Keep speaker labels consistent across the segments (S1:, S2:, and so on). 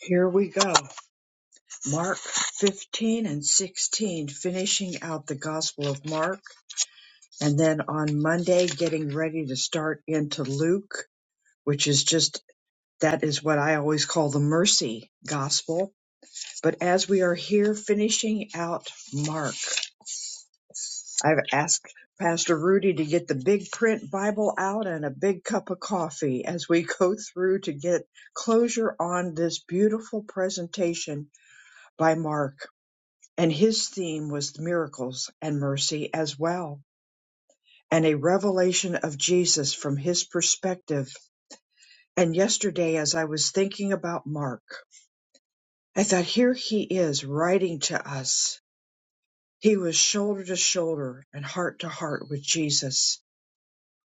S1: Here we go. Mark 15 and 16, finishing out the Gospel of Mark. And then on Monday, getting ready to start into Luke, which is just that is what I always call the mercy gospel. But as we are here finishing out Mark, I've asked Pastor Rudy to get the big print Bible out and a big cup of coffee as we go through to get closure on this beautiful presentation by Mark. and his theme was miracles and mercy as well, and a revelation of Jesus from his perspective. And yesterday, as I was thinking about Mark, I thought, here he is writing to us. He was shoulder to shoulder and heart to heart with Jesus,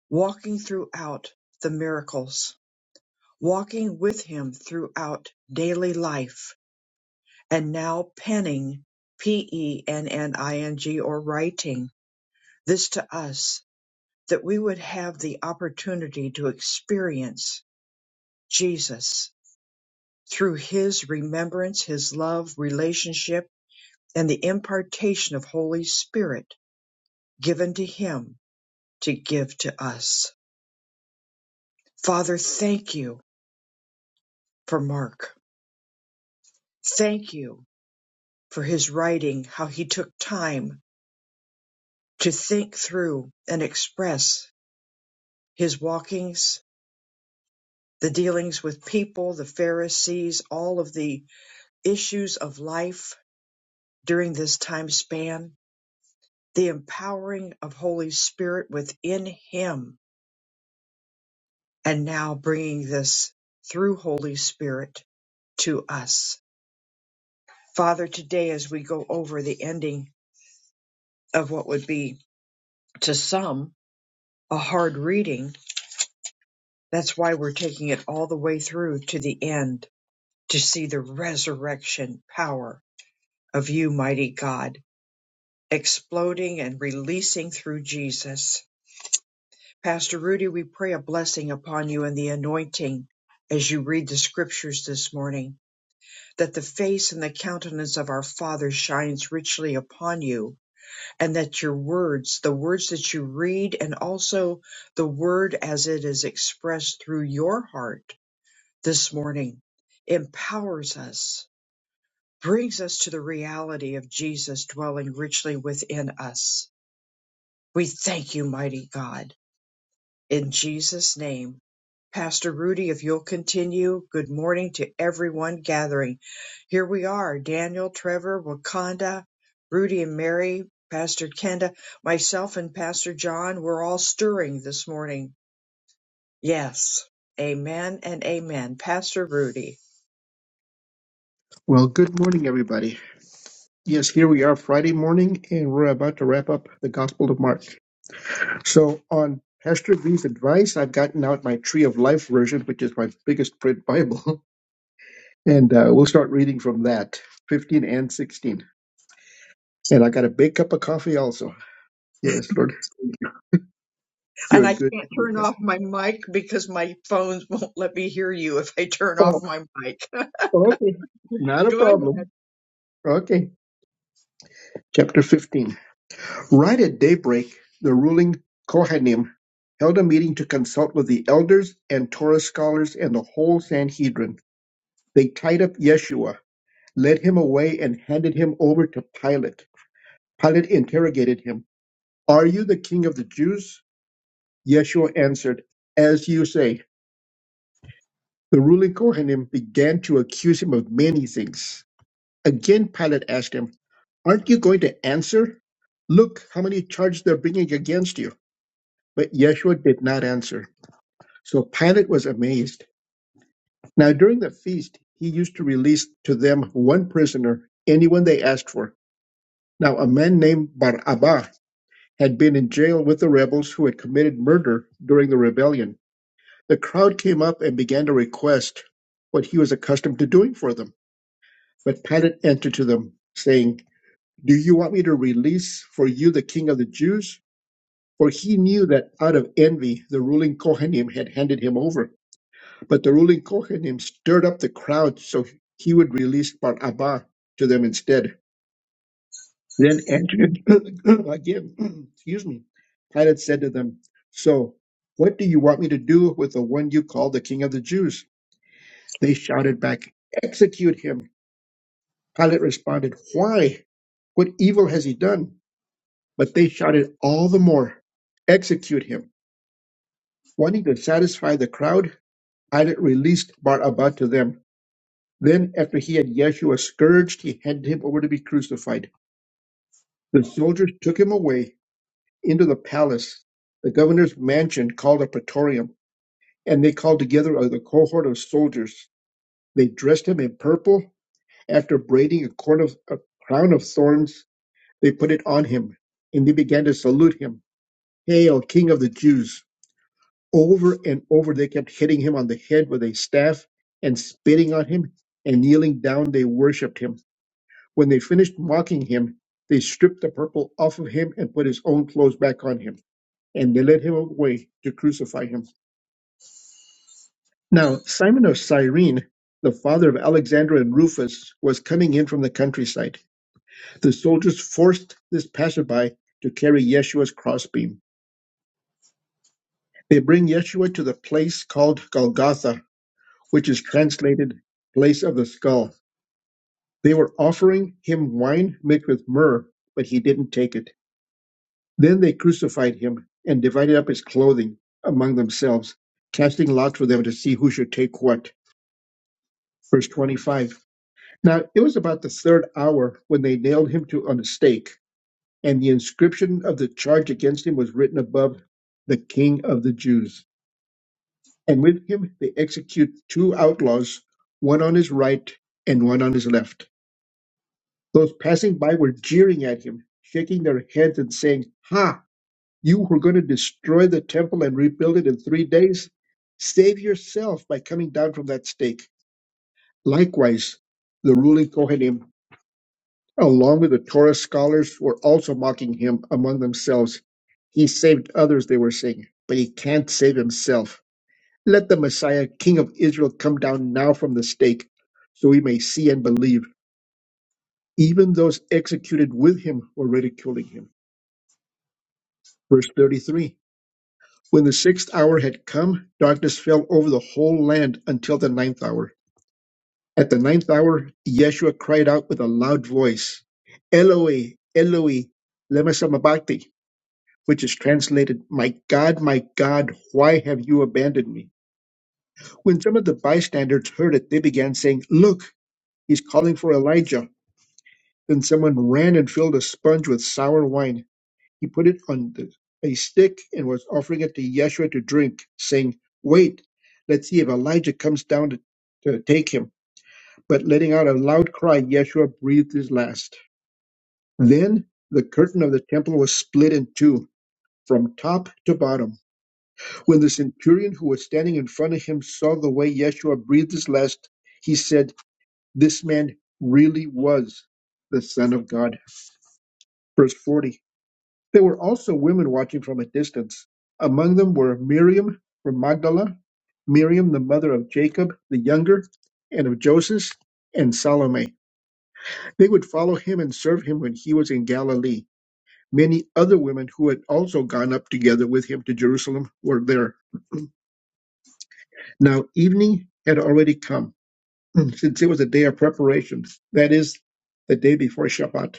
S1: walking throughout the miracles, walking with him throughout daily life, and now penning, P E N N I N G, or writing this to us that we would have the opportunity to experience Jesus through his remembrance, his love, relationship, and the impartation of Holy Spirit given to him to give to us. Father, thank you for Mark. Thank you for his writing, how he took time to think through and express his walkings, the dealings with people, the Pharisees, all of the issues of life during this time span, the empowering of Holy Spirit within him, and now bringing this through Holy Spirit to us. Father, today as we go over the ending of what would be to some a hard reading, that's why we're taking it all the way through to the end to see the resurrection power of you, mighty God, exploding and releasing through Jesus. Pastor Rudy, we pray a blessing upon you and the anointing as you read the scriptures this morning, that the face and the countenance of our Father shines richly upon you, and that your words, the words that you read, and also the word as it is expressed through your heart this morning, empowers us, brings us to the reality of Jesus dwelling richly within us. We thank you, mighty God. in Jesus' name. Pastor Rudy, if you'll continue, good morning to everyone gathering. Here we are Daniel, Trevor, Wakanda, Rudy and Mary, Pastor Kenda, myself, and Pastor John. We're all stirring this morning. Yes. Amen and amen. Pastor Rudy.
S2: Well, good morning, everybody. Yes, here we are Friday morning, and we're about to wrap up the Gospel of Mark. So, on Pastor V's advice, I've gotten out my Tree of Life version, which is my biggest print Bible, and uh, we'll start reading from that 15 and 16. And I got a big cup of coffee also. Yes, Lord, thank you. you're
S1: And
S2: a
S1: I
S2: good.
S1: can't turn off my mic because my phones won't let me hear you if I turn off
S2: Oh,
S1: my mic.
S2: okay. Not a
S1: Go ahead.
S2: problem. Okay. Chapter 15. Right at daybreak, the ruling Kohanim held a meeting to consult with the elders and Torah scholars and the whole Sanhedrin. They tied up Yeshua, led him away, and handed him over to Pilate. Pilate interrogated him, Are you the king of the Jews? Yeshua answered, As you say. The ruling Kohanim began to accuse him of many things. Again, Pilate asked him, Aren't you going to answer? Look how many charges they're bringing against you. But Yeshua did not answer. So Pilate was amazed. Now, during the feast, he used to release to them one prisoner, anyone they asked for. Now, a man named Barabbas had been in jail with the rebels who had committed murder during the rebellion. The crowd came up and began to request what he was accustomed to doing for them. But Pilate answered to them, saying, Do you want me to release for you the king of the Jews? For he knew that out of envy the ruling Kohanim had handed him over But the ruling Kohanim stirred up the crowd, so he would release Bar Abba to them instead. Then answered again, excuse me. Pilate said to them, So, what do you want me to do with the one you call the king of the Jews? They shouted back, Execute him. Pilate responded, Why? What evil has he done? But they shouted all the more, Execute him. Wanting to satisfy the crowd, Pilate released Bar Abba to them. Then, after he had Yeshua scourged, he handed him over to be crucified. The soldiers took him away into the palace, the governor's mansion called a praetorium, and they called together a cohort of soldiers. They dressed him in purple. After braiding a, corn of, a crown of thorns, they put it on him, and they began to salute him, Hail, King of the Jews! Over and over they kept hitting him on the head with a staff and spitting on him, and kneeling down they worshipped him. When they finished mocking him, they stripped the purple off of him and put his own clothes back on him, and they led him away to crucify him. Now, Simon of Cyrene, the father of Alexander and Rufus, was coming in from the countryside. The soldiers forced this passerby to carry Yeshua's crossbeam. They bring Yeshua to the place called Golgotha, which is translated place of the skull. They were offering him wine mixed with myrrh, but he didn't take it. Then they crucified him and divided up his clothing among themselves, casting lots for them to see who should take what. Verse 25. Now it was about the third hour when they nailed him to on a stake, and the inscription of the charge against him was written above the King of the Jews. And with him they execute two outlaws, one on his right and one on his left. Those passing by were jeering at him, shaking their heads and saying, Ha! You were going to destroy the temple and rebuild it in three days? Save yourself by coming down from that stake. Likewise, the ruling Kohanim, along with the Torah scholars, were also mocking him among themselves. He saved others, they were saying, but he can't save himself. Let the Messiah, King of Israel, come down now from the stake, so we may see and believe. Even those executed with him were ridiculing him. Verse 33. When the sixth hour had come, darkness fell over the whole land until the ninth hour. At the ninth hour, Yeshua cried out with a loud voice, Eloi, Eloi, lema sabachthani, which is translated, My God, my God, why have you abandoned me? When some of the bystanders heard it, they began saying, Look, he's calling for Elijah. Then someone ran and filled a sponge with sour wine He put it on the, a stick and was offering it to Yeshua to drink, saying, Wait, let's see if Elijah comes down to, to take him. But letting out a loud cry, Yeshua breathed his last. Then the curtain of the temple was split in two, from top to bottom. When the centurion who was standing in front of him saw the way Yeshua breathed his last, he said, This man really was the Son of God. Verse 40. There were also women watching from a distance. Among them were Miriam from Magdala, Miriam the mother of Jacob the younger, and of Joseph, and Salome. They would follow him and serve him when he was in Galilee. Many other women who had also gone up together with him to Jerusalem were there. Now evening had already come, since it was a day of preparation, that is, the day before Shabbat.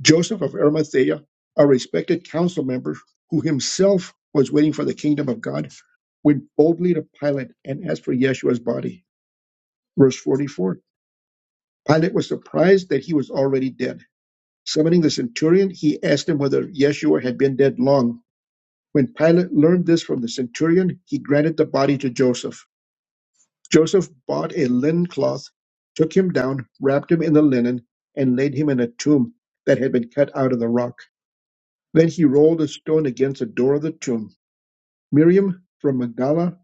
S2: Joseph of Arimathea, a respected council member who himself was waiting for the kingdom of God, went boldly to Pilate and asked for Yeshua's body. Verse 44 Pilate was surprised that he was already dead. Summoning the centurion, he asked him whether Yeshua had been dead long. When Pilate learned this from the centurion, he granted the body to Joseph. Joseph bought a linen cloth, took him down, wrapped him in the linen, and laid him in a tomb that had been cut out of the rock. Then he rolled a stone against the door of the tomb. Miriam from Magdala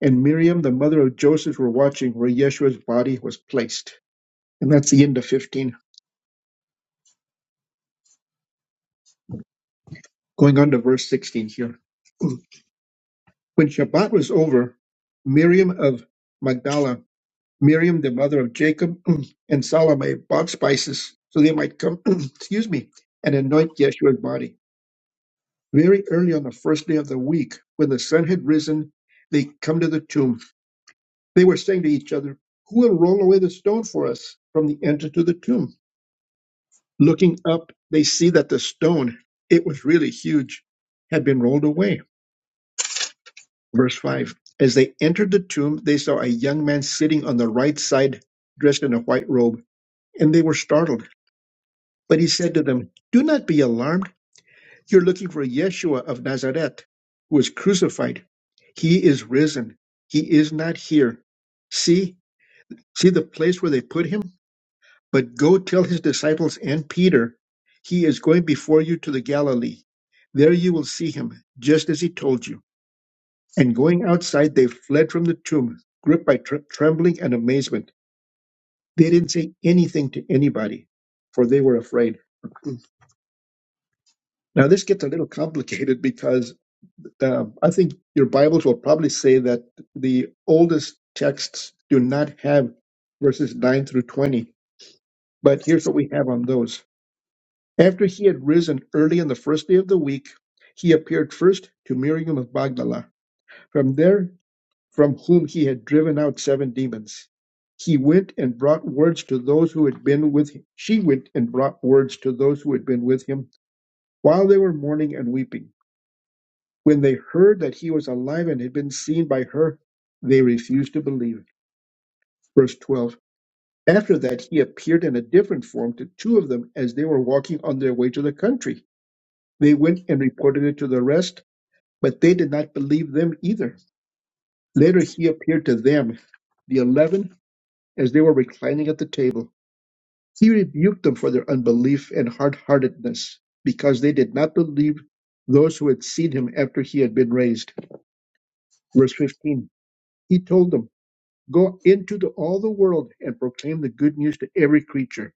S2: and Miriam, the mother of Joseph, were watching where Yeshua's body was placed. And that's the end of 15. Going on to verse 16 here. When Shabbat was over, Miriam of Magdala, Miriam, the mother of Jacob, and Salome bought spices so they might come, excuse me, and anoint Yeshua's body. Very early on the first day of the week, when the sun had risen, they come to the tomb They were saying to each other, Who will roll away the stone for us from the entrance to the tomb? Looking up, they see that the stone, it was really huge, had been rolled away. Verse 5 As they entered the tomb, they saw a young man sitting on the right side, dressed in a white robe, and they were startled. But he said to them, Do not be alarmed. You're looking for Yeshua of Nazareth, who was crucified. He is risen. He is not here. See, see the place where they put him? But go tell his disciples and Peter, he is going before you to the Galilee. There you will see him, just as he told you. And going outside, they fled from the tomb, gripped by tr- trembling and amazement. They didn't say anything to anybody, for they were afraid. Now, this gets a little complicated because um, I think your Bibles will probably say that the oldest texts do not have verses 9 through 20. But here's what we have on those. After he had risen early on the first day of the week, he appeared first to Miriam of Magdala, from there from whom he had driven out seven demons. He went and brought words to those who had been with him. She went and brought words to those who had been with him while they were mourning and weeping. When they heard that he was alive and had been seen by her, they refused to believe. Verse 12. After that, he appeared in a different form to two of them as they were walking on their way to the country. They went and reported it to the rest But they did not believe them either. Later he appeared to them, the eleven, as they were reclining at the table. He rebuked them for their unbelief and hard heartedness, because they did not believe those who had seen him after he had been raised. Verse 15 He told them, Go into the, all the world and proclaim the good news to every creature.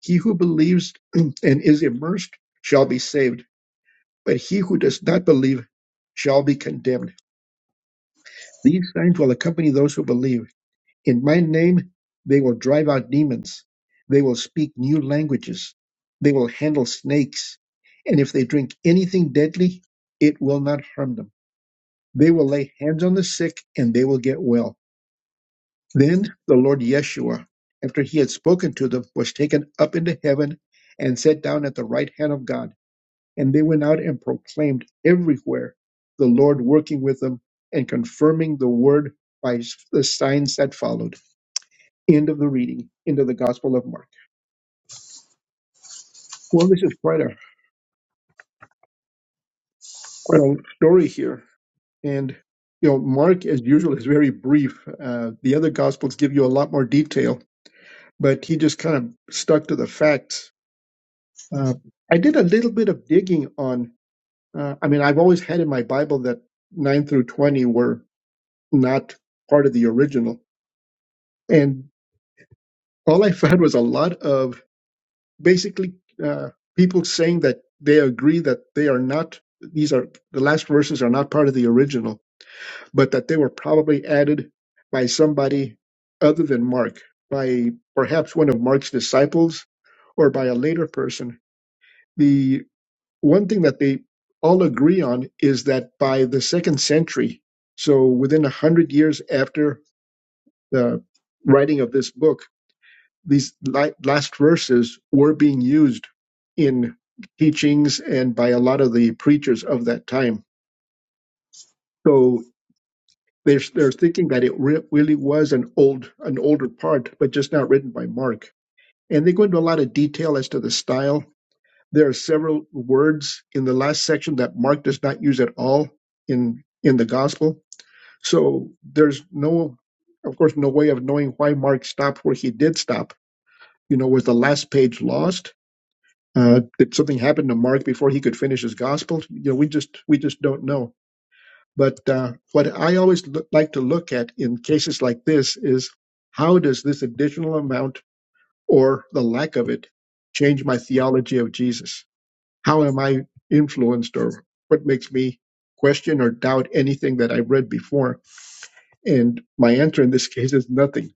S2: He who believes and is immersed shall be saved, but he who does not believe shall be condemned. These signs will accompany those who believe. In my name, they will drive out demons. They will speak new languages. They will handle snakes. And if they drink anything deadly, it will not harm them. They will lay hands on the sick and they will get well. Then the Lord Yeshua, after he had spoken to them, was taken up into heaven and sat down at the right hand of God. And they went out and proclaimed everywhere the Lord working with them and confirming the word by the signs that followed. End of the reading. End of the Gospel of Mark. Well, this is quite a quite a story here, and you know, Mark, as usual, is very brief. Uh, the other Gospels give you a lot more detail, but he just kind of stuck to the facts. Uh, I did a little bit of digging on. Uh, I mean, I've always had in my Bible that nine through twenty were not part of the original, and all I found was a lot of basically uh, people saying that they agree that they are not these are the last verses are not part of the original, but that they were probably added by somebody other than Mark, by perhaps one of Mark's disciples or by a later person. The one thing that they all agree on is that by the second century, so within a hundred years after the writing of this book, these last verses were being used in teachings and by a lot of the preachers of that time. So they're, they're thinking that it re- really was an old an older part, but just not written by Mark. And they go into a lot of detail as to the style. There are several words in the last section that Mark does not use at all in in the gospel. So there's no, of course, no way of knowing why Mark stopped where he did stop. You know, was the last page lost? Uh, did something happen to Mark before he could finish his gospel? You know, we just we just don't know. But uh, what I always look, like to look at in cases like this is how does this additional amount or the lack of it change my theology of Jesus? How am I influenced, or what makes me question or doubt anything that I've read before? And my answer in this case is nothing.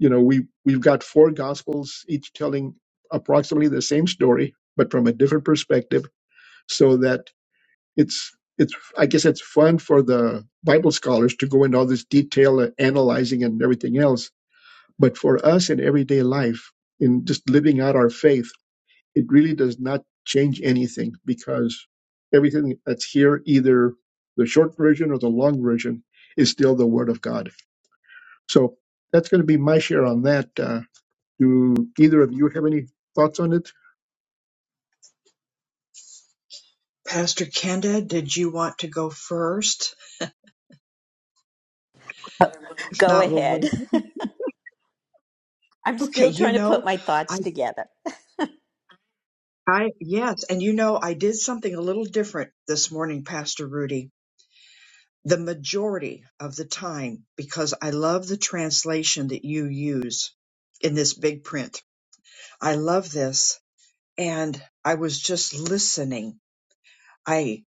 S2: You know, we we've got four gospels, each telling approximately the same story, but from a different perspective so that it's it's I guess it's fun for the Bible scholars to go into all this detail and analyzing and everything else, but for us in everyday life, in just living out our faith, it really does not change anything because everything that's here, either the short version or the long version, is still the Word of God. So that's going to be my share on that. Uh, do either of you have any thoughts on it?
S1: Pastor Kenda, did you want to go first? If
S3: Go
S1: not, we'll
S3: ahead.
S1: wait.
S3: I'm
S1: Okay,
S3: still
S1: you
S3: trying to put
S1: know,
S3: my thoughts
S1: I,
S3: together.
S1: I, yes, and you know, I did something a little different this morning, Pastor Rudy. The majority of the time, because I love the translation that you use in this big print. I love this. And I was just listening. I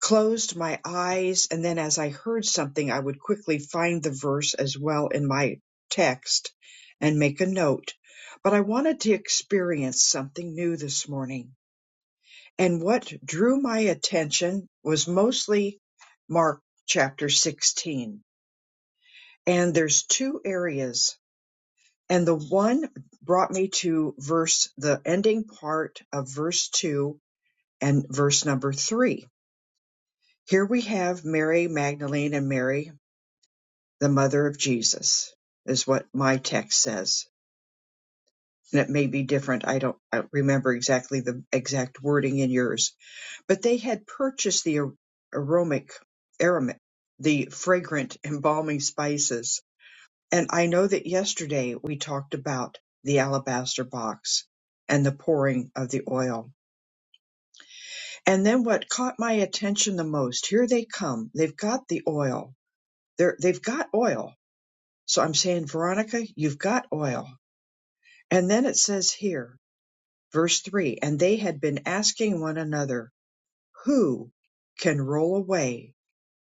S1: closed my eyes, and then as I heard something, I would quickly find the verse as well in my text and make a note. But I wanted to experience something new this morning And what drew my attention was mostly Mark chapter 16. And there's two areas. And the one brought me to verse, the ending part of verse 2 and verse number 3. Here we have Mary Magdalene and Mary, the mother of Jesus, is what my text says. And it may be different. I don't I don't remember exactly the exact wording in yours But they had purchased the ar- aromatic, aromatic, the fragrant embalming spices. And I know that yesterday we talked about the alabaster box and the pouring of the oil. And then what caught my attention the most, here they come. They've got the oil. They're, they've got oil. So I'm saying, Veronica, you've got oil. And then it says here, verse three, and they had been asking one another, Who can roll away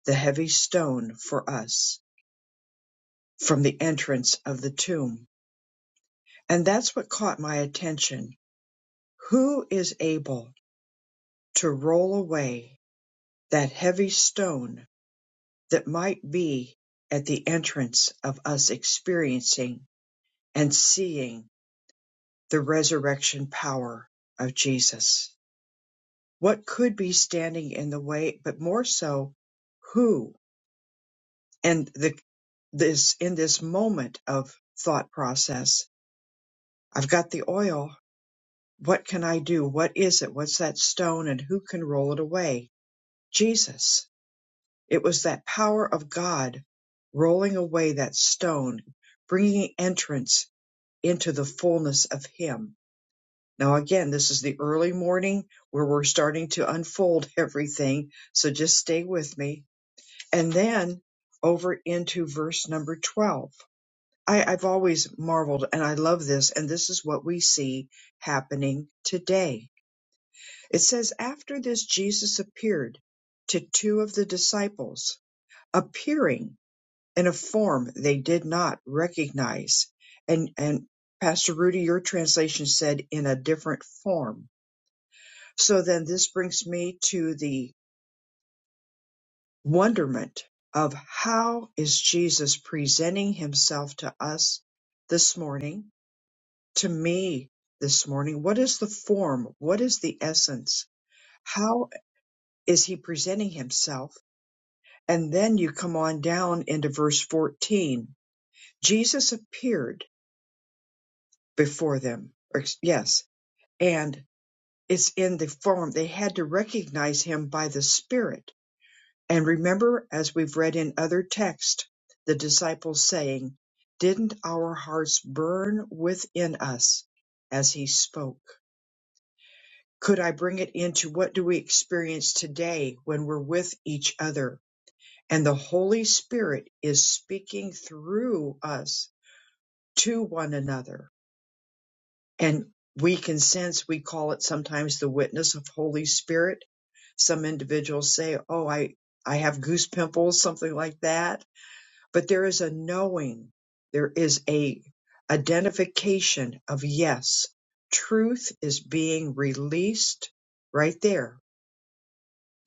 S1: the heavy stone for us from the entrance of the tomb? And that's what caught my attention. Who is able to roll away that heavy stone that might be at the entrance of us experiencing and seeing the resurrection power of Jesus? What could be standing in the way, but more so, who and the this in this moment of thought process i've got the oil what can i do what is it what's that stone and who can roll it away jesus it was that power of god rolling away that stone bringing entrance into the fullness of him now again this is the early morning where we're starting to unfold everything so just stay with me and then over into verse number 12 I, I've always marveled and I love this. And this is what we see happening today. It says, After this, Jesus appeared to two of the disciples, appearing in a form they did not recognize. And, and Pastor Rudy, your translation said in a different form. So then this brings me to the wonderment of how is Jesus presenting himself to us this morning? to me this morning. What is the form? What is the essence? How is he presenting himself? And then you come on down into verse 14. Jesus appeared before them. Or ex- Yes. And it's in the form. They had to recognize him by the Spirit. And remember, as we've read in other texts, the disciples saying, Didn't our hearts burn within us as he spoke? Could I bring it into what do we experience today when we're with each other and the Holy Spirit is speaking through us to one another? And we can sense, we call it sometimes the witness of Holy Spirit. Some individuals say, Oh, I, I have goose pimples, something like that. But there is a knowing, there is a identification of yes, truth is being released right there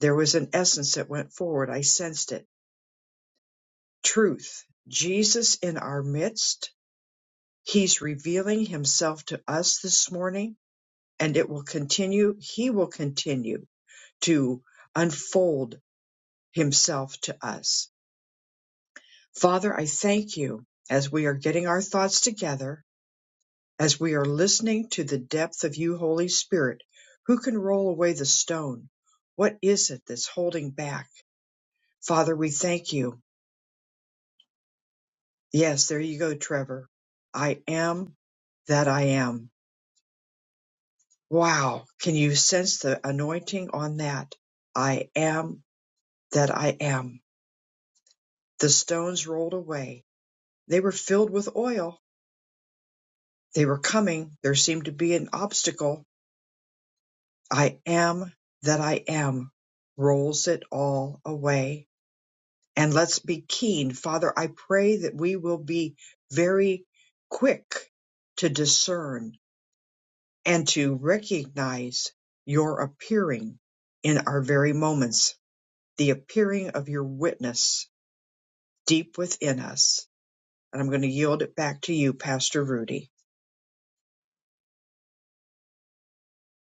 S1: There was an essence that went forward. I sensed it. Truth. Jesus in our midst. He's revealing himself to us this morning and it will continue. He will continue to unfold himself to us. Father, I thank you as we are getting our thoughts together, as we are listening to the depth of you, Holy Spirit, who can roll away the stone. What is it that's holding back? Father, we thank you. Yes, there you go, Trevor. I am that I am. Wow. Can you sense the anointing on that? I am that I am. The stones rolled away. They were filled with oil. They were coming. There seemed to be an obstacle. I am that I am rolls it all away. And let's be keen. Father, I pray that we will be very quick to discern and to recognize your appearing in our very moments, the appearing of your witness deep within us. And I'm going to yield it back to you, Pastor Rudy.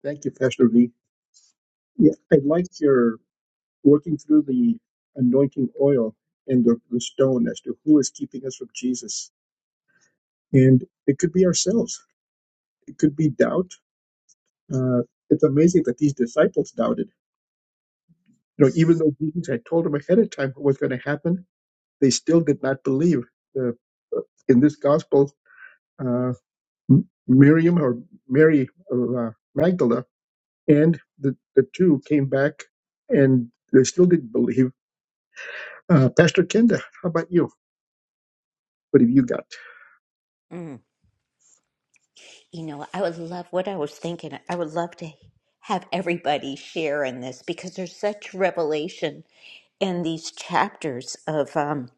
S2: Thank you, Pastor V. Yeah, I'd like your working through the anointing oil and the, the stone as to who is keeping us from Jesus. And it could be ourselves, it could be doubt. Uh, it's amazing that these disciples doubted. You know, even though Jesus had told them ahead of time what was going to happen, they still did not believe. The, uh, in this gospel, uh, M- Miriam or Mary of uh, Magdala and the, the two came back and they still didn't believe. Uh, Pastor Kenda, how about you? What have you got?
S3: Mm, you know, I would love what I was thinking. I would love to have everybody share in this because there's such revelation in these chapters of um,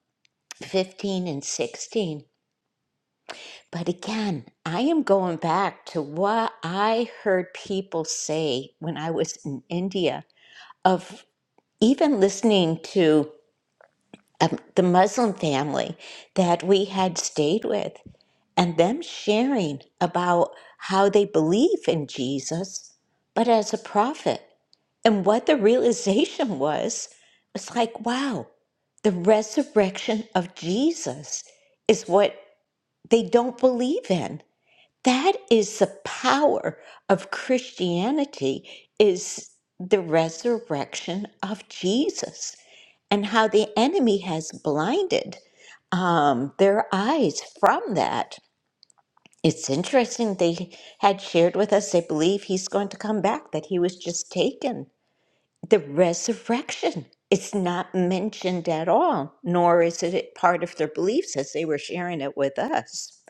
S3: 15 and 16. But again, I am going back to what I heard people say when I was in India of even listening to um, the Muslim family that we had stayed with. and them sharing about how they believe in Jesus, but as a prophet. And what the realization was was like, wow, the resurrection of Jesus is what they don't believe in. That is the power of Christianity is the resurrection of Jesus and how the enemy has blinded um, their eyes from that it's interesting they had shared with us they believe he's going to come back, that he was just taken. The resurrection. It's not mentioned at all, nor is it part of their beliefs as they were sharing it with us.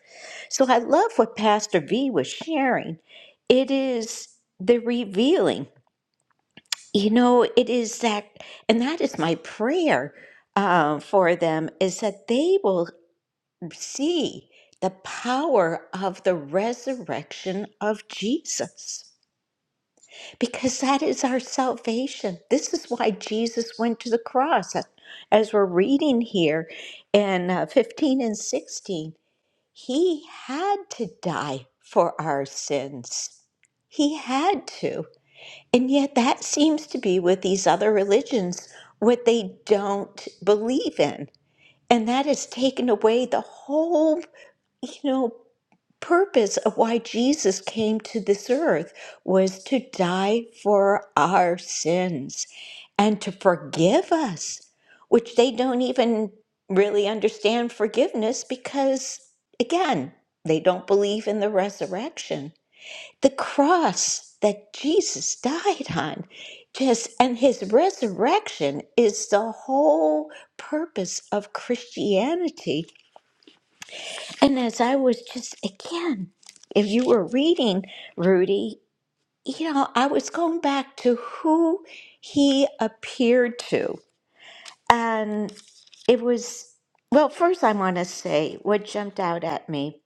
S3: So I love what Pastor V was sharing. It is the revealing. You know, it is that, and that is my prayer uh, for them, is that they will see the power of the resurrection of Jesus because that is our salvation. This is why Jesus went to the cross. As we're reading here in uh, 15 and 16, he had to die for our sins. He had to. And yet, that seems to be with these other religions what they don't believe in. And that has taken away the whole you know purpose of why Jesus came to this earth was to die for our sins and to forgive us, which they don't even really understand forgiveness because, again, they don't believe in the resurrection. The cross that Jesus died on, just and his resurrection is the whole purpose of Christianity and as I was just, again, if you were reading Rudy, you know, I was going back to who he appeared to. And it was, well, first I want to say what jumped out at me.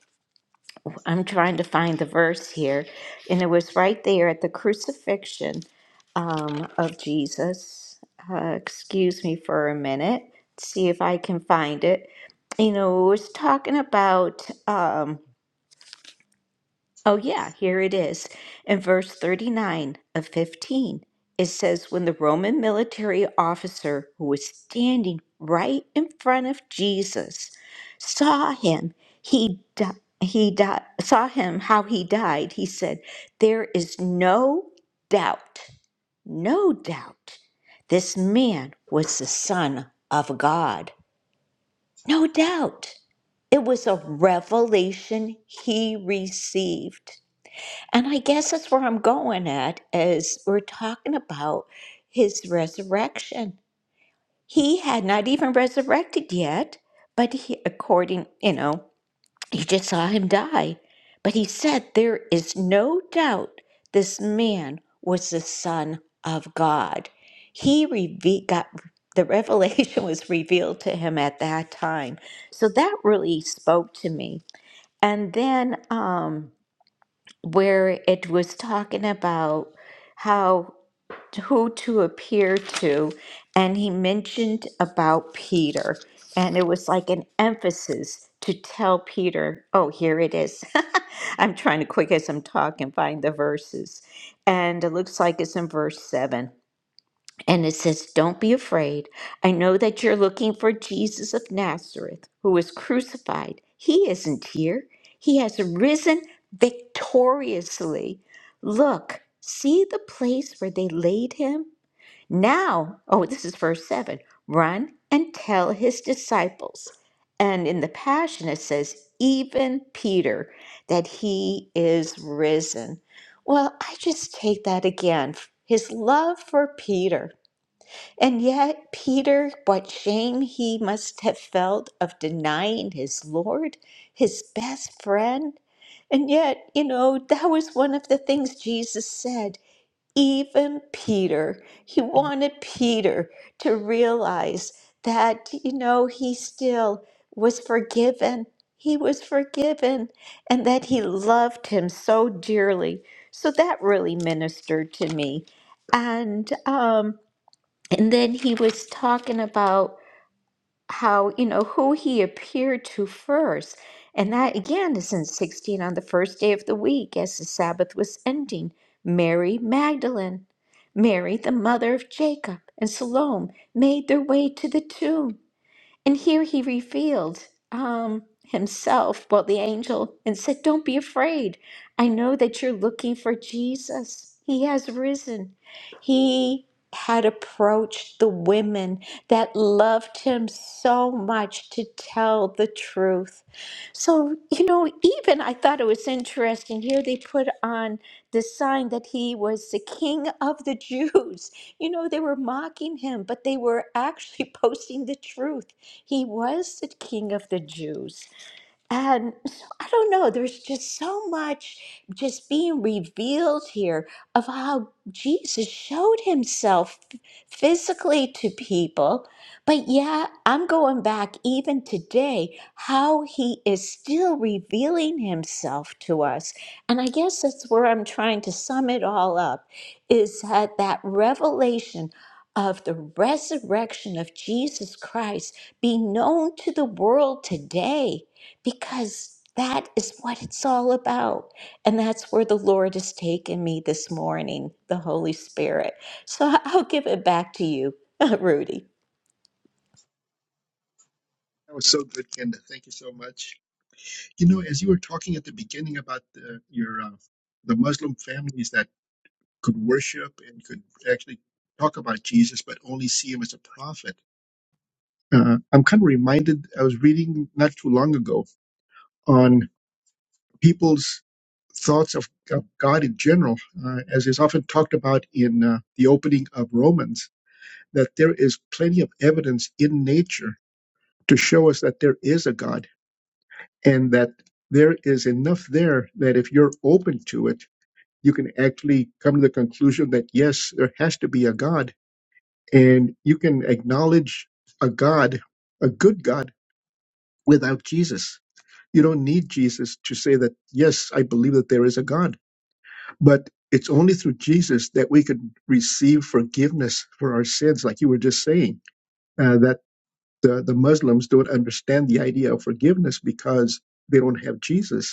S3: I'm trying to find the verse here, and it was right there at the crucifixion um, of Jesus. Uh, excuse me for a minute, see if I can find it. You know, it was talking about. Um, Oh, yeah, here it is. In verse 39 of 15, it says, When the Roman military officer who was standing right in front of Jesus saw him, he, di- he di- saw him how he died. He said, There is no doubt, no doubt, this man was the Son of God. No doubt. It was a revelation he received. And I guess that's where I'm going at As we're talking about his resurrection. He had not even resurrected yet, but he according, you know, you just saw him die. But he said there is no doubt this man was the son of God. He reve- got the revelation was revealed to him at that time. So that really spoke to me. And then um where it was talking about how who to appear to and he mentioned about Peter and it was like an emphasis to tell Peter oh here it is I'm trying to quick as I'm talking find the verses and it looks like it's in verse 7 and it says, Don't be afraid. I know that you're looking for Jesus of Nazareth, who was crucified. He isn't here, he has risen victoriously. Look, see the place where they laid him? Now, oh, this is verse 7 run and tell his disciples. And in the Passion, it says, even Peter, that he is risen. Well, I just take that again his love for Peter. And yet, Peter, what shame he must have felt of denying his Lord, his best friend. And yet, you know, that was one of the things Jesus said. Even Peter, he wanted Peter to realize that, you know, he still was forgiven. He was forgiven and that he loved him so dearly. So that really ministered to me. And, um. And then he was talking about how, you know, who he appeared to first. And that again is in 16 on the first day of the week as the Sabbath was ending. Mary Magdalene, Mary, the mother of Jacob, and Salome made their way to the tomb. And here he revealed um, himself, well, the angel, and said, Don't be afraid. I know that you're looking for Jesus. He has risen. He had approached the women that loved him so much to tell the truth. So, you know, even I thought it was interesting here they put on the sign that he was the king of the Jews. You know, they were mocking him, but they were actually posting the truth he was the king of the Jews and so I don't know, there's just so much just being revealed here of how Jesus showed himself physically to people. But yeah, I'm going back even today, how he is still revealing himself to us. And I guess that's where I'm trying to sum it all up is that that revelation of the resurrection of Jesus Christ be known to the world today because that is what it's all about. And that's where the Lord has taken me this morning, the Holy Spirit. So I- I'll give it back to you, Rudy.
S2: That was so good, Kenda. Thank you so much. You know, as you were talking at the beginning about the, your uh, the Muslim families that could worship and could actually talk about Jesus, but only see him as a prophet, uh, I'm kind of reminded. I was reading not too long ago on people's thoughts of, of God in general, uh, as is often talked about in uh, the opening of Romans, that there is plenty of evidence in nature to show us that there is a God and that there is enough there that if you're open to it, you can actually come to the conclusion that yes, there has to be a God, and you can acknowledge a God, a good God, without Jesus. You don't need Jesus to say that, yes, I believe that there is a God. But it's only through Jesus that we can receive forgiveness for our sins, like you were just saying, uh, that the, the Muslims don't understand the idea of forgiveness because they don't have Jesus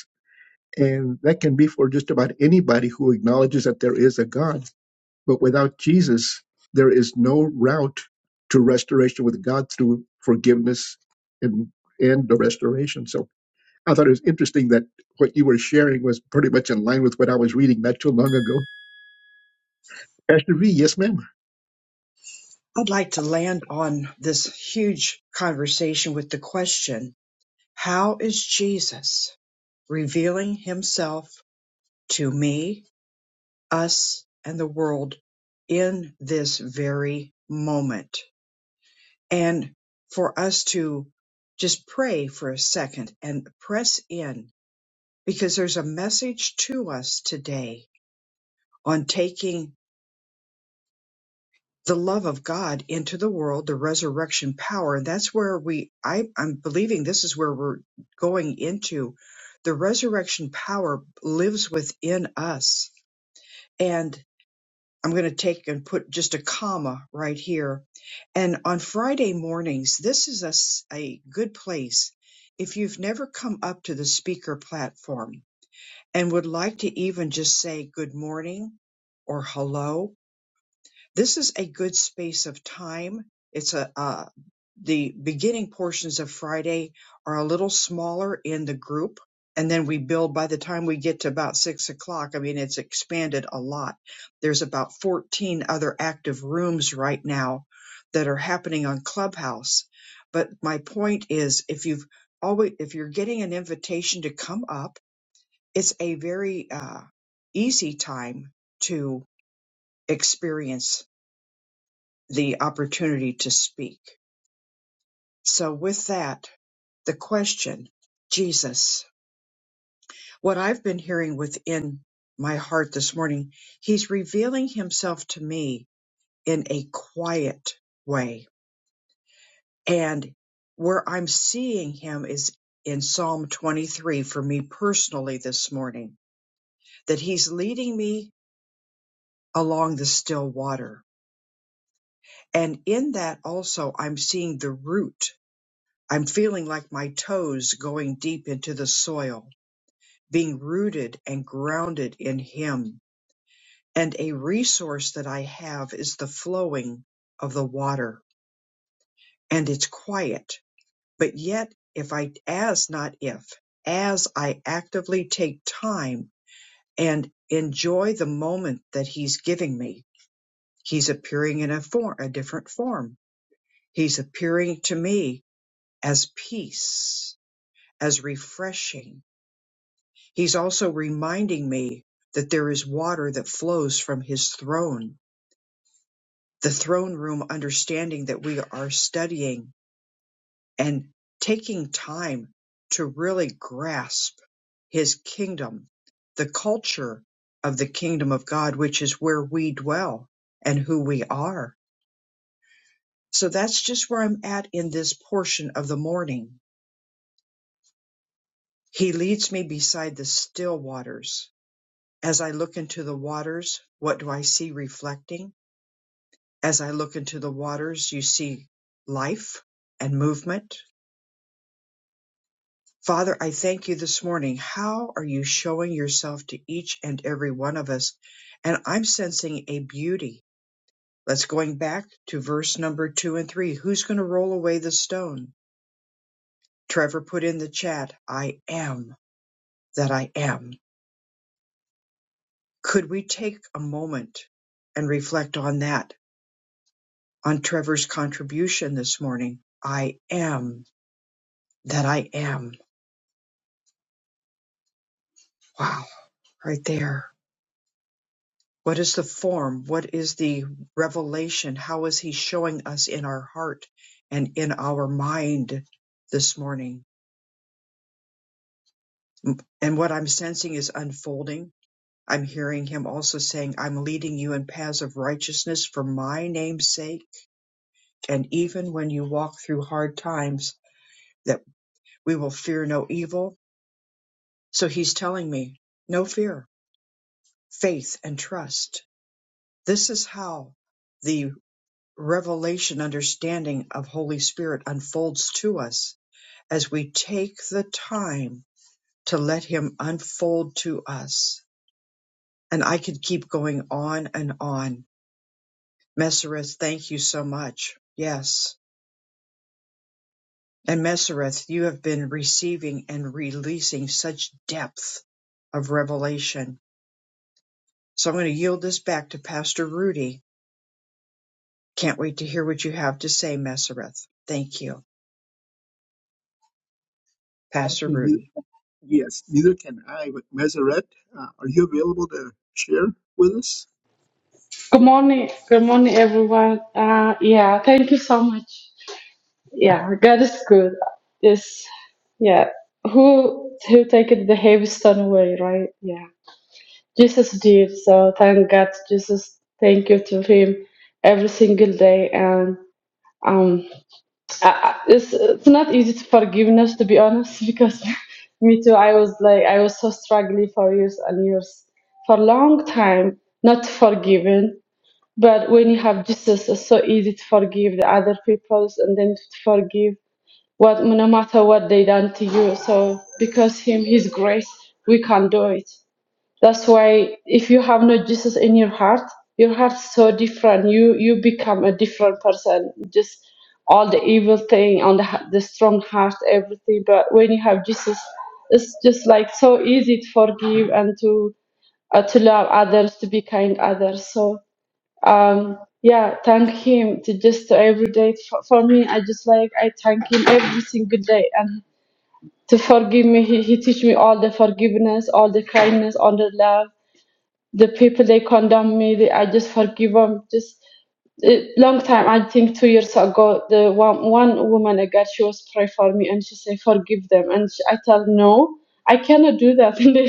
S2: And that can be for just about anybody who acknowledges that there is a God. But without Jesus, there is no route to restoration with God through forgiveness and and the restoration. So I thought it was interesting that what you were sharing was pretty much in line with what I was reading not too long ago. Pastor V, yes, ma'am.
S1: I'd like to land on this huge conversation with the question How is Jesus revealing himself to me, us, and the world in this very moment? and for us to just pray for a second and press in because there's a message to us today on taking the love of God into the world, the resurrection power. And that's where we, I, I'm believing this is where we're going into. The resurrection power lives within us. I'm going to take and put just a comma right here. And on Friday mornings, this is a, s- a good place if you've never come up to the speaker platform and would like to even just say good morning or hello this is a good space of time. It's a, uh, the beginning portions of Friday are a little smaller in the group. And then we build by the time we get to about six o'clock. I mean, it's expanded a lot. There's about 14 other active rooms right now that are happening on Clubhouse. But my point is if you've always, if you're getting an invitation to come up, it's a very, uh, easy time to experience the opportunity to speak. So, with that, the question, Jesus, what I've been hearing within my heart this morning, he's revealing himself to me in a quiet way. And where I'm seeing him is in Psalm 23 for me personally this morning, that he's leading me along the still water. And in that also, I'm seeing the root I'm feeling like my toes going deep into the soil, being rooted and grounded in Him. And a resource that I have is the flowing of the water, and it's quiet. But yet, if I, as not if, as I actively take time and enjoy the moment that He's giving me, He's appearing in a form, a different form. He's appearing to me as peace, as refreshing He's also reminding me that there is water that flows from his throne, the throne room understanding that we are studying and taking time to really grasp his kingdom, the culture of the kingdom of God, which is where we dwell and who we are. So that's just where I'm at in this portion of the morning. He leads me beside the still waters. As I look into the waters, what do I see reflecting? As I look into the waters, you see life and movement. Father, I thank you this morning. How are you showing yourself to each and every one of us? And I'm sensing a beauty. Let's going back to verse number two and three. Who's going to roll away the stone? Trevor put in the chat, I am that I am. Could we take a moment and reflect on that, on Trevor's contribution this morning? I am that I am. Wow right there. What is the form? What is the revelation? How is he showing us in our heart and in our mind this morning? And what I'm sensing is unfolding. I'm hearing him also saying, I'm leading you in paths of righteousness for my name's sake. And even when you walk through hard times, that we will fear no evil. So he's telling me, no fear, faith and trust. This is how the revelation understanding of Holy Spirit unfolds to us as we take the time to let Him unfold to us. And I could keep going on and on. Messereth, thank you so much. Yes. And Messereth, you have been receiving and releasing such depth of revelation. So I'm going to yield this back to Pastor Rudy. Can't wait to hear what you have to say, Messereth. Thank you. Pastor
S2: Actually, neither,
S1: Rudy.
S2: yes, neither can I. But Meseret, uh, are you available to share with us?
S4: Good morning. Good morning, everyone. Uh, yeah, thank you so much. Yeah, God is good. It's, yeah, who, who take it the heavy stone away, right? Yeah. Jesus did. So thank God, Jesus. Thank you to him every single day. And, um, I, I- it's, it's not easy to forgiveness, to be honest, because me too, I was like, I was so struggling for years and years, for a long time, not forgiven but when you have Jesus, it's so easy to forgive the other peoples and then to forgive what no matter what they done to you. So because Him, His grace, we can do it. That's why if you have no Jesus in your heart, your heart's so different. You you become a different person. Just all the evil thing on the h- the strong heart, everything. But when you have Jesus, it's just like so easy to forgive and to uh, to love others, to be kind others. So um yeah thank him to just every day for, for me i just like i thank him every single day and to forgive me he, he teach me all the forgiveness all the kindness all the love the people they condemn me they, i just forgive them just a long time i think two years ago the one, one woman again she was pray for me and she say forgive them and she, i tell no i cannot do that and then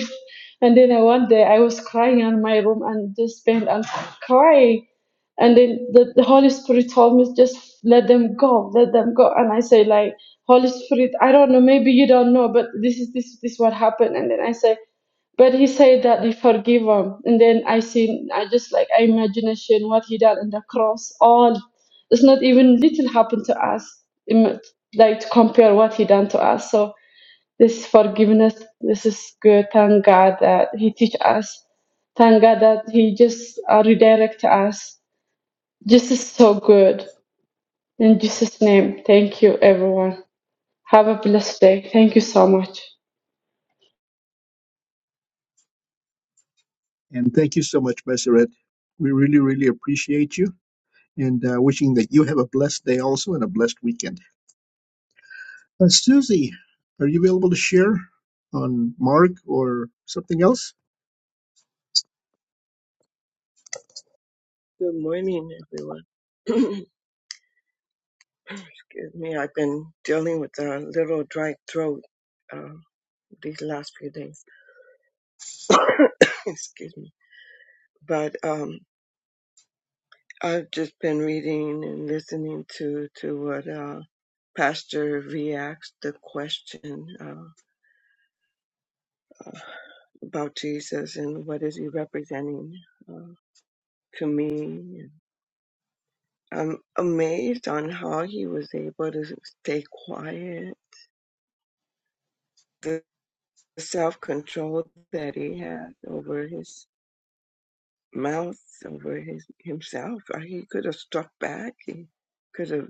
S4: and then I- one day i was crying in my room and just bent and crying and then the, the holy spirit told me just let them go let them go and i say like holy spirit i don't know maybe you don't know but this is this this what happened and then i say but he said that he forgive him. And then I seen, I just like, I imagination what he done on the cross. All, it's not even little happened to us. Im- Like to compare what he done to us. So this forgiveness, this is good. Thank God that he teach us. Thank God that he just uh, redirect us. This is so good. In Jesus' name, thank you, everyone. Have a blessed day. Thank you so much.
S2: And thank you so much, Messeret. We really, really appreciate you. and uh, wishing that you have a blessed day also and a blessed weekend. Uh, Susie, are you available to share on Mark or something else?
S5: Good morning, everyone. Excuse me, I've been dealing with a little dry throat um, these last few days. Excuse me. But um, I've just been reading and listening to, to what uh, Pastor V asked the question uh, uh, about Jesus and what is he representing uh, to me. I'm amazed on how he was able to stay quiet self control that he had over his mouth, over his himself. Uh, He could have struck back. He could have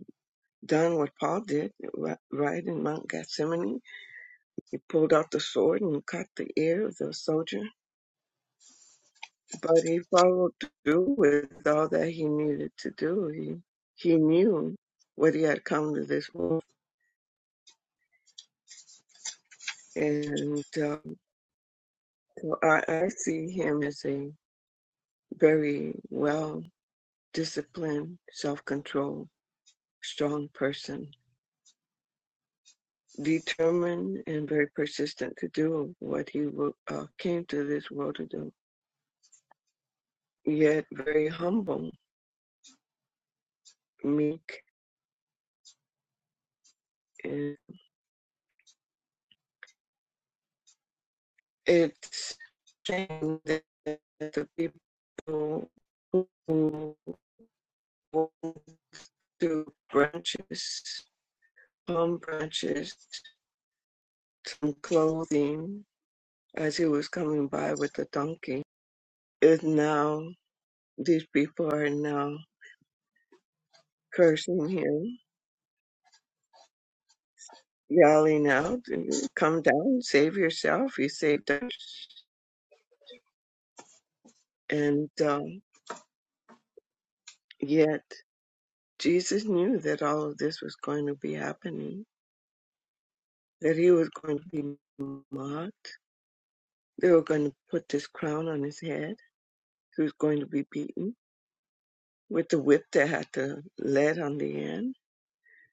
S5: done what Paul did right in Mount Gethsemane. He pulled out the sword and cut the ear of the soldier. But he followed through with all that he needed to do. He he knew what he had come to this world, and um, so I, I see him as a very well disciplined, self controlled strong person, determined and very persistent to do what he uh, came to this world to do, yet very humble, meek. And it's a shame that the people who want to branches, palm branches, some clothing, as he was coming by with the donkey, is now, these people are now cursing him rally out, to come down, save yourself. You saved us. And um, yet, Jesus knew that all of this was going to be happening, that he was going to be mocked. They were going to put this crown on his head. He was going to be beaten with the whip that had the lead on the end.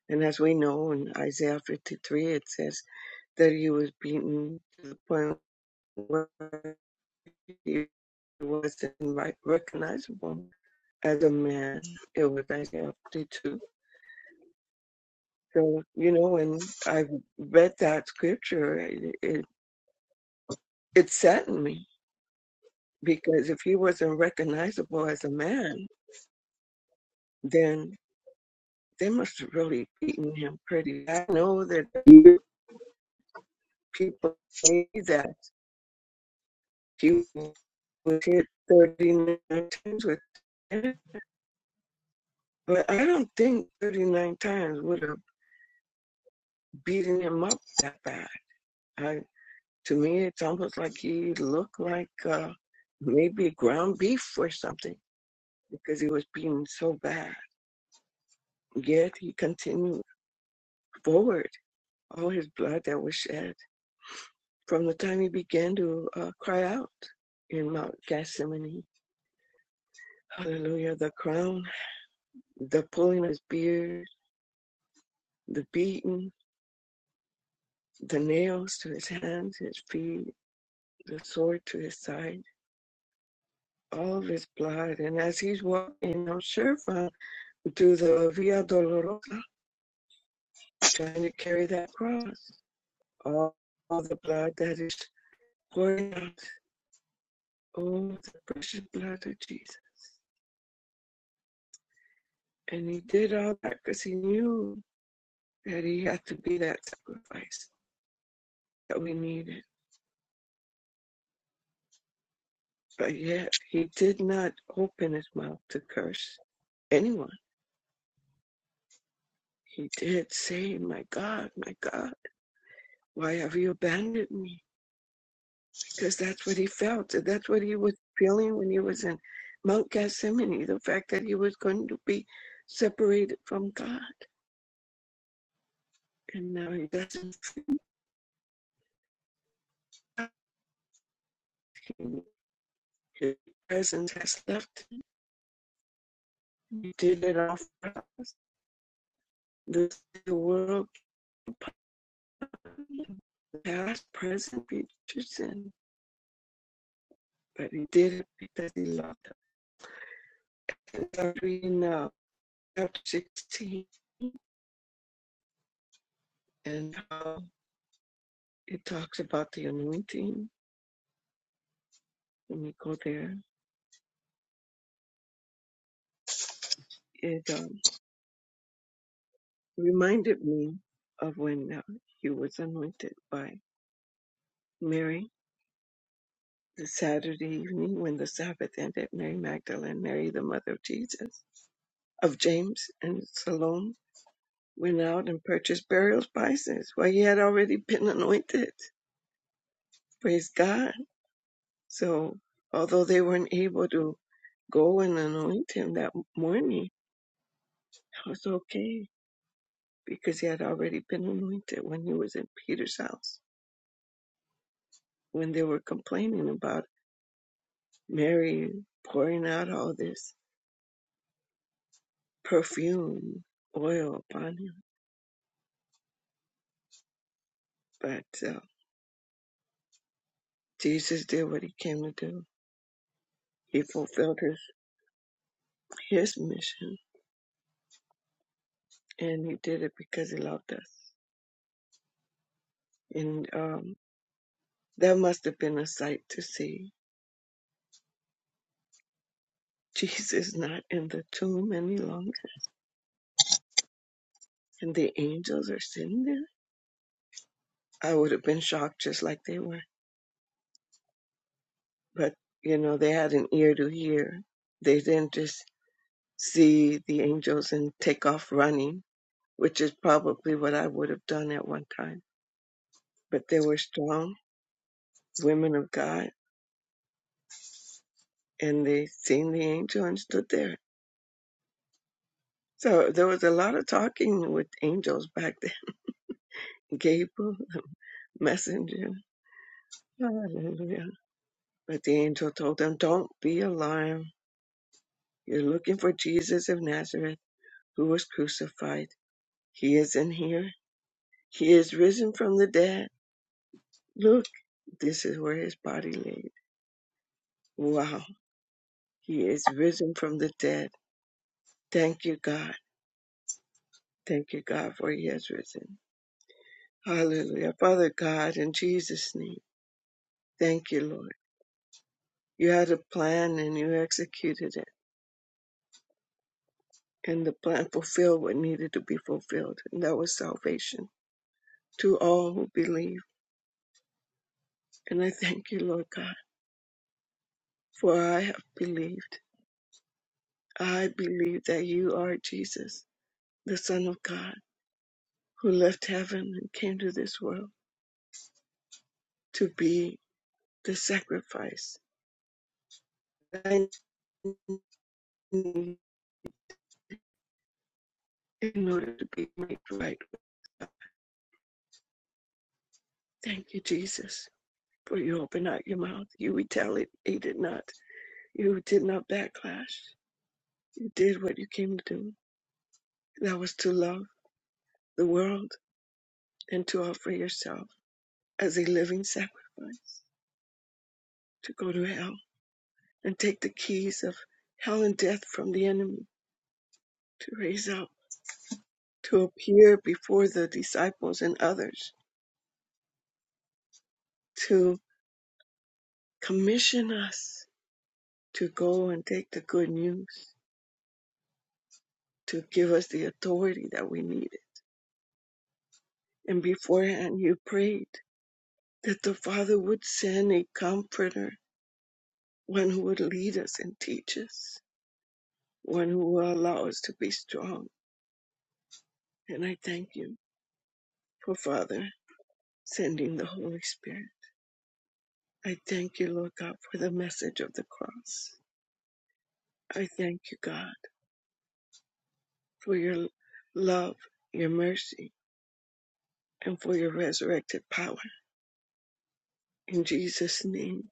S5: And as we know in Isaiah 53, it says that he was beaten to the point where he wasn't like recognizable as a man. It was Isaiah 52. So, you know, when I read that scripture, it, it, it saddened me because if he wasn't recognizable as a man, then they must have really beaten him pretty. I know that people say that he was hit 39 times with, him, but I don't think 39 times would have beaten him up that bad. I To me, it's almost like he looked like uh, maybe ground beef or something because he was beaten so bad. Yet he continued forward, all his blood that was shed from the time he began to uh, cry out in Mount Gethsemane. Hallelujah. The crown, the pulling his beard, the beating, the nails to his hands, his feet, the sword to his side, all of his blood. And as he's walking, I'm sure, from, to the Via Dolorosa, trying to carry that cross. All, all the blood that is pouring out. Oh, the precious blood of Jesus. And he did all that because he knew that he had to be that sacrifice that we needed. But yet, he did not open his mouth to curse anyone. He did say, My God, my God, why have you abandoned me? because that's what he felt. and That's what he was feeling when he was in Mount Gethsemane, the fact that he was going to be separated from God. And now he doesn't feel like his presence has left him. He did it all for us. This is the world past, present, future sin. But he did it because he loved us. And I'm reading now chapter 16 and how it talks about the anointing. Let me go there. It. uh, reminded me of when uh, he was anointed by Mary, the Saturday evening when the Sabbath ended. Mary Magdalene, Mary, the mother of Jesus, of James and Salome, went out and purchased burial spices. While he had already been anointed. Praise God. So, although they weren't able to go and anoint him that morning, it was okay because he had already been anointed when he was in Peter's house when they were complaining about Mary pouring out all this perfume oil upon him. But uh, Jesus did what he came to do. He fulfilled his, his mission and he did it because he loved us. And um, that must have been a sight to see. Jesus not in the tomb any longer and the angels are sitting there. I would have been shocked just like they were. But, you know, they had an ear to hear. They didn't just see the angels and take off running which is probably what I would have done at one time. But they were strong women of God, and they seen the angel and stood there. So there was a lot of talking with angels back then. Gabriel, the messenger. Hallelujah. But the angel told them, Don't be alarmed. You're looking for Jesus of Nazareth, who was crucified. He is in here. He is risen from the dead. Look, this is where his body laid. Wow. He is risen from the dead. Thank you, God. Thank you, God, for He has risen. Hallelujah. Father God, in Jesus' name, thank you, Lord. You had a plan and you executed it, and the plan fulfilled what needed to be fulfilled, and that was salvation to all who believe. And I thank you, Lord God, for I have believed. I believe that you are Jesus, the Son of God, who left heaven and came to this world to be the sacrifice that I need in order to be made right Thank you, Jesus, for you opened out your mouth. You retaliated not. You did not backlash. You did what you came to do. That was to love the world and to offer yourself as a living sacrifice, to go to hell and take the keys of hell and death from the enemy, to raise up, to appear before the disciples and others, to commission us to go and take the good news, to give us the authority that we needed And beforehand, you prayed that the Father would send a comforter, one who would lead us and teach us, one who will allow us to be strong. And I thank you for Father sending the Holy Spirit. I thank you, Lord God, for the message of the cross. I thank you, God, for your love, your mercy, and for your resurrected power. In Jesus' name,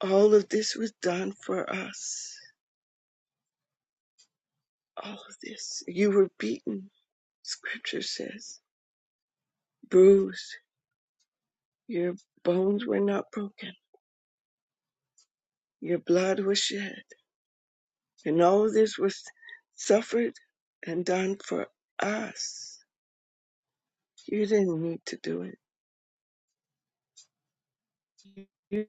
S5: all of this was done for us. All of this. You were beaten Scripture says, Bruised, your bones were not broken, your blood was shed, and all this was suffered and done for us. You didn't need to do it. You,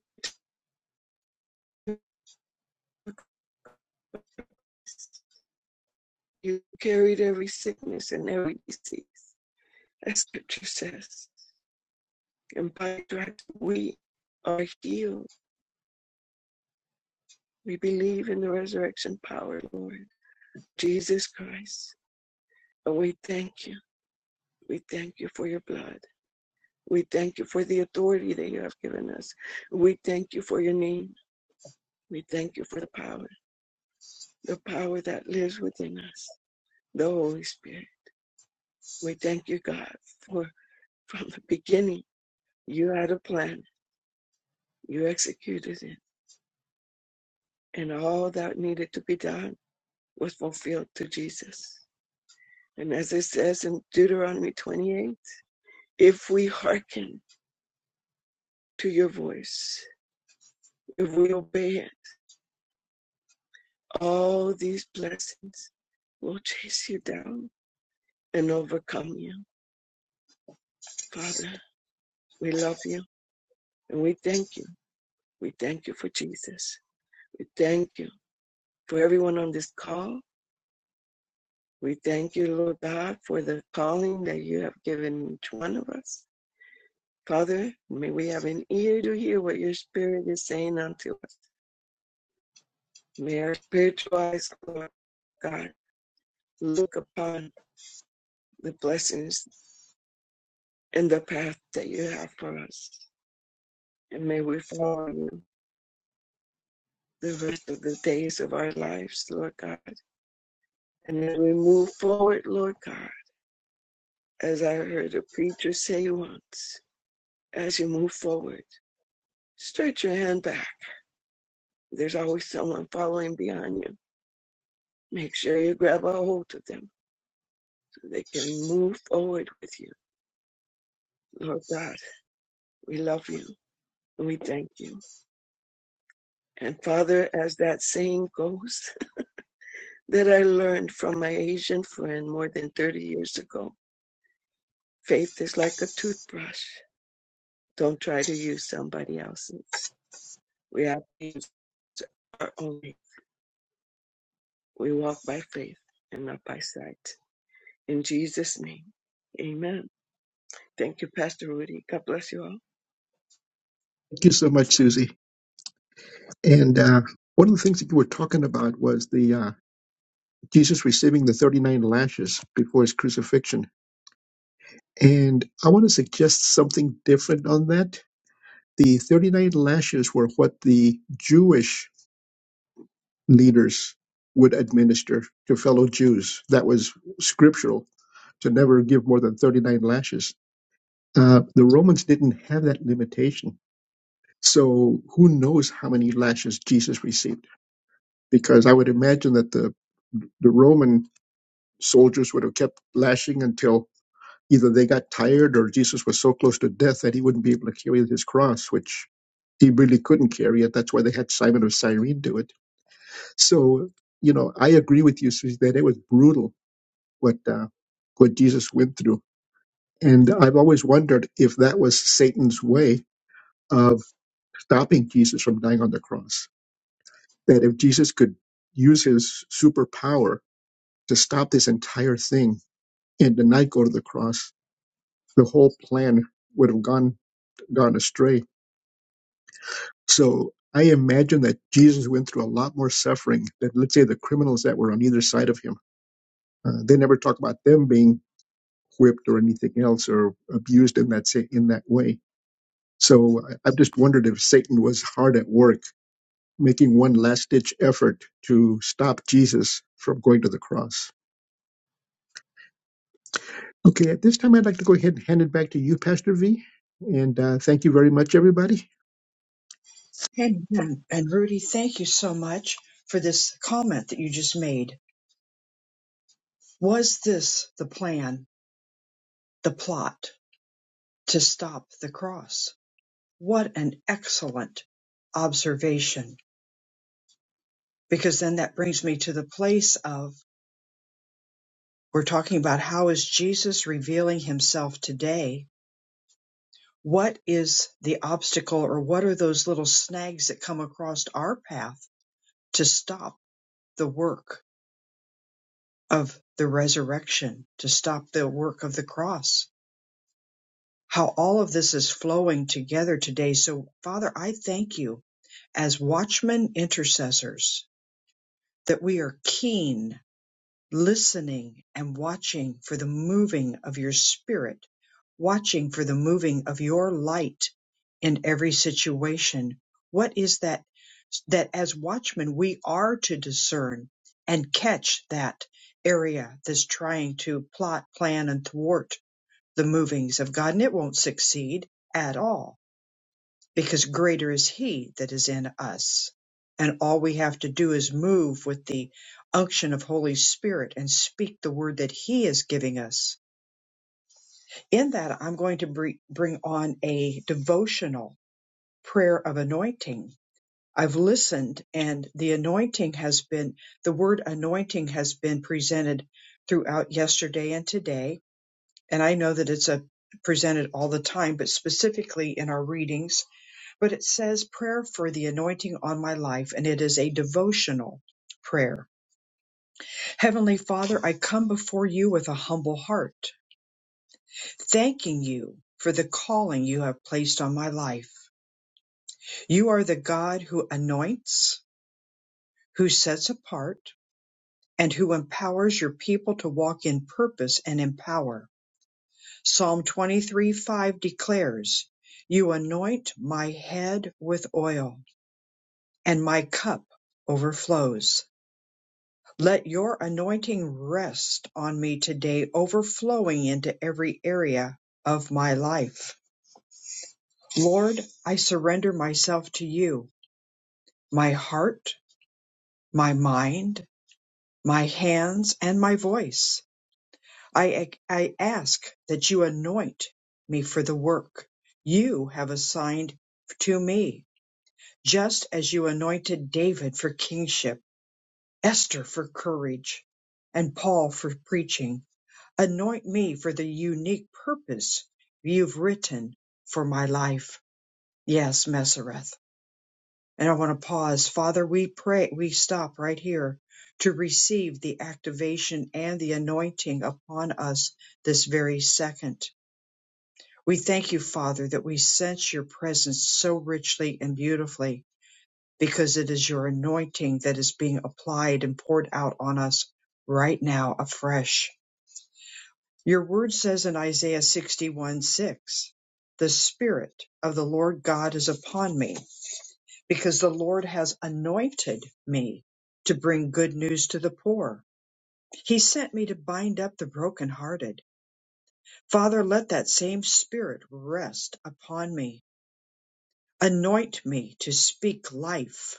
S5: you carried every sickness and every disease, as scripture says. And by stripes we are healed. We believe in the resurrection power, Lord Jesus Christ. And we thank you. We thank you for your blood. We thank you for the authority that you have given us. We thank you for your name. We thank you for the power, the power that lives within us, the Holy Spirit. We thank you, God, for from the beginning, you had a plan, you executed it, and all that needed to be done was fulfilled to Jesus. And as it says in Deuteronomy 28, if we hearken to your voice, if we obey it, all these blessings will chase you down and overcome you. Father, we love you and we thank you. We thank you for Jesus. We thank you for everyone on this call. We thank you, Lord God, for the calling that you have given each one of us. Father, may we have an ear to hear what your spirit is saying unto us. May our spiritual eyes, Lord God, look upon the blessings and the path that you have for us. And may we follow you the rest of the days of our lives, Lord God. And as we move forward, Lord God, as I heard a preacher say once, as you move forward, stretch your hand back. There's always someone following behind you. Make sure you grab a hold of them so they can move forward with you. Lord God, we love you and we thank you. And Father, as that saying goes, that I learned from my Asian friend more than 30 years ago, faith is like a toothbrush. Don't try to use somebody else's. We have things that are only. We walk by faith and not by sight. In Jesus' name, amen. Thank you, Pastor Rudy. God bless you all.
S2: Thank you so much, Susie. And uh, one of the things that you were talking about was the uh, Jesus receiving the 39 lashes before his crucifixion. And I want to suggest something different on that. The 39 lashes were what the Jewish leaders would administer to fellow Jews. That was scriptural to never give more than 39 lashes. Uh, the Romans didn't have that limitation. So who knows how many lashes Jesus received? Because I would imagine that the, the Roman soldiers would have kept lashing until either they got tired or Jesus was so close to death that he wouldn't be able to carry his cross, which he really couldn't carry it. That's why they had Simon of Cyrene do it. So, you know, I agree with you, Susie, that it was brutal what, uh, what Jesus went through And I've always wondered if that was Satan's way of stopping Jesus from dying on the cross. That if Jesus could use his superpower to stop this entire thing and to not go to the cross, the whole plan would have gone gone astray. So I imagine that Jesus went through a lot more suffering than, let's say, the criminals that were on either side of him. Uh, they never talk about them being whipped or anything else or abused in that sa- in that way. So I- I've just wondered if Satan was hard at work making one last ditch effort to stop Jesus from going to the cross. Okay, at this time, I'd like to go ahead and hand it back to you, Pastor V. And uh, thank you very much, everybody.
S1: Amen. And Rudy, thank you so much for this comment that you just made. Was this the plan, the plot to stop the cross? What an excellent observation. Because then that brings me to the place of we're talking about how is Jesus revealing himself today? What is the obstacle or what are those little snags that come across our path to stop the work of the resurrection to stop the work of the cross. How all of this is flowing together today. So, Father, I thank you as watchmen intercessors that we are keen listening and watching for the moving of your spirit, watching for the moving of your light in every situation. What is that? That as watchmen, we are to discern and catch that area that's trying to plot, plan, and thwart the movings of God, and it won't succeed at all because greater is he that is in us. And all we have to do is move with the unction of Holy Spirit and speak the word that he is giving us. In that, I'm going to br- bring on a devotional prayer of anointing. I've listened and the anointing has been, the word anointing has been presented throughout yesterday and today. And I know that it's a presented all the time, but specifically in our readings but it says prayer for the anointing on my life, and it is a devotional prayer. Heavenly Father, I come before you with a humble heart, thanking you for the calling you have placed on my life. You are the God who anoints, who sets apart, and who empowers your people to walk in purpose and in power. Psalm 23 5 declares, You anoint my head with oil, and my cup overflows. Let your anointing rest on me today, overflowing into every area of my life. Lord, I surrender myself to you, my heart, my mind, my hands, and my voice. I, I ask that you anoint me for the work you have assigned to me, just as you anointed David for kingship, Esther for courage, and Paul for preaching. Anoint me for the unique purpose you've written for my life. Yes, Mesereth. And I want to pause. Father, we pray, we stop right here to receive the activation and the anointing upon us this very second. We thank you, Father, that we sense your presence so richly and beautifully because it is your anointing that is being applied and poured out on us right now afresh. Your word says in Isaiah 61 6, the Spirit of the Lord God is upon me, because the Lord has anointed me to bring good news to the poor. He sent me to bind up the brokenhearted. Father, let that same Spirit rest upon me. Anoint me to speak life,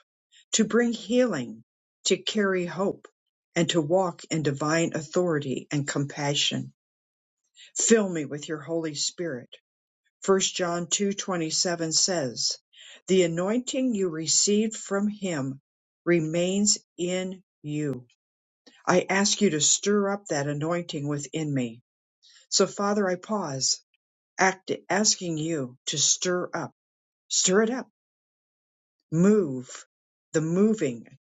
S1: to bring healing, to carry hope, and to walk in divine authority and compassion. Fill me with your Holy Spirit First John 2:27 says, "The anointing you received from him remains in you." I ask you to stir up that anointing within me. So Father, I pause, act, asking you to stir up, stir it up, move the moving,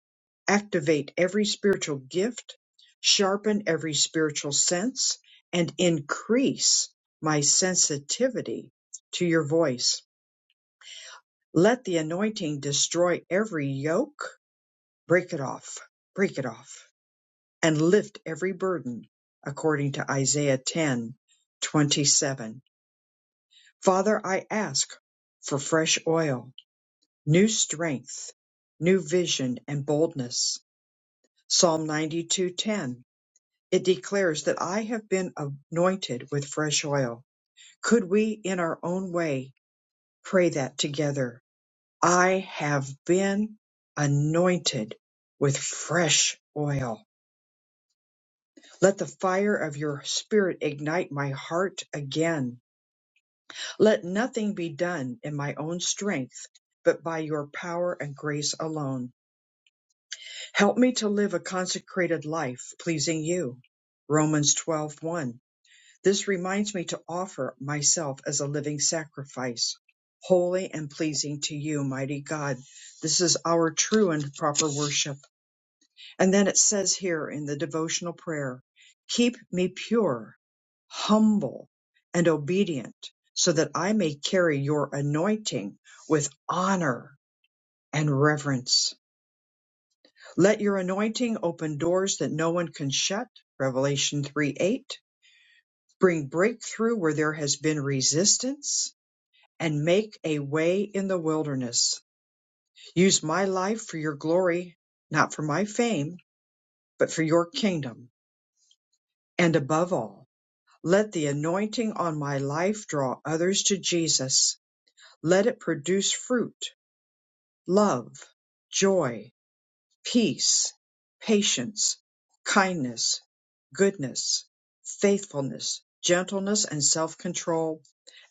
S1: activate every spiritual gift, sharpen every spiritual sense, and increase my sensitivity to your voice. Let the anointing destroy every yoke, break it off, break it off, and lift every burden, according to Isaiah 10, 27. Father, I ask for fresh oil, new strength, new vision, and boldness. Psalm 92 10. It declares that I have been anointed with fresh oil. Could we, in our own way, pray that together? I have been anointed with fresh oil. Let the fire of your spirit ignite my heart again. Let nothing be done in my own strength, but by your power and grace alone. Help me to live a consecrated life pleasing you. Romans twelve one. This reminds me to offer myself as a living sacrifice, holy and pleasing to you, mighty God. This is our true and proper worship. And then it says here in the devotional prayer, keep me pure, humble, and obedient so that I may carry your anointing with honor and reverence. Let your anointing open doors that no one can shut. Revelation 3 8. Bring breakthrough where there has been resistance and make a way in the wilderness. Use my life for your glory, not for my fame, but for your kingdom. And above all, Let the anointing on my life draw others to Jesus. Let it produce fruit, love, joy, peace, patience, kindness, goodness, faithfulness, gentleness, and self control.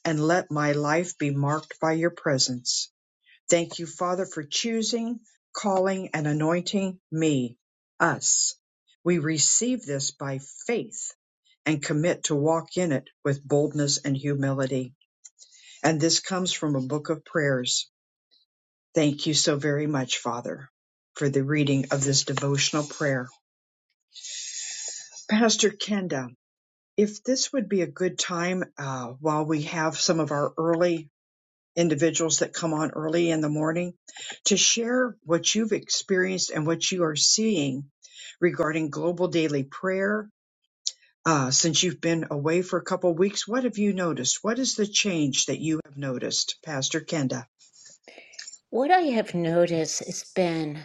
S1: And let my life be marked by your presence. Thank you, Father, for choosing, calling, and anointing me, us. We receive this by faith and commit to walk in it with boldness and humility. And this comes from a book of prayers. Thank you so very much, Father, for the reading of this devotional prayer. Pastor Kenda, if this would be a good time uh, while we have some of our early individuals that come on early in the morning to share what you've experienced and what you are seeing regarding global daily prayer. Uh, since you've been away for a couple weeks, what have you noticed? What is the change that you have noticed, Pastor Kenda?
S3: What I have noticed has been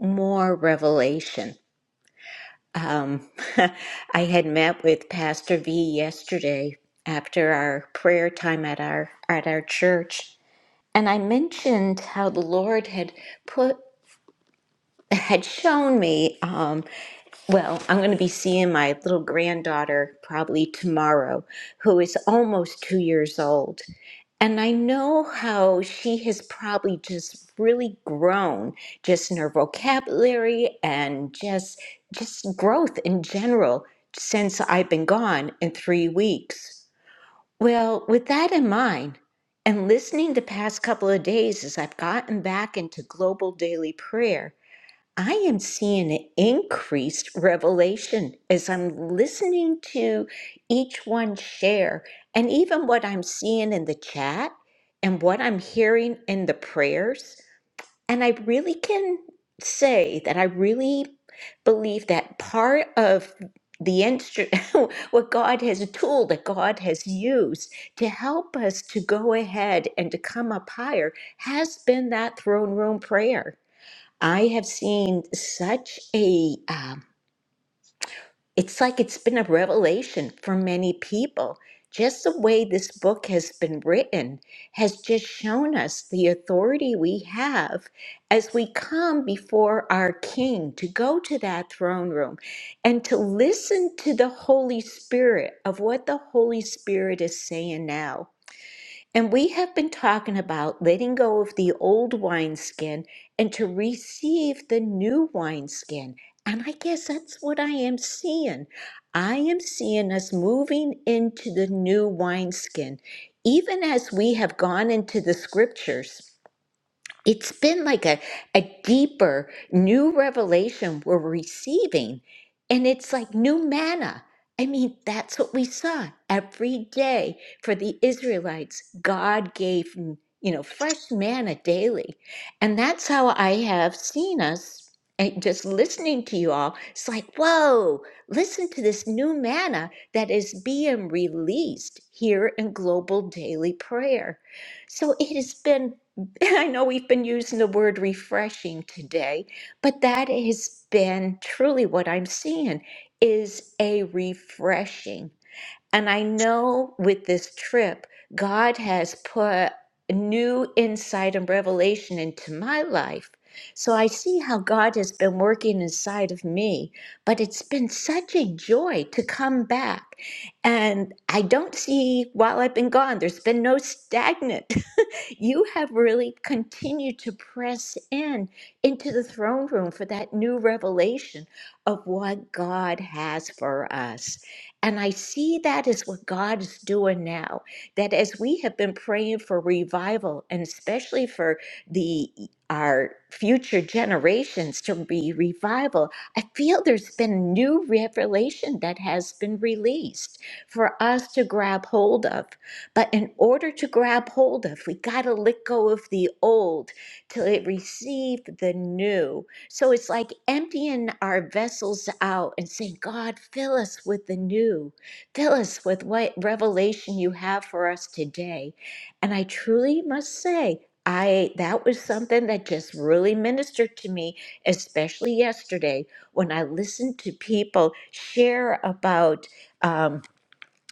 S3: more revelation. Um, I had met with Pastor V yesterday after our prayer time at our at our church, and I mentioned how the Lord had put had shown me. Um, Well, I'm going to be seeing my little granddaughter probably tomorrow, who is almost two years old. And I know how she has probably just really grown just in her vocabulary and just just growth in general since I've been gone in three weeks. Well, with that in mind, and listening the past couple of days as I've gotten back into global daily prayer, I am seeing an increased revelation as I'm listening to each one share, and even what I'm seeing in the chat and what I'm hearing in the prayers. And I really can say that I really believe that part of the instrument, what God has, a tool that God has used to help us to go ahead and to come up higher, has been that throne room prayer I have seen such a, um, it's like it's been a revelation for many people. Just the way this book has been written has just shown us the authority we have as we come before our King to go to that throne room and to listen to the Holy Spirit of what the Holy Spirit is saying now. And we have been talking about letting go of the old wineskin and to receive the new wineskin. And I guess that's what I am seeing. I am seeing us moving into the new wineskin, even as we have gone into the scriptures it's been like a, a deeper new revelation we're receiving and it's like new manna i mean that's what we saw every day for the israelites god gave you know fresh manna daily and that's how i have seen us and just listening to you all it's like whoa listen to this new manna that is being released here in global daily prayer so it has been I know we've been using the word refreshing today, but that has been truly what I'm seeing is a refreshing. And I know with this trip, God has put new insight and revelation into my life. So I see how God has been working inside of me, but it's been such a joy to come back. And I don't see, while I've been gone, there's been no stagnant. you have really continued to press in into the throne room for that new revelation of what God has for us. And I see that is what God is doing now. That as we have been praying for revival, and especially for the our future generations to be revival, I feel there's been a new revelation that has been released for us to grab hold of but in order to grab hold of, we got to let go of the old till it receive the new. So it's like emptying our vessels out and saying, God, fill us with the new. Fill us with what revelation you have for us today. And I truly must say, I that was something that just really ministered to me, especially yesterday when I listened to people share about. um,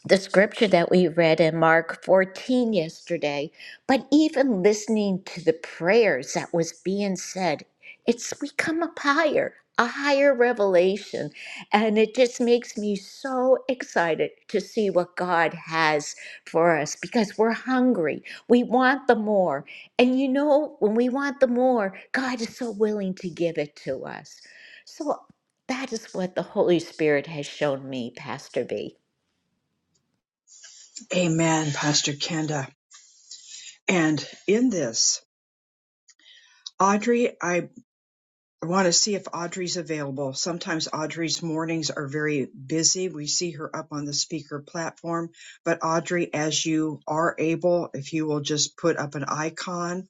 S3: the scripture that we read in Mark 14 yesterday, but even listening to the prayers that was being said, it's we come up higher, a higher revelation. And it just makes me so excited to see what God has for us because we're hungry. We want the more. And you know, when we want the more, God is so willing to give it to us. So that is what the Holy Spirit has shown me, Pastor B.
S1: Amen, Pastor Kenda. And in this, Audrey, I. I want to see if Audrey's available. Sometimes Audrey's mornings are very busy. We see her up on the speaker platform. But Audrey, as you are able, if you will just put up an icon.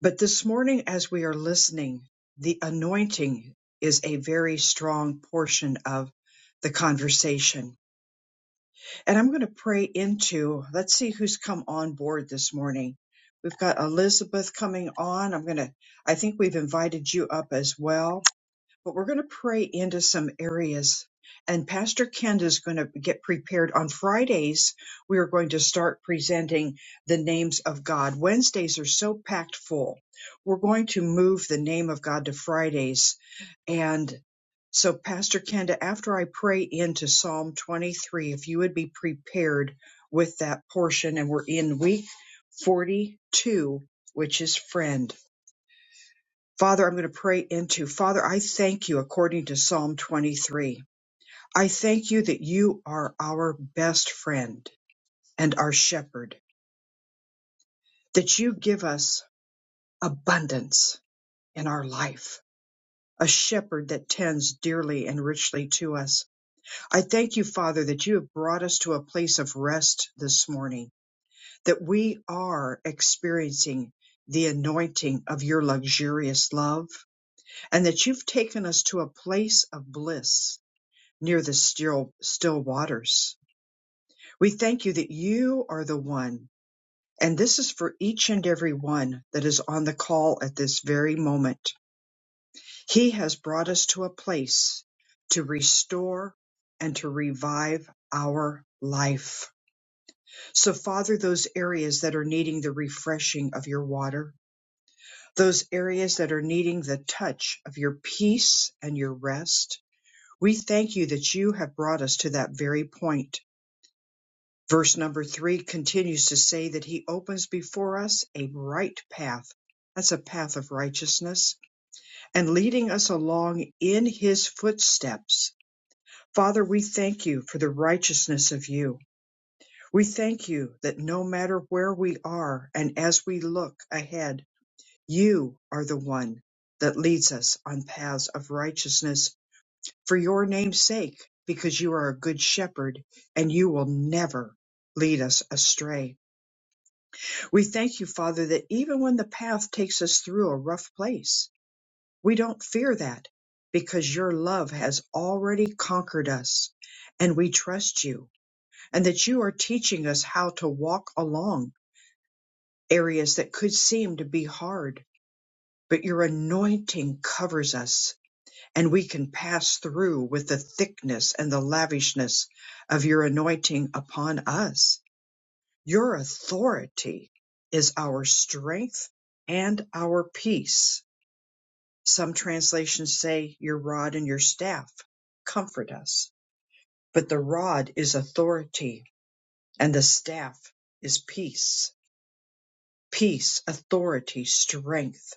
S1: But this morning, as we are listening, the anointing is a very strong portion of the conversation. And I'm going to pray into, let's see who's come on board this morning. We've got Elizabeth coming on. I'm going to, I think we've invited you up as well but we're going to pray into some areas. And Pastor Kenda is going to get prepared. On Fridays, we are going to start presenting the names of God. Wednesdays are so packed full. We're going to move the name of God to Fridays. And so, Pastor Kenda, after I pray into Psalm 23, if you would be prepared with that portion, and we're in week 42, which is friend. Father, I'm going to pray into. Father, I thank you according to Psalm 23. I thank you that you are our best friend and our shepherd, that you give us abundance in our life, a shepherd that tends dearly and richly to us. I thank you, Father, that you have brought us to a place of rest this morning, that we are experiencing the anointing of your luxurious love, and that you've taken us to a place of bliss near the still, still waters. We thank you that you are the one, and this is for each and every one that is on the call at this very moment. He has brought us to a place to restore and to revive our life. So, Father, those areas that are needing the refreshing of your water, those areas that are needing the touch of your peace and your rest, we thank you that you have brought us to that very point Verse number three continues to say that he opens before us a right path. That's a path of righteousness and leading us along in his footsteps. Father, we thank you for the righteousness of you. We thank you that no matter where we are and as we look ahead, you are the one that leads us on paths of righteousness for your name's sake, because you are a good shepherd and you will never lead us astray. We thank you, Father, that even when the path takes us through a rough place, we don't fear that because your love has already conquered us and we trust you and that you are teaching us how to walk along areas that could seem to be hard. But your anointing covers us and we can pass through with the thickness and the lavishness of your anointing upon us Your authority is our strength and our peace. Some translations say your rod and your staff comfort us, but the rod is authority and the staff is peace. Peace, authority, strength,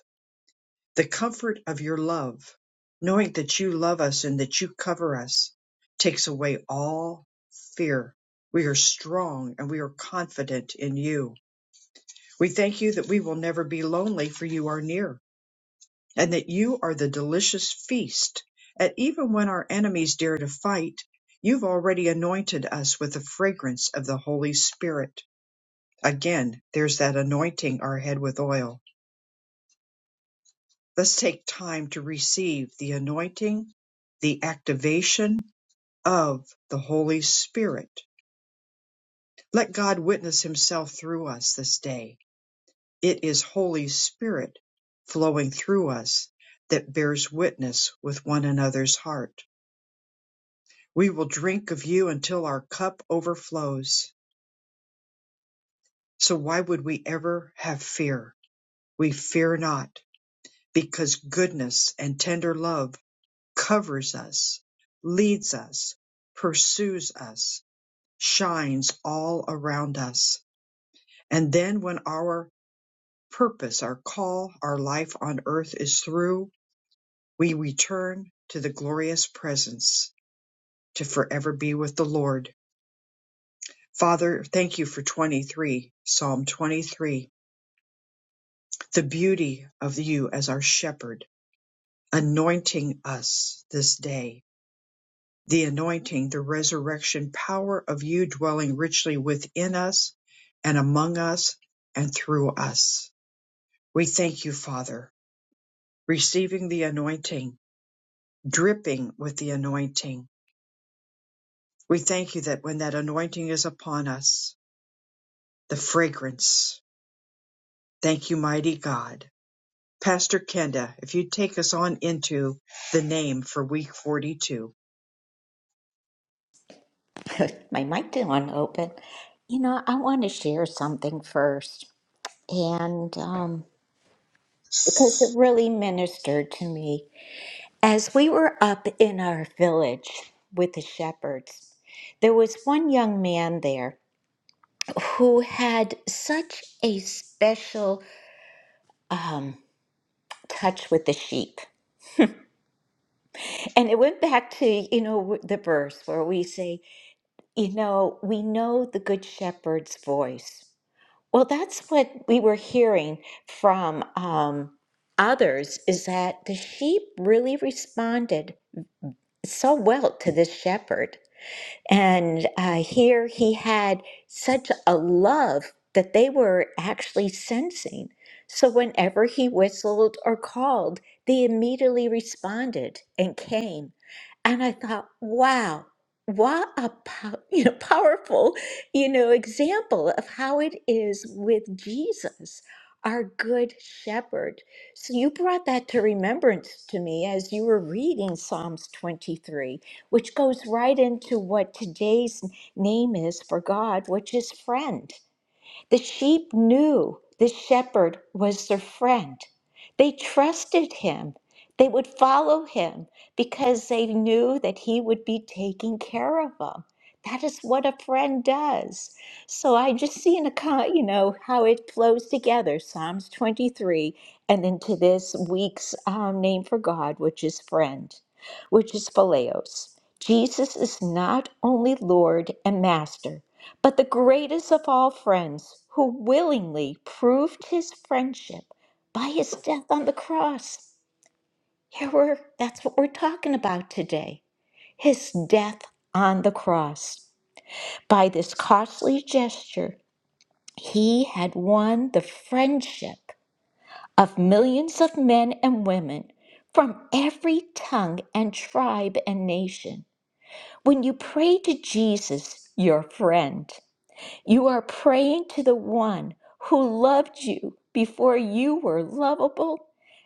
S1: the comfort of your love, knowing that you love us and that you cover us takes away all fear. We are strong and we are confident in you We thank you that we will never be lonely, for you are near, and that you are the delicious feast. And even when our enemies dare to fight, you've already anointed us with the fragrance of the Holy Spirit. Again, there's that anointing our head with oil. Let's take time to receive the anointing, the activation of the Holy Spirit. Let God witness Himself through us this day It is Holy Spirit flowing through us that bears witness with one another's heart. We will drink of you until our cup overflows. So why would we ever have fear? We fear not because goodness and tender love covers us, leads us, pursues us, shines all around us. And then when our purpose, our call, our life on earth is through, we return to the glorious presence to forever be with the Lord. Father, thank you for 23, Psalm 23, the beauty of you as our shepherd, anointing us this day, the anointing, the resurrection power of you dwelling richly within us and among us and through us. We thank you, Father, receiving the anointing, dripping with the anointing. We thank you that when that anointing is upon us, the fragrance. Thank you, mighty God. Pastor Kenda, if you would take us on into the name for week 42.
S3: Good. my mic didn't open. You know, I want to share something first, and um, because it really ministered to me. As we were up in our village with the shepherds, there was one young man there who had such a special um, touch with the sheep. And it went back to, you know, the verse where we say, you know, we know the good shepherd's voice. Well, that's what we were hearing from um, others is that the sheep really responded so well to this shepherd. And uh, here he had such a love that they were actually sensing. So whenever he whistled or called, they immediately responded and came. And I thought, wow, what a po- you know powerful you know example of how it is with Jesus, our good shepherd. So you brought that to remembrance to me as you were reading Psalms 23 which goes right into what today's name is for God, which is friend. The sheep knew the shepherd was their friend. They trusted him. They would follow him because they knew that he would be taking care of them. That is what a friend does. So I just seen a co- you know how it flows together. Psalms 23, and into this week's um, name for God, which is friend, which is phileos. Jesus is not only Lord and Master. But the greatest of all friends, who willingly proved his friendship by his death on the cross. Here we're, that's what we're talking about today his death on the cross. By this costly gesture, he had won the friendship of millions of men and women from every tongue and tribe and nation. When you pray to Jesus, your friend, You are praying to the one who loved you before you were lovable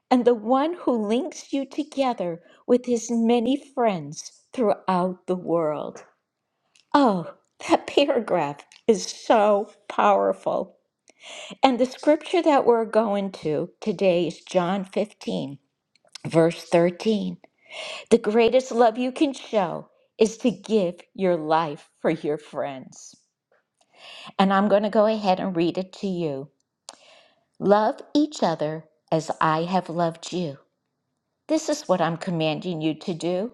S3: and the one who links you together with his many friends throughout the world. Oh, that paragraph is so powerful. And the scripture that we're going to today is John 15, verse 13. The greatest love you can show is to give your life for your friends. And I'm going to go ahead and read it to you. Love each other as I have loved you. This is what I'm commanding you to do.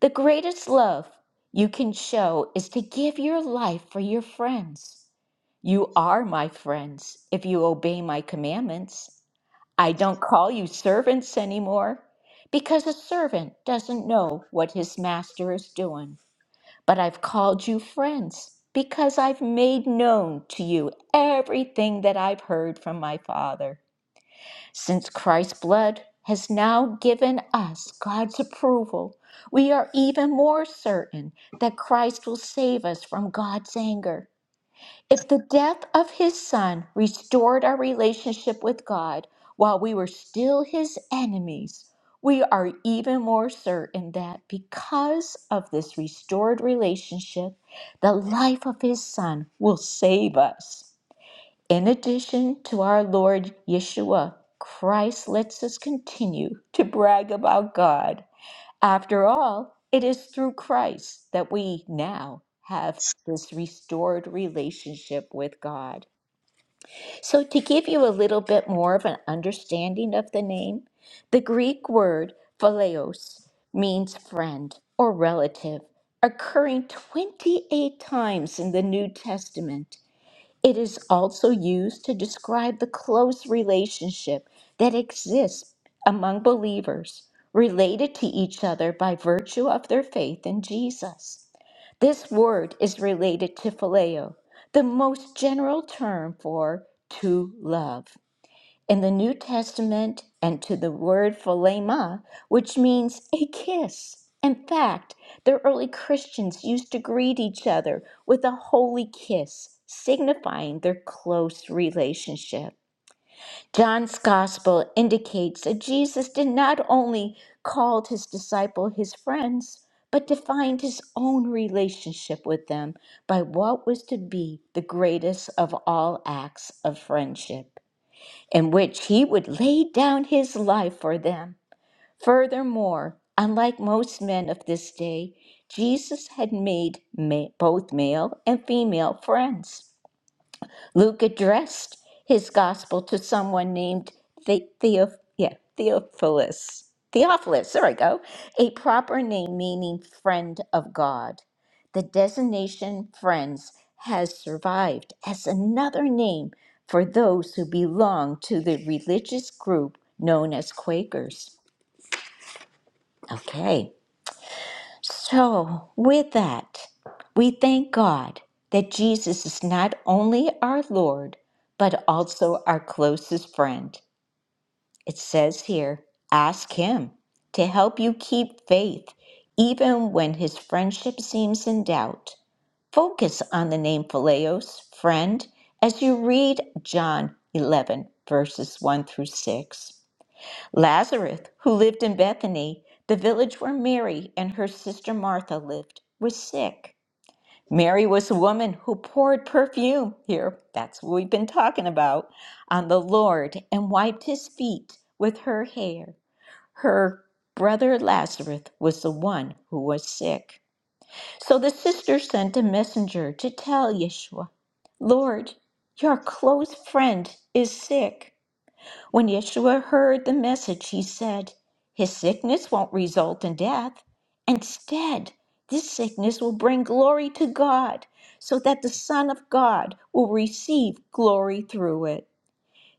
S3: The greatest love you can show is to give your life for your friends. You are my friends if you obey my commandments. I don't call you servants anymore because a servant doesn't know what his master is doing. But I've called you friends because I've made known to you everything that I've heard from my Father. Since Christ's blood has now given us God's approval, we are even more certain that Christ will save us from God's anger. If the death of his son restored our relationship with God while we were still his enemies, we are even more certain that because of this restored relationship, the life of his son will save us. In addition to our Lord Yeshua, Christ lets us continue to brag about God. After all, it is through Christ that we now have this restored relationship with God. So, to give you a little bit more of an understanding of the name, the Greek word phileos means friend or relative, occurring 28 times in the New Testament. It is also used to describe the close relationship that exists among believers related to each other by virtue of their faith in Jesus. This word is related to phileo, the most general term for to love in the New Testament and to the word philema, which means a kiss. In fact, the early Christians used to greet each other with a holy kiss, signifying their close relationship. John's gospel indicates that Jesus did not only call his disciple his friends, but defined his own relationship with them by what was to be the greatest of all acts of friendship in which he would lay down his life for them. Furthermore, unlike most men of this day, Jesus had made ma- both male and female friends. Luke addressed his gospel to someone named the- Theo- yeah, Theophilus. Theophilus, there I go, a proper name meaning friend of God. The designation friends has survived as another name for those who belong to the religious group known as Quakers. Okay. So, with that, we thank God that Jesus is not only our Lord, but also our closest friend. It says here, ask Him to help you keep faith, even when His friendship seems in doubt. Focus on the name Phileos, friend, as you read John 11, verses 1 through 6. Lazarus, who lived in Bethany, the village where Mary and her sister Martha lived, was sick. Mary was a woman who poured perfume here, that's what we've been talking about, on the Lord and wiped his feet with her hair. Her brother Lazarus was the one who was sick. So the sister sent a messenger to tell Yeshua, Lord, your close friend is sick. When Yeshua heard the message, he said, His sickness won't result in death. Instead, this sickness will bring glory to God, so that the Son of God will receive glory through it.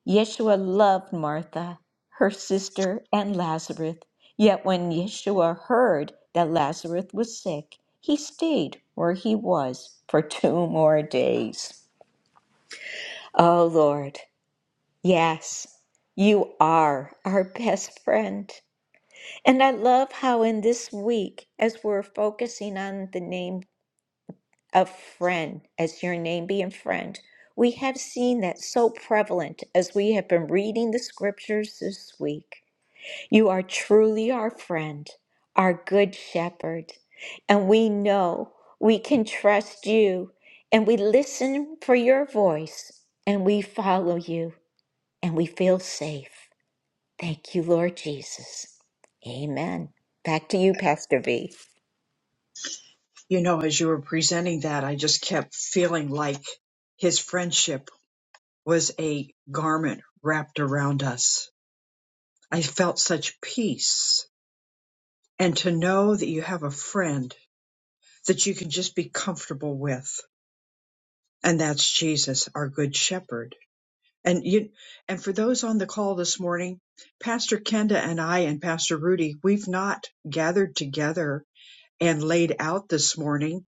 S3: Yeshua loved Martha, her sister, and Lazarus. Yet when Yeshua heard that Lazarus was sick, he stayed where he was for two more days. Oh Lord, Yes, you are our best friend. And I love how in this week, as we're focusing on the name of friend, as your name being friend, we have seen that so prevalent as we have been reading the scriptures this week. You are truly our friend, our good shepherd. And we know we can trust you, and we listen for your voice, and we follow you, and we feel safe. Thank you, Lord Jesus. Amen. Back to you, Pastor V.
S1: You know, as you were presenting that, I just kept feeling like his friendship was a garment wrapped around us. I felt such peace. And to know that you have a friend that you can just be comfortable with. And that's Jesus, our good shepherd And you and for those on the call this morning, Pastor Kenda and I and Pastor Rudy, we've not gathered together and laid out this morning.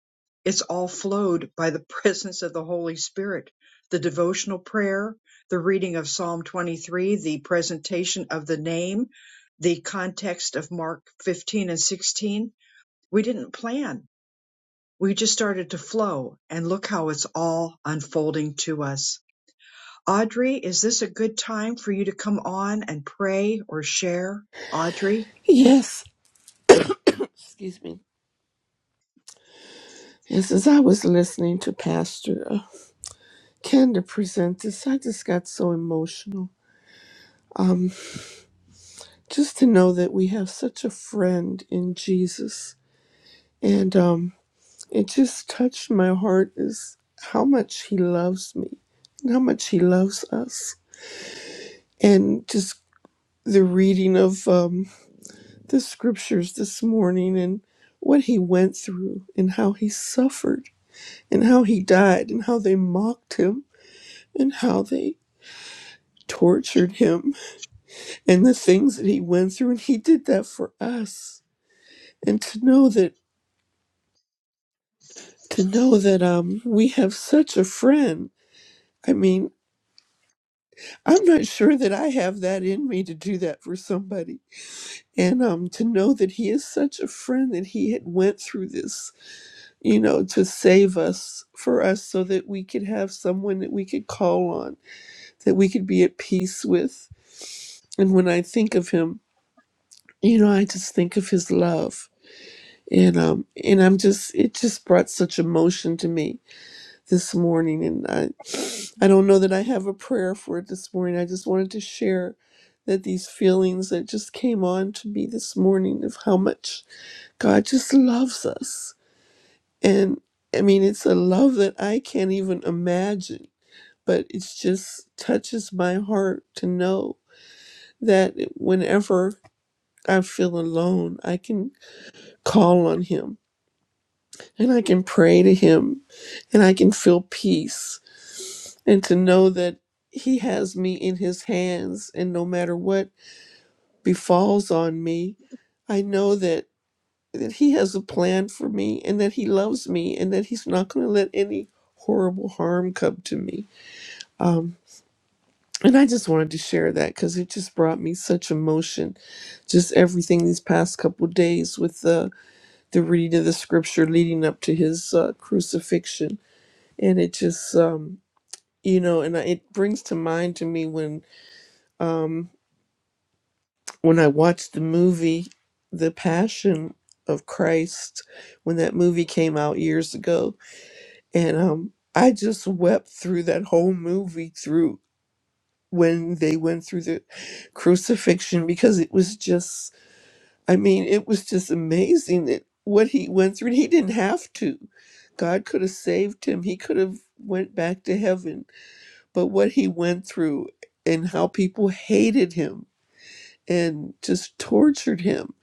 S1: It's all flowed by the presence of the Holy Spirit, the devotional prayer, the reading of Psalm 23, the presentation of the name, the context of Mark 15 and 16. We didn't plan. We just started to flow and look how it's all unfolding to us. Audrey, is this a good time for you to come on and pray or share? Audrey,
S6: Yes, excuse me. Yes, as I was listening to Pastor uh, Kenda present this, I just got so emotional. Um, just to know that we have such a friend in Jesus, and um, it just touched my heart is how much He loves me, and how much He loves us, and just the reading of um, the scriptures this morning and what he went through and how he suffered and how he died and how they mocked him and how they tortured him and the things that he went through and he did that for us and to know that to know that um we have such a friend i mean i'm not sure that i have that in me to do that for somebody and um to know that he is such a friend that he had went through this you know to save us for us so that we could have someone that we could call on that we could be at peace with and when i think of him you know i just think of his love and um and i'm just it just brought such emotion to me this morning and i i don't know that i have a prayer for it this morning i just wanted to share that these feelings that just came on to me this morning of how much god just loves us and i mean it's a love that i can't even imagine but it just touches my heart to know that whenever i feel alone i can call on him and I can pray to Him and I can feel peace and to know that He has me in His hands and no matter what befalls on me, I know that, that He has a plan for me and that He loves me and that He's not going to let any horrible harm come to me. Um, and I just wanted to share that because it just brought me such emotion. Just everything these past couple days with the the reading of the scripture leading up to his uh, crucifixion, and it just um, you know and I, it brings to mind to me when um when i watched the movie the passion of christ when that movie came out years ago and um i just wept through that whole movie through when they went through the crucifixion because it was just i mean it was just amazing that what he went through he didn't have to god could have saved him he could have went back to heaven but what he went through and how people hated him and just tortured him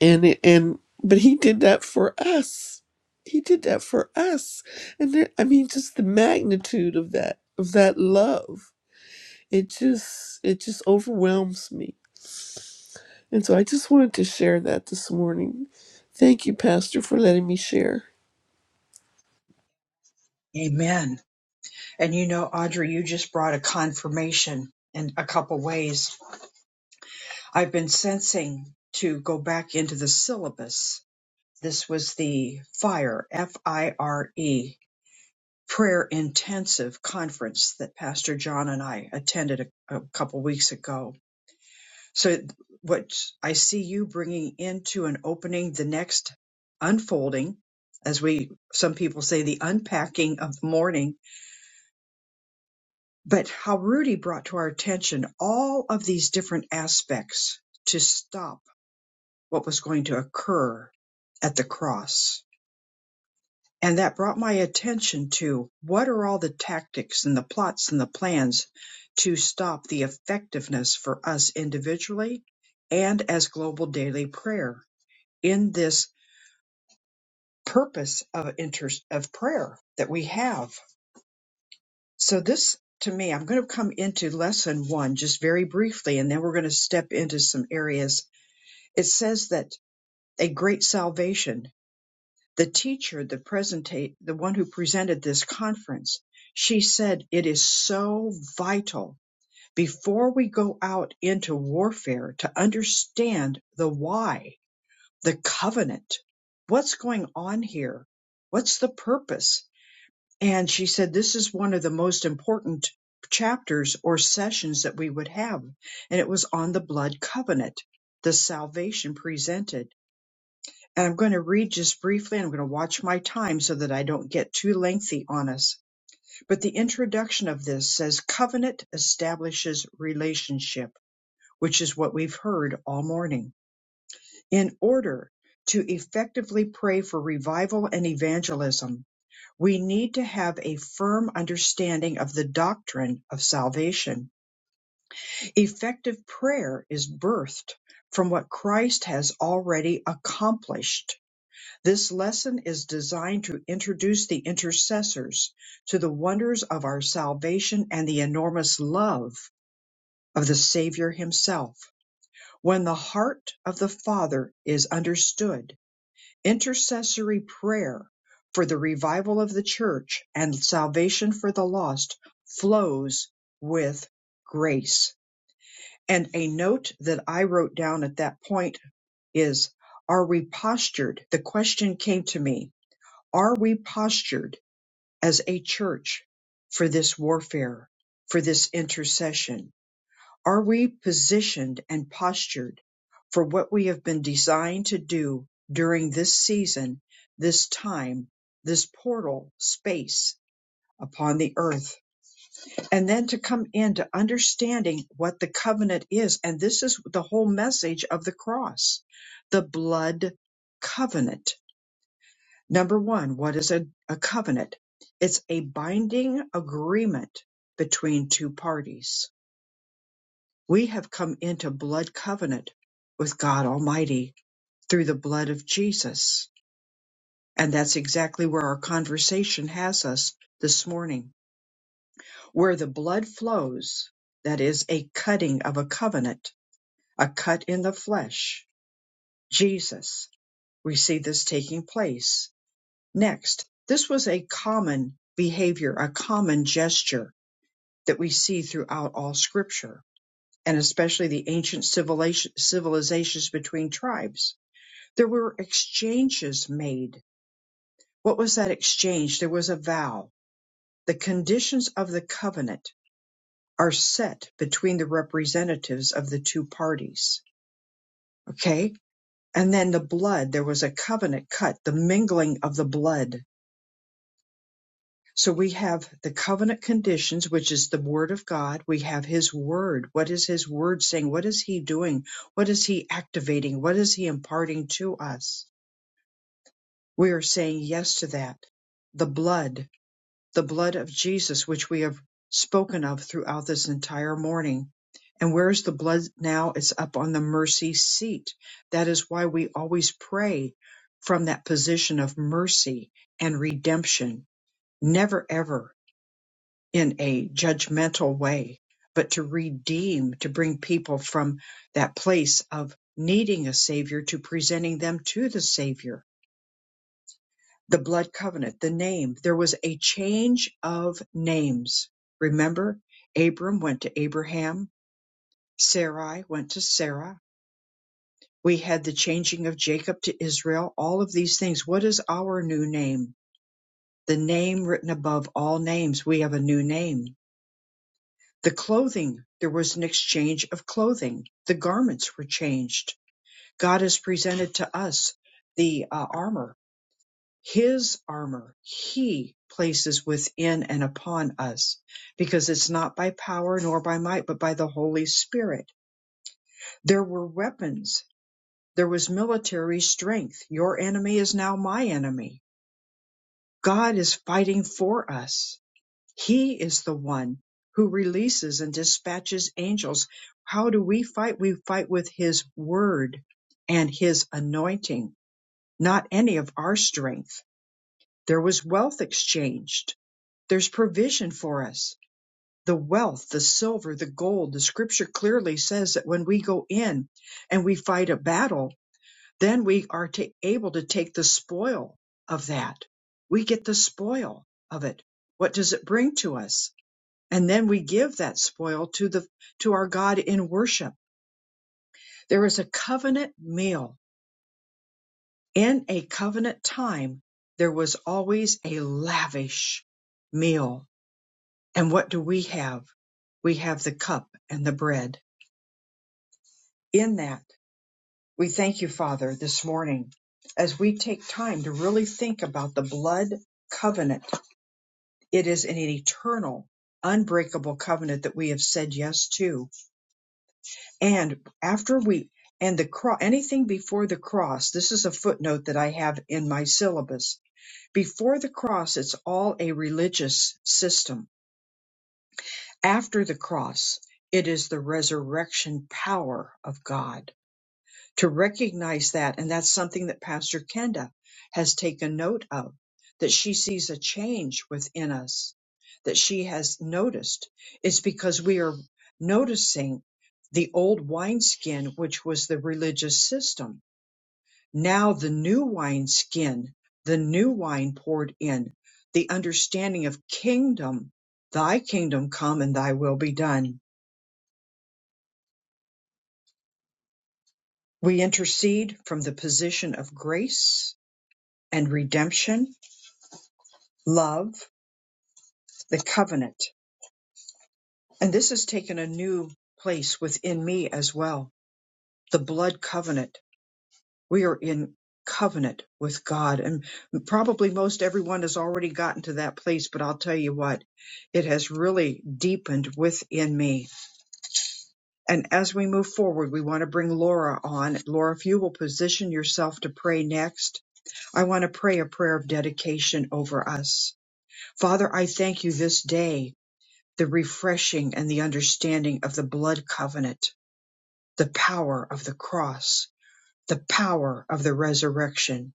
S6: and and but he did that for us he did that for us and there, i mean just the magnitude of that of that love it just it just overwhelms me and so i just wanted to share that this morning thank you pastor for letting me share
S1: amen. And you know, Audrey, you just brought a confirmation in a couple ways. I've been sensing to go back into the syllabus. This was the FIRE, F I R E, prayer intensive conference that Pastor John and I attended a, a couple weeks ago So, what I see you bringing into an opening, the next unfolding, as we some people say, the unpacking of the morning, but how Rudy brought to our attention all of these different aspects to stop what was going to occur at the cross. And that brought my attention to what are all the tactics and the plots and the plans to stop the effectiveness for us individually and as global daily prayer in this purpose of inter- of prayer that we have. So this to me, I'm going to come into lesson one just very briefly, and then we're going to step into some areas. It says that a great salvation, the teacher, the presentate, the one who presented this conference, she said it is so vital before we go out into warfare to understand the why, the covenant. What's going on here? What's the purpose? And she said, This is one of the most important chapters or sessions that we would have. And it was on the blood covenant, the salvation presented. And I'm going to read just briefly. I'm going to watch my time so that I don't get too lengthy on us. But the introduction of this says, Covenant establishes relationship, which is what we've heard all morning. In order to effectively pray for revival and evangelism, we need to have a firm understanding of the doctrine of salvation. Effective prayer is birthed from what Christ has already accomplished. This lesson is designed to introduce the intercessors to the wonders of our salvation and the enormous love of the Savior himself. When the heart of the Father is understood, intercessory prayer for the revival of the church and salvation for the lost flows with grace. And a note that I wrote down at that point is Are we postured? The question came to me Are we postured as a church for this warfare, for this intercession? Are we positioned and postured for what we have been designed to do during this season, this time, this portal space upon the earth? And then to come into understanding what the covenant is. And this is the whole message of the cross the blood covenant. Number one, what is a, a covenant? It's a binding agreement between two parties we have come into blood covenant with God Almighty through the blood of Jesus. And that's exactly where our conversation has us this morning. Where the blood flows, that is a cutting of a covenant, a cut in the flesh. Jesus, we see this taking place. Next, this was a common behavior, a common gesture that we see throughout all scripture, and especially the ancient civilation- civilizations between tribes There were exchanges made. What was that exchange? There was a vow. The conditions of the covenant are set between the representatives of the two parties. Okay. And then the blood, there was a covenant cut, the mingling of the blood. So we have the covenant conditions, which is the word of God. We have his word. What is his word saying? What is he doing? What is he activating? What is he imparting to us? We are saying yes to that. The blood the blood of Jesus, which we have spoken of throughout this entire morning. And where's the blood now? It's up on the mercy seat. That is why we always pray from that position of mercy and redemption, never ever in a judgmental way, but to redeem, to bring people from that place of needing a savior to presenting them to the savior the blood covenant, the name. There was a change of names. Remember, Abram went to Abraham, Sarai went to Sarah. We had the changing of Jacob to Israel, all of these things. What is our new name? The name written above all names. We have a new name. The clothing, there was an exchange of clothing. The garments were changed. God has presented to us the uh, armor His armor he places within and upon us because it's not by power nor by might, but by the Holy Spirit. There were weapons. There was military strength. Your enemy is now my enemy. God is fighting for us. He is the one who releases and dispatches angels. How do we fight? We fight with his word and his anointing, not any of our strength. There was wealth exchanged There's provision for us. The wealth, the silver, the gold. The scripture clearly says that when we go in and we fight a battle, then we are ta able to take the spoil of that. We get the spoil of it. What does it bring to us? And then we give that spoil to the, to our God in worship. There is a covenant meal. In a covenant time, there was always a lavish meal And what do we have? We have the cup and the bread. In that, we thank you, Father, this morning as we take time to really think about the blood covenant. It is an eternal, unbreakable covenant that we have said yes to. And after we and the cross, anything before the cross, this is a footnote that I have in my syllabus. Before the cross, it's all a religious system After the cross, it is the resurrection power of God to recognize that. And that's something that Pastor Kenda has taken note of, that she sees a change within us, that she has noticed. It's because we are noticing the old wineskin, which was the religious system. Now the new wineskin, the new wine poured in, the understanding of kingdom, thy kingdom come and thy will be done We intercede from the position of grace and redemption, love, the covenant. And this has taken a new place within me as well. The blood covenant. We are in covenant with God. And probably most everyone has already gotten to that place, but I'll tell you what, it has really deepened within me. And as we move forward, we want to bring Laura on. Laura, if you will position yourself to pray next, I want to pray a prayer of dedication over us. Father, I thank you this day, the refreshing and the understanding of the blood covenant, the power of the cross, the power of the resurrection,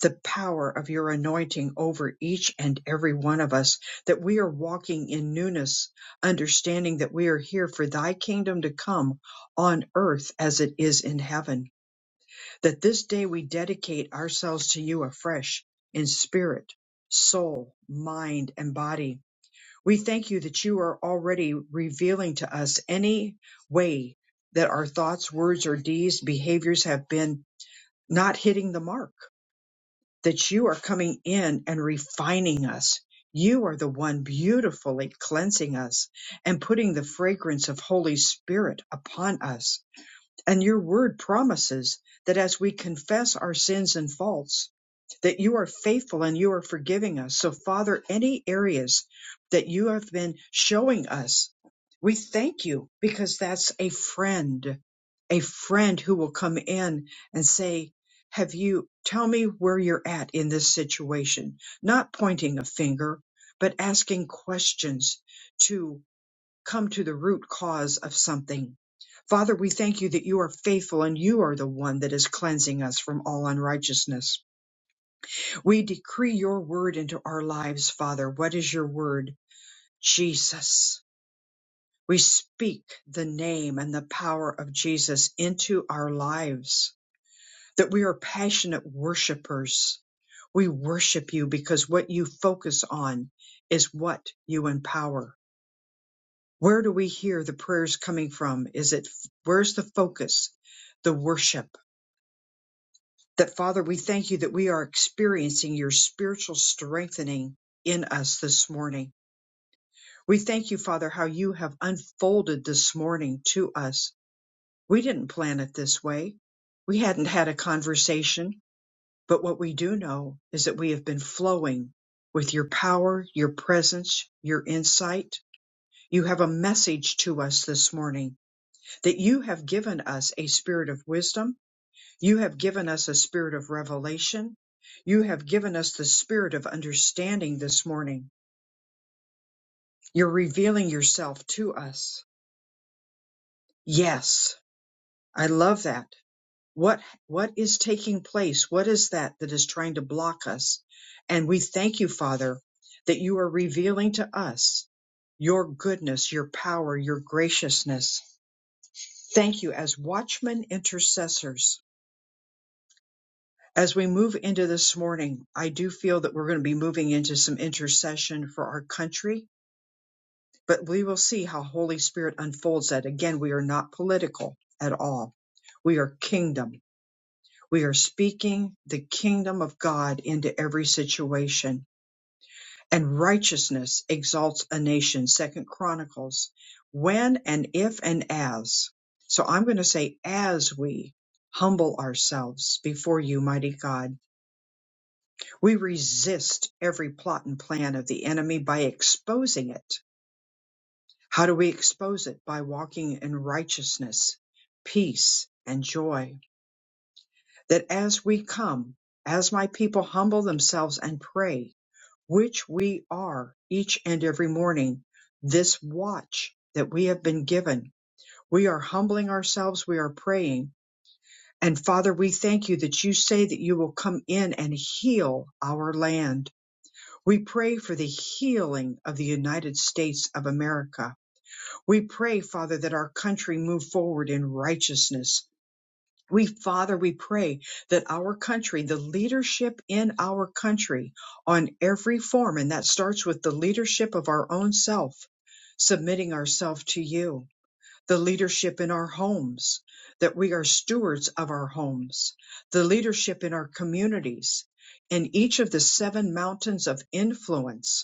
S1: the power of your anointing over each and every one of us, that we are walking in newness, understanding that we are here for thy kingdom to come on earth as it is in heaven, that this day we dedicate ourselves to you afresh in spirit, soul, mind, and body we thank you that you are already revealing to us any way that our thoughts, words, or deeds, behaviors have been not hitting the mark, that you are coming in and refining us. You are the one beautifully cleansing us and putting the fragrance of Holy Spirit upon us and your word promises that as we confess our sins and faults, that you are faithful and you are forgiving us. So, Father, any areas that you have been showing us, we thank you because that's a friend, a friend who will come in and say, Have you, tell me where you're at in this situation? Not pointing a finger, but asking questions to come to the root cause of something. Father, we thank you that you are faithful and you are the one that is cleansing us from all unrighteousness. We decree your word into our lives, Father. What is your word? Jesus. We speak the name and the power of Jesus into our lives, that we are passionate worshipers. We worship you because what you focus on is what you empower. Where do we hear the prayers coming from? Is it where's the focus, the worship? That Father, we thank you that we are experiencing your spiritual strengthening in us this morning. We thank you, Father, how you have unfolded this morning to us. We didn't plan it this way. We hadn't had a conversation, but what we do know is that we have been flowing with your power, your presence, your insight. You have a message to us this morning that you have given us a spirit of wisdom. You have given us a spirit of revelation. You have given us the spirit of understanding this morning. You're revealing yourself to us. Yes, I love that. What, what is taking place? What is that that is trying to block us? And we thank you, Father, that you are revealing to us your goodness, your power, your graciousness. Thank you as watchmen intercessors As we move into this morning, I do feel that we're going to be moving into some intercession for our country, but we will see how Holy Spirit unfolds that. Again, we are not political at all. We are kingdom. We are speaking the kingdom of God into every situation. And righteousness exalts a nation, Second Chronicles. When and if and as. So I'm going to say, as we humble ourselves before you, mighty God We resist every plot and plan of the enemy by exposing it. How do we expose it? By walking in righteousness, peace, and joy. That as we come, as my people humble themselves and pray, which we are each and every morning, this watch that we have been given, we are humbling ourselves, we are praying. And Father, we thank you that you say that you will come in and heal our land We pray for the healing of the United States of America. We pray, Father, that our country move forward in righteousness. We, Father, we pray that our country, the leadership in our country on every form, and that starts with the leadership of our own self, submitting ourselves to you, the leadership in our homes, that we are stewards of our homes, the leadership in our communities, in each of the seven mountains of influence,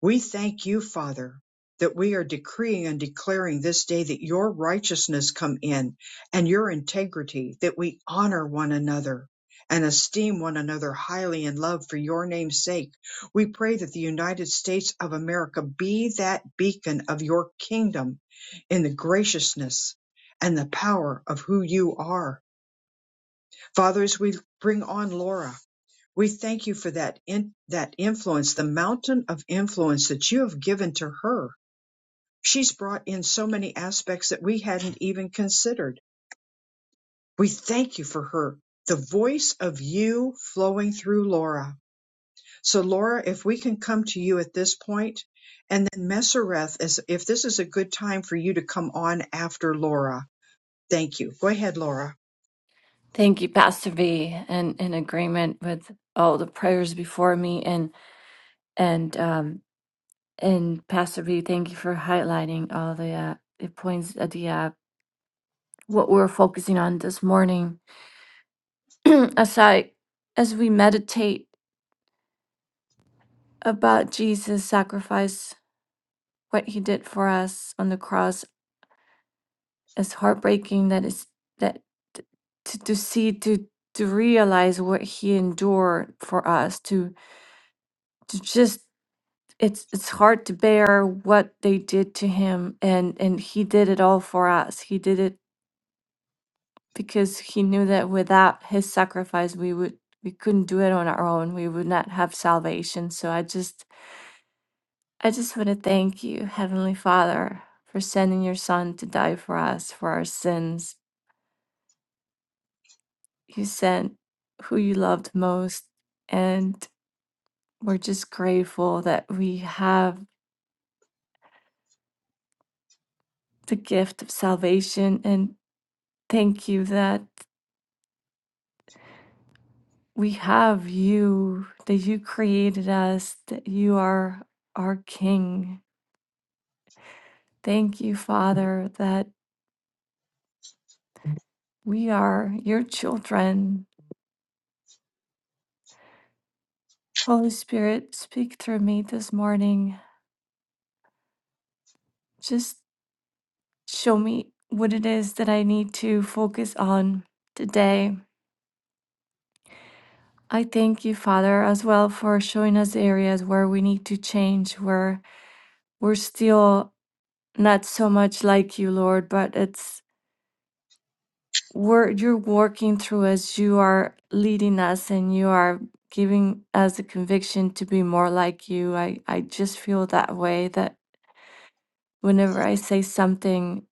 S1: we thank you, Father, that we are decreeing and declaring this day that your righteousness come in and your integrity, that we honor one another and esteem one another highly in love for your name's sake. We pray that the United States of America be that beacon of your kingdom in the graciousness and the power of who you are. Father. As we bring on Laura. We thank you for that in, that influence, the mountain of influence that you have given to her. She's brought in so many aspects that we hadn't even considered. We thank you for her, the voice of you flowing through Laura. So Laura, if we can come to you at this point, and then Messereth, as if this is a good time for you to come on after Laura. Thank you. Go ahead, Laura.
S7: Thank you, Pastor V, and in agreement with all the prayers before me, and and um and Pastor V, thank you for highlighting all the uh, the points at the uh, what we're focusing on this morning. as I as we meditate about Jesus' sacrifice, what he did for us on the cross, it's heartbreaking that is that t- to to see to to realize what he endured for us to to just it's it's hard to bear what they did to him and and he did it all for us he did it because he knew that without his sacrifice we would we couldn't do it on our own we would not have salvation so i just i just want to thank you heavenly father for sending your son to die for us for our sins you sent who you loved most and we're just grateful that we have the gift of salvation and thank you that we have you, that you created us, that you are our King. Thank you, Father, that we are your children. Holy Spirit, speak through me this morning. Just show me what it is that I need to focus on today. I thank you, Father, as well for showing us areas where we need to change, where we're still not so much like you, Lord, but it's wor- you're working through us, you are leading us, and you are giving us the conviction to be more like you. I, I just feel that way that whenever I say something,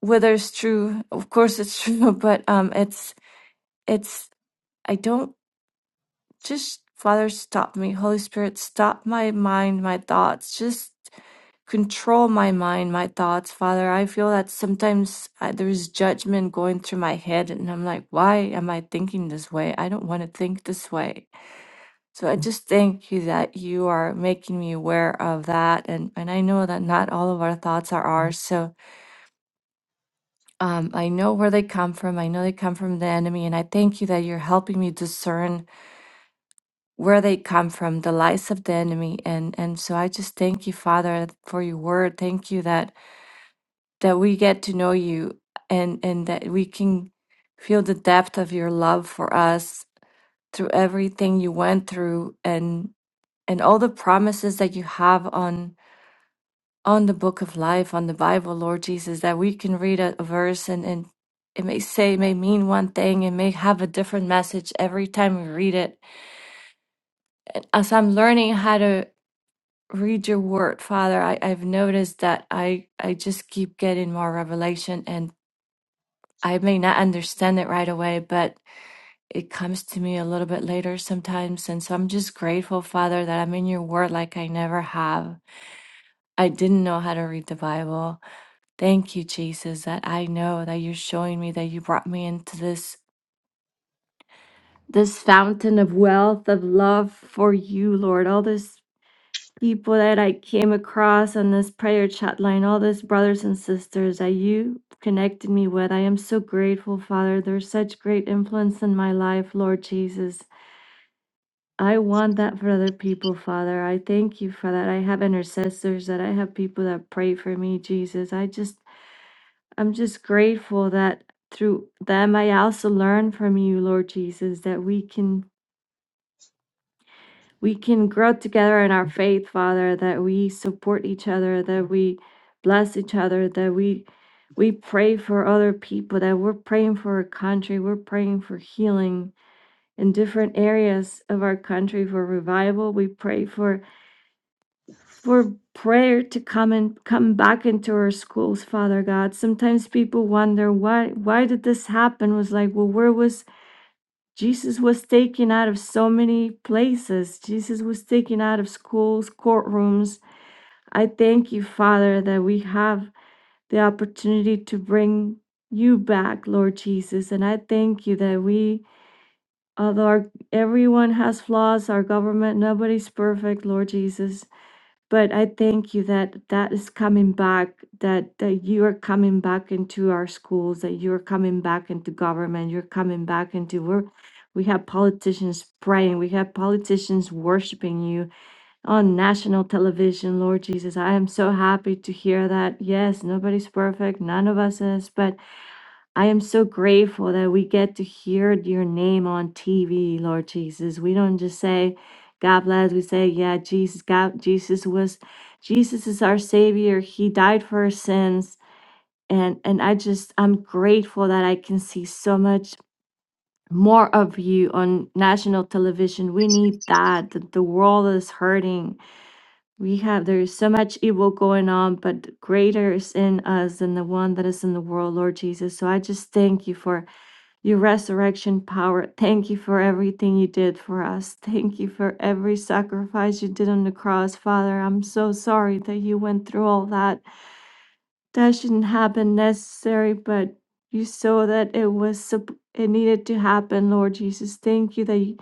S7: whether it's true, of course it's true, but um, it's it's I don't just Father, stop me. Holy Spirit, stop my mind, my thoughts. Just control my mind, my thoughts, Father. I feel that sometimes I, there's judgment going through my head, and I'm like, why am I thinking this way? I don't want to think this way. So I just thank you that you are making me aware of that, and and I know that not all of our thoughts are ours. So um, I know where they come from. I know they come from the enemy, and I thank you that you're helping me discern where they come from, the lies of the enemy. And and so I just thank you, Father, for your word. Thank you that that we get to know you and and that we can feel the depth of your love for us through everything you went through and and all the promises that you have on on the book of life, on the Bible, Lord Jesus, that we can read a, a verse and, and it may say, it may mean one thing, it may have a different message every time we read it as I'm learning how to read your word, Father. I, I've noticed that I, I just keep getting more revelation and I may not understand it right away, but it comes to me a little bit later sometimes. And so I'm just grateful, Father, that I'm in your word like I never have. I didn't know how to read the Bible. Thank you, Jesus, that I know that you're showing me that you brought me into this this fountain of wealth, of love for you, Lord. All this people that I came across on this prayer chat line, all these brothers and sisters that you connected me with. I am so grateful, Father. There's such great influence in my life, Lord Jesus. I want that for other people, Father. I thank you for that. I have intercessors, that I have people that pray for me, Jesus. I just, I'm just grateful that through them I also learn from you, Lord Jesus, that we can we can grow together in our faith, Father, that we support each other, that we bless each other, that we we pray for other people, that we're praying for our country, we're praying for healing in different areas of our country for revival. We pray for for prayer to come and come back into our schools, Father God. Sometimes people wonder why why did this happen? was like, well, where was Jesus was taken out of so many places. Jesus was taken out of schools, courtrooms. I thank you, Father, that we have the opportunity to bring you back, Lord Jesus. And I thank you that we, although our, everyone has flaws, our government, nobody's perfect, Lord Jesus but I thank you that that is coming back, that, that you are coming back into our schools, that you're coming back into government, you're coming back into we're, we have politicians praying, we have politicians worshiping you on national television, Lord Jesus. I am so happy to hear that. Yes, nobody's perfect, none of us is, but I am so grateful that we get to hear your name on TV, Lord Jesus. We don't just say, God bless. We say, yeah, Jesus, God, Jesus was, Jesus is our savior. He died for our sins. And, and I just, I'm grateful that I can see so much more of you on national television. We need that. The, the world is hurting. We have, there's so much evil going on, but greater is in us than the one that is in the world, Lord Jesus. So I just thank you for your resurrection power. Thank you for everything you did for us. Thank you for every sacrifice you did on the cross, Father. I'm so sorry that you went through all that. That shouldn't happen necessary, but you saw that it was sup- it needed to happen, Lord Jesus. Thank you that you,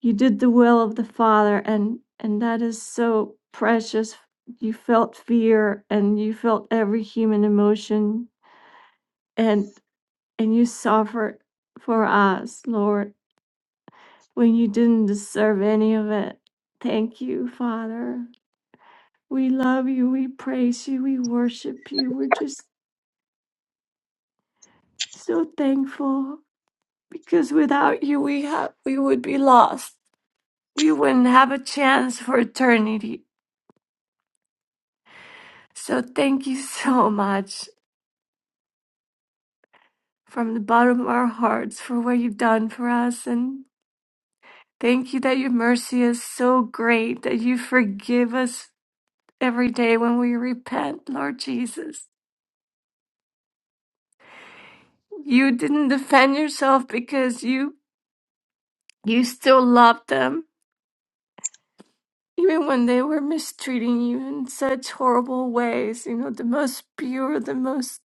S7: you did the will of the Father and and that is so precious. You felt fear and you felt every human emotion and and you suffered for us, Lord when you didn't deserve any of it. Thank you, Father. We love you. We praise you. We worship you. We're just so thankful because without you, we have we would be lost. We wouldn't have a chance for eternity. So thank you so much from the bottom of our hearts for what you've done for us and thank you that your mercy is so great that you forgive us every day when we repent, Lord Jesus. You didn't defend yourself because you you still loved them even when they were mistreating you in such horrible ways. You know, the most pure, the most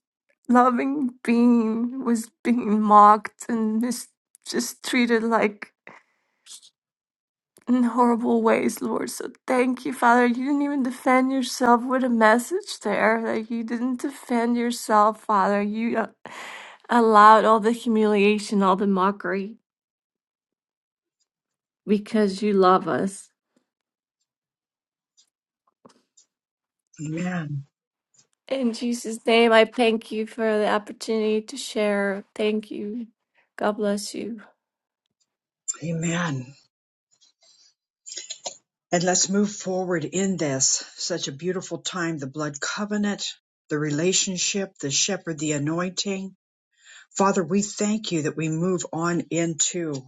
S7: loving being was being mocked and mis- just treated like in horrible ways, Lord. So thank you, Father. You didn't even defend yourself with a message there. Like you didn't defend yourself, Father. You uh, allowed all the humiliation, all the mockery because you love us.
S1: Amen.
S7: In Jesus' name, I thank you for the opportunity to share. Thank you. God bless you.
S1: Amen. And let's move forward in this. Such a beautiful time. The blood covenant, the relationship, the shepherd, the anointing. Father, we thank you that we move on into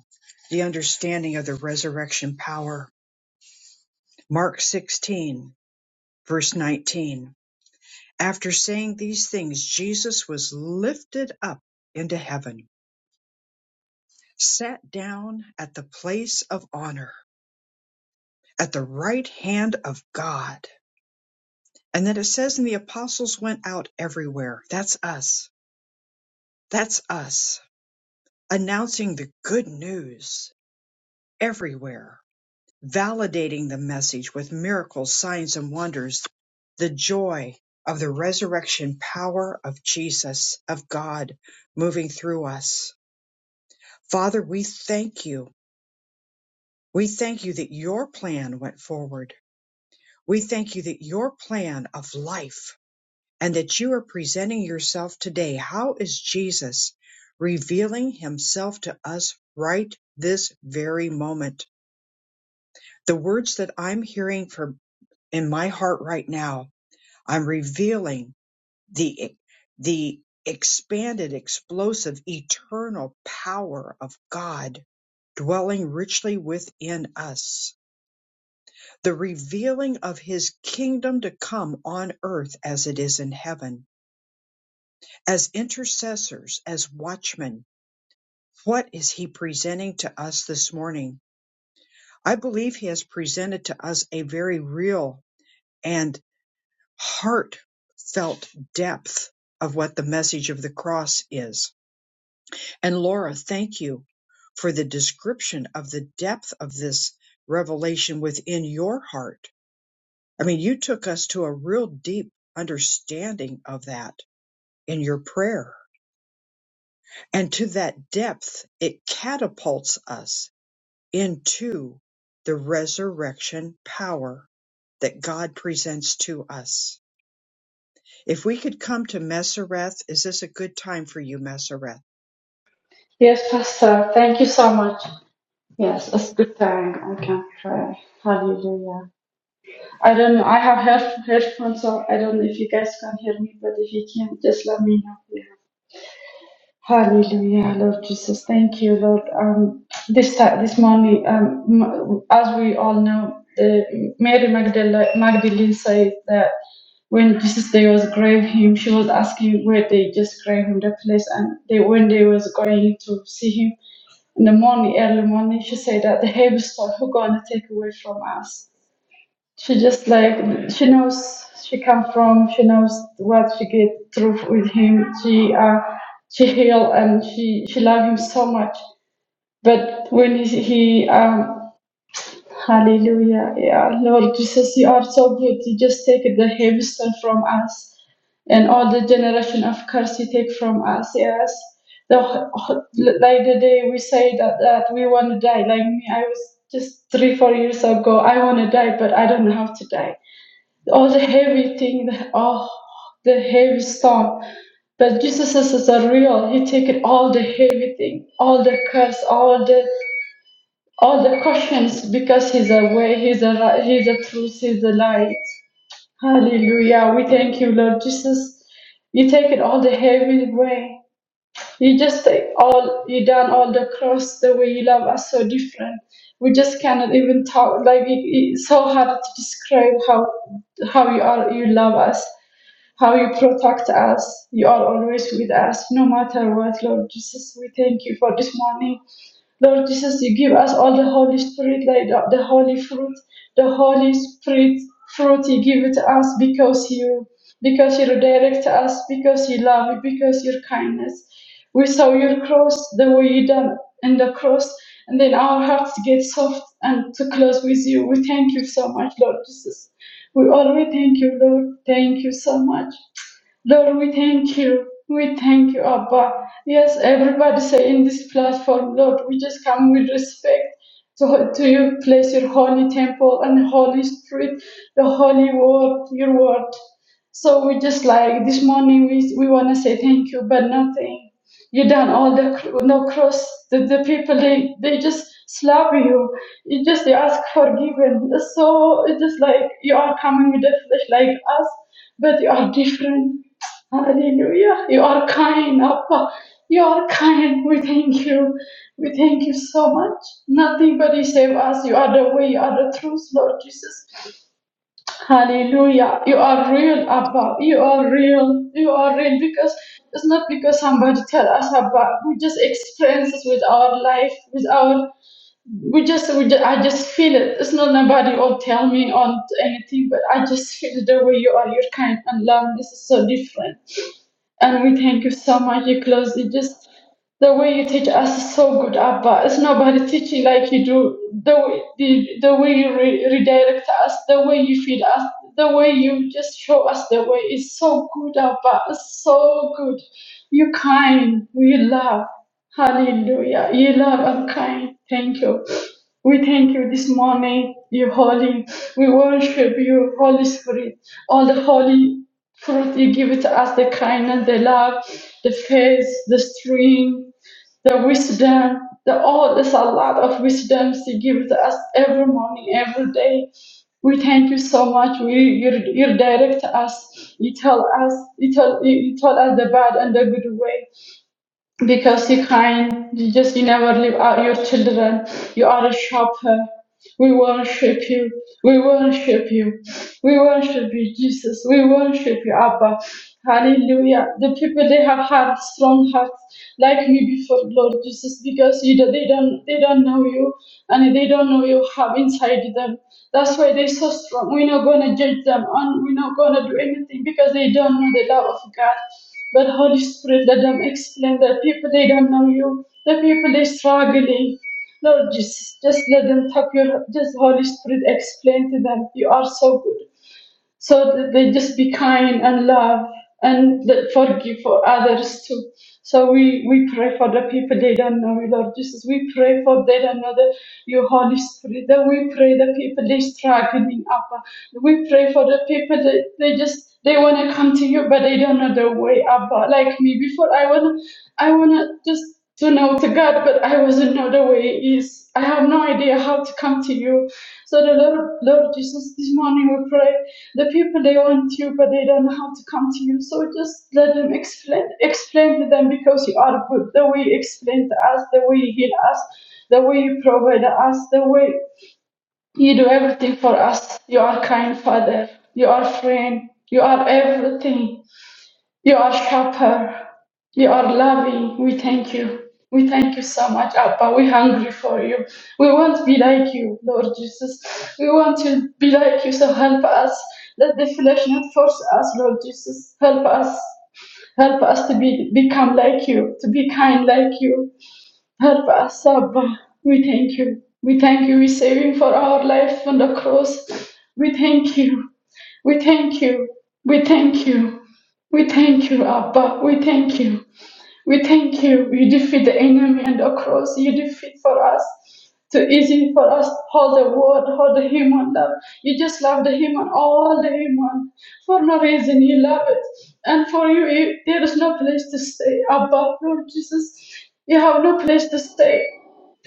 S1: the understanding of the resurrection power. Mark 16, verse 19. After saying these things, Jesus was lifted up into heaven, sat down at the place of honor, at the right hand of God And then it says, and the apostles went out everywhere. That's us. That's us announcing the good news everywhere, validating the message with miracles, signs, and wonders, the joy of the resurrection power of Jesus, of God moving through us. Father, we thank you. We thank you that your plan went forward. We thank you that your plan of life and that you are presenting yourself today. How is Jesus revealing himself to us right this very moment? The words that I'm hearing from in my heart right now, I'm revealing the the expanded, explosive, eternal power of God dwelling richly within us. The revealing of his kingdom to come on earth as it is in heaven As intercessors, as watchmen, what is he presenting to us this morning? I believe he has presented to us a very real and heartfelt depth of what the message of the cross is. And Laura, thank you for the description of the depth of this revelation within your heart. I mean, you took us to a real deep understanding of that in your prayer. And to that depth, it catapults us into the resurrection power that God presents to us. If we could come to Mesereth, is this a good time for you, Mesereth?
S4: Yes, Pastor. Thank you so much. Yes, it's good thing I can pray. Hallelujah. I don't know. I have head headphones, so I don't know if you guys can hear me, but if you can, just let me know. Yeah. Hallelujah, Lord Jesus. Thank you, Lord. Um, this ti- this morning, um, m- as we all know, the Mary Magdalene, Magdalene said that when Jesus they was grave him, she was asking where they just grave him the place, and they when they was going to see him in the morning, early morning, she said that the hamster who gonna take away from us. She just like she knows she come from. She knows what she get through with him. She uh she heal and she she love him so much. But when he he um Hallelujah. Yeah. Lord Jesus, you are so good. You just take the heavy stuff from us and all the generation of curse you take from us. Yes. The, like the day we say that, that we want to die, like me, I was just three, four years ago, I want to die, but I don't know how to die. All the heavy thing, the, oh, the heavy storm. But Jesus is, is a real. He take it all the heavy thing, all the curse, all the all the questions because he's a way, he's a ri- he's a truth, he's a light. Hallelujah. We thank you, Lord Jesus. You take it all the heavy way. You just take all you done all the cross the way you love us so different. We just cannot even talk like it, it's so hard to describe how how you are you love us, how you protect us. You are always with us, no matter what, Lord Jesus. We thank you for this morning. Lord Jesus, you give us all the Holy Spirit, like the the Holy fruit, the Holy Spirit fruit you give it to us because you because you direct us, because you love, because your kindness. We saw your cross, the way you done in the cross, and then our hearts get soft and to close with you. We thank you so much, Lord Jesus. We always thank you, Lord. Thank you so much. Lord, we thank you. We thank you, Abba. Yes, everybody say in this platform, Lord, we just come with respect to, to you. Place your holy temple and holy street, the holy word, your word. So we just like this morning, we, we want to say thank you, but nothing. You done all the cr- no cross. The, the people they, they just slap you. You just they ask forgiven. So it's just like you are coming with the flesh like us, but you are different. Hallelujah. You are kind, Abba. You are kind. We thank you. We thank you so much. Nothing but you save us. You are the way. You are the truth, Lord Jesus. Hallelujah. You are real, Abba. You are real. You are real because it's not because somebody tell us about. We just experience it with our life, with our. We just, we just, I just feel it. It's not nobody will tell me on anything, but I just feel the way you are. You're kind and love. This is so different. And we thank you so much because it just the way you teach us is so good, Abba. It's nobody teaching like you do. The way, the, the way you re- redirect us, the way you feed us, the way you just show us the way is so good, Abba. It's so good. You're kind. We love. Hallelujah. You love and kind. Thank you. We thank you this morning, you holy. We worship you, Holy Spirit, all the holy fruit you give it to us the kindness, the love, the faith, the strength, the wisdom, the all there's a lot of wisdoms you give to us every morning, every day. We thank you so much. We you, you direct us. You tell us you tell you, you tell us the bad and the good way because you are kind you just you never leave out your children you are a shopper we worship you we worship you we worship you jesus we worship you abba hallelujah the people they have had strong hearts like me before lord jesus because you don't- they don't they don't know you and they don't know you have inside them that's why they're so strong we're not going to judge them and we're not going to do anything because they don't know the love of god but Holy Spirit, let them explain that people they don't know you, the people they are struggling. Lord Jesus, just let them tap your just Holy Spirit explain to them. You are so good so that they just be kind and love and that forgive for others too. So we, we pray for the people they don't know you, Lord Jesus. We pray for they don't know the, your Holy Spirit. That we pray the people they struggling up. We pray for the people that they just they wanna come to you but they don't know the way up. Like me before I wanna I wanna just to know to God, but I wasn't know the way is. I have no idea how to come to you. So the Lord, Lord Jesus, this morning we pray. The people they want you, but they don't know how to come to you. So just let them explain, explain to them because you are good. The way you explain to us, the way you heal us, the way you provide us, the way you do everything for us. You are kind Father. You are friend. You are everything. You are helper. You are loving. We thank you. We thank you so much, Abba. We're hungry for you. We want to be like you, Lord Jesus. We want to be like you, so help us. Let the flesh not force us, Lord Jesus. Help us. Help us to be, become like you, to be kind like you. Help us, Abba. We thank you. We thank you. We save you for our life on the cross. We thank you. We thank you. We thank you. We thank you, Abba. We thank you. We thank you. You defeat the enemy and the cross. You defeat for us. Too easy for us. Hold the word, hold the human love. You just love the human, all the human. For no reason, you love it. And for you, you there is no place to stay, Abba, Lord Jesus. You have no place to stay.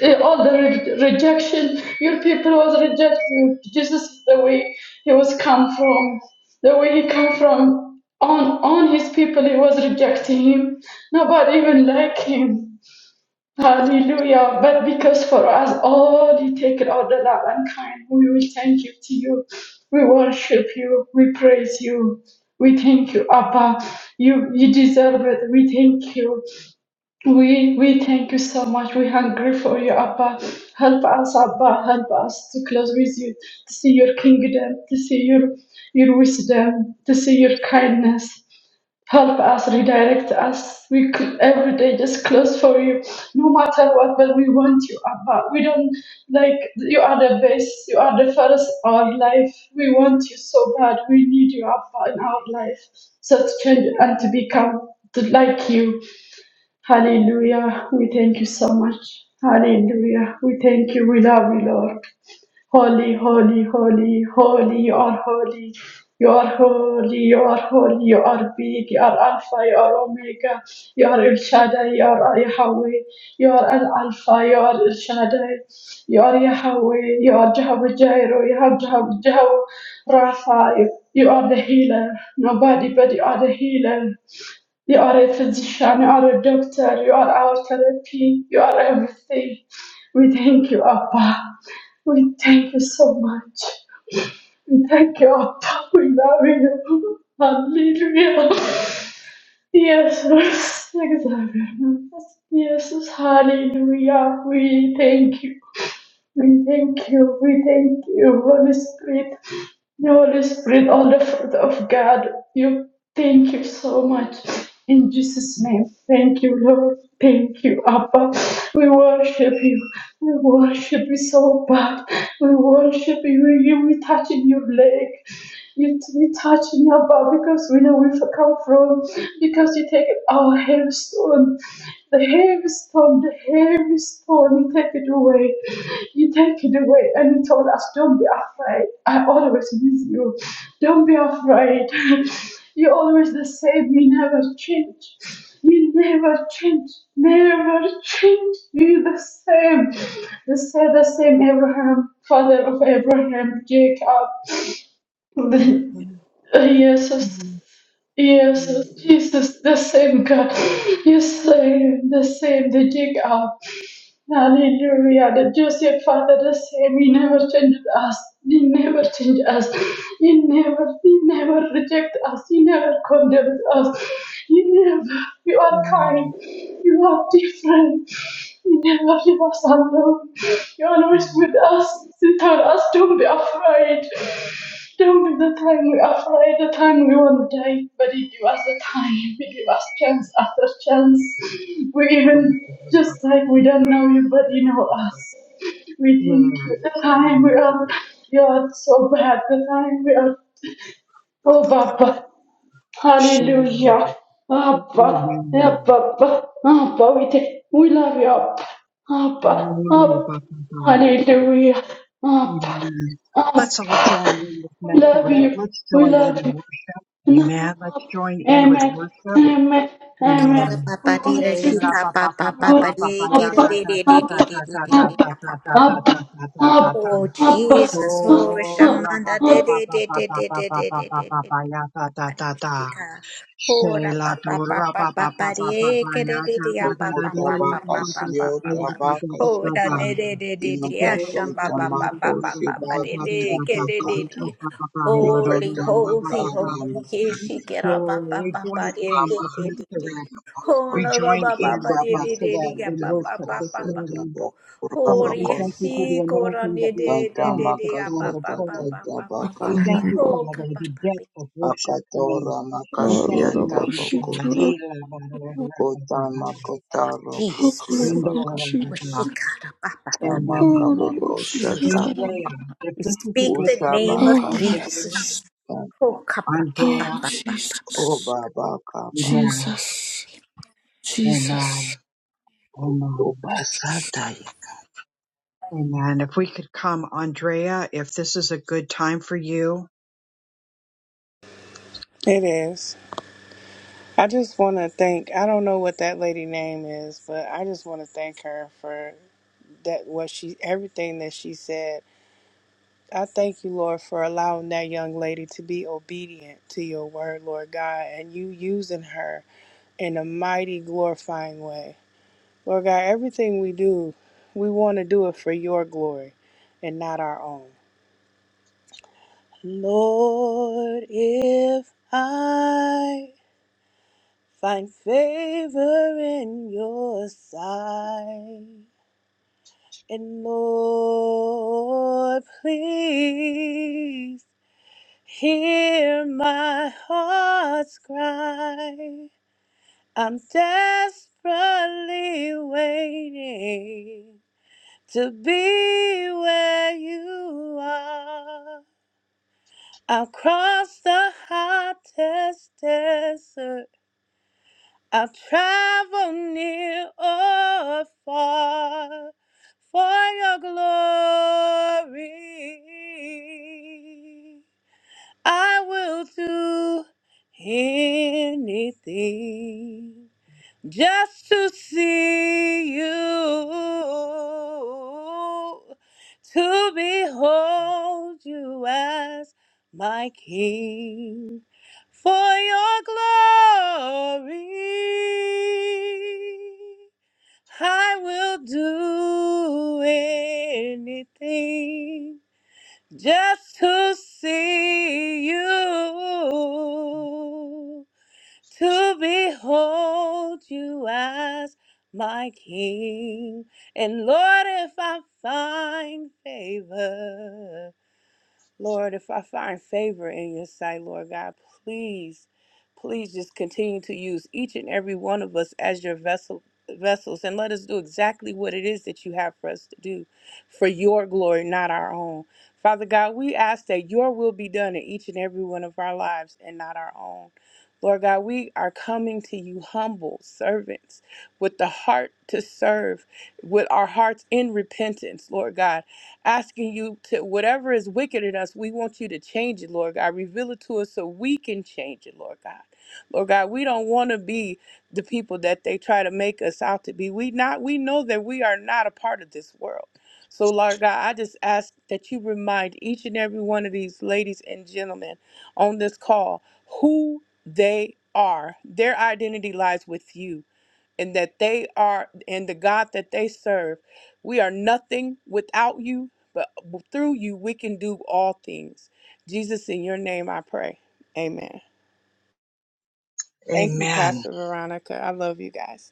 S4: Eh, all the re- rejection your people was reject you jesus is the way he was come from the way he come from on on his people he was rejecting him nobody even like him hallelujah but because for us all he taken all the love and kind we will thank you to you we worship you we praise you we thank you abba you you deserve it we thank you we we thank you so much. We hungry for you, Abba. Help us, Abba. Help us to close with you, to see your kingdom, to see your your wisdom, to see your kindness. Help us, redirect us. We c- every day just close for you, no matter what. But we want you, Abba. We don't like you are the best. You are the first in our life. We want you so bad. We need you, Abba, in our life. So to change and to become to like you. Hallelujah. We thank you so much. Hallelujah. We thank you. We love you, Lord. Holy, holy, holy, holy, you are holy. You are holy, you are holy, you are big, you are Alpha, you are Omega, you are El Shaddai, you are Yahweh, you are Al Alpha, you are El Shaddai, you are Yahweh, you are Jehovah Jireh, you have Jehovah Jehovah Rapha, you you are the healer, nobody but you are the healer. You are a physician, you are a doctor, you are our therapy, you are everything. We thank you, Abba. We thank you so much. We thank you, Abba. We love you. Hallelujah. Jesus, Xavier. Yes, hallelujah. We thank you. We thank you, we thank you, Holy Spirit, Holy Spirit, all the fruit of God. You thank you so much. In Jesus' name, thank you, Lord. Thank you, Abba. We worship you. We worship you so bad. We worship you. You we touch in your leg. You, you touch in our bar because we know where we come from. Because you take our hailstone, the hailstone, the hailstone, you take it away. You take it away. And you told us, don't be afraid. I always with you. Don't be afraid. You're always the same. You never change. You never change. Never change. You're the same. The same, the same Abraham, father of Abraham, Jacob.
S1: Mhm.
S4: Uh, yes, yes,
S1: Mhm. Mhm.
S4: yes, Jesus, the same God. You say the same, the dig Hallelujah. The Joseph Father, the same. He never changed us. He never changed us. He never, he never rejected us. He never condemned us. He never, you are kind.
S1: Mhm.
S4: You are different. You never leave us alone. You are
S1: Yeah.
S4: always with us. You tell us, don't be afraid. Don't be the time we are afraid, the time we want to die. But you give us the time. You give us chance after chance. We're even just like we don't know you, but you know us. We think
S1: Yeah.
S4: you the time
S1: Yeah.
S4: we are you are so bad, the time we are
S1: Ba,
S4: oh
S1: ba, ba.
S4: Baba.
S1: Sure.
S4: Hallelujah. Abba
S1: Amen.
S4: Abba Abba we take, we love you Abba Abba
S1: Hallelujah.
S4: Abba
S1: Ba, ba, ba.
S4: Hallelujah Abba
S1: Amen.
S4: Abba
S1: Let's all join in with
S4: we love
S1: Messeret.
S4: you
S1: Let's
S4: we
S1: join in
S4: love
S1: and
S4: you
S1: worship.
S4: Lord,
S1: Amen. Let's join in with
S4: Amen.
S1: worship.
S4: Amen. Amen.
S1: Amen.
S4: We worship
S1: Sheila
S4: you.
S1: pa pa pa pa
S4: Lord.
S1: pa pa pa ya ta
S4: Abba,
S1: ta ta ta
S4: Abba,
S1: ta ta ta ta
S4: Abba,
S1: ta ta ta
S4: Abba,
S1: ta ta ta ta
S4: Abba,
S1: ta
S3: Oh,
S4: Abba,
S3: Jesus. Oh,
S4: Abba,
S1: Shora pa
S3: Shamanda.
S1: pa
S4: Abba.
S1: pa pa pa pa pa pa pa pa pa pa ya ta ta ta ta
S3: Arishika. Ora
S1: Sheila
S3: pa pa pa
S1: Dora
S3: pa
S1: pa
S3: pa
S1: pa
S3: pa
S1: pa pa
S3: re
S1: pa pa
S3: ke re
S1: ya
S3: re
S1: ta
S3: re
S1: ta
S3: ya
S1: ta
S3: pa
S1: ta
S3: pa
S1: ta
S3: pa
S1: ya pa
S3: pa
S1: pa
S3: pa
S1: pa
S3: pa pa
S1: pa
S8: Okutabakasio
S1: pa
S3: pa pa.
S1: ya ta ta ta ta ta Sheila
S3: Ora
S1: pa
S8: tabakasita
S3: re re re re re ya pa pa
S1: ya
S3: pa
S1: ta ta
S3: pa
S8: imakatontamako
S1: ta ta
S3: pa pa pa
S1: ta ta
S3: re
S1: ta ta ta
S3: re
S1: Sheila
S3: ke re re re.
S8: shibakatabakata
S1: pa pa pa ya ta ta ta
S3: Holy,
S1: ta
S3: holy,
S1: ta ta
S3: holy, ye shi
S8: ukatamakaramakaya
S3: ke ra
S1: So
S3: pa pa
S1: we
S3: pa pa
S1: join
S3: re
S1: in
S3: re
S1: with
S3: re re re.
S1: Mr.
S8: kamahayapa
S1: We
S3: Hona ba
S1: join
S3: ba ba
S1: in
S3: ba
S1: with
S3: re re re re
S1: Masoret
S3: ya
S1: in
S8: utabakasita
S3: pa pa
S1: worship
S3: pa
S1: this
S3: pa pa pa
S1: morning.
S8: bakosatabo
S3: pa.
S1: Father,
S3: Hori
S1: we
S3: ya
S1: thank you
S8: rabakosa
S3: shi
S1: for the
S3: ko ra
S1: anointing
S3: re
S1: that we
S3: re
S1: have
S3: re re
S1: placed
S3: re ya
S1: upon
S3: pa
S1: her
S3: pa
S8: tatamakasata
S3: pa
S1: prayer.
S3: pa pa pa pa.
S1: We
S8: tatabakasa
S1: thank you,
S3: Oh, ka
S1: Father,
S3: pa
S1: the
S3: pa pa.
S1: depth of
S8: akatoramakasiata bakosa tabo urabakosa tatamakasa tatatabakasa
S1: worship
S8: akatora
S1: coming. We
S8: makasia
S1: thank you, mighty God.
S8: tabakosa kutamakotaro
S3: Jesus.
S8: kusiabakataya
S3: Washikara-ba-ba-ba.
S1: And we,
S3: Jesus.
S8: Amakamakoshatabaka,
S1: Andrea, if
S3: We
S1: this is a
S3: speak
S1: good
S3: the name
S1: time,
S3: of
S6: Oh Lord
S8: Ushabakatabaka,
S1: Andrea,
S3: Jesus.
S6: Jesus.
S3: Oh,
S6: Oh
S1: Andrea,
S3: ka-ba-ba-ba-ba-ba-ba.
S6: Jesus.
S8: Obabakabaka,
S1: amen,
S6: Jesus.
S1: amen,
S6: Jesus.
S1: amen,
S8: Ubasataya,
S1: amen. If we could come, Andrea, if this is a good time for you.
S9: It is. I just want to thank. I don't know what that lady name is, but I just want to thank her for that. What she, everything that she said. I thank you, Lord, for allowing that young lady to be obedient to your word, Lord God, and you using her in a mighty, glorifying way. Lord God, everything we do, we want to do it for your glory and not our own. Lord, if I Find favor in your sight. And Lord, please hear my heart's cry. I'm desperately waiting to be where you are. I'll cross the hottest desert I've traveled near or far for your glory. I will do anything just to see you, to behold you as my King for your glory. I will do anything just to see you, to behold you as my King. And Lord, if I find favor. Lord, if I find favor in your sight, Lord God, please, please just continue to use each and every one of us as your vessel vessels and let us do exactly what it is that you have for us to do for your glory, not our own. Father God, we ask that your will be done in each and every one of our lives and not our own. Lord God, we are coming to you humble servants with the heart to serve, with our hearts in repentance, Lord God asking you to whatever is wicked in us, we want you to change it, Lord God. Reveal it to us so we can change it, Lord God. Lord God, we don't want to be the people that they try to make us out to be. We not we know that we are not a part of this world. So, Lord God, I just ask that you remind each and every one of these ladies and gentlemen on this call who they are. Their identity lies with you and that they are and the God that they serve. We are nothing without you, but through you we can do all things. Jesus, in your name I pray. Amen. Thank you,
S1: Amen.
S9: Pastor Veronica. I love you guys.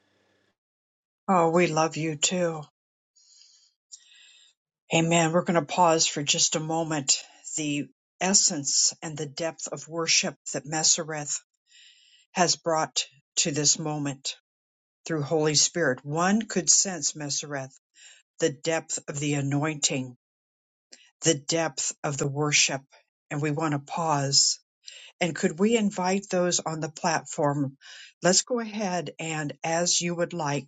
S1: Oh, we love you too. Amen. We're going to pause for just a moment. The essence and the depth of worship that Messereth has brought to this moment through Holy Spirit. One could sense, Messereth, the depth of the anointing, the depth of the worship. And we want to pause. And could we invite those on the platform? Let's go ahead and, as you would like,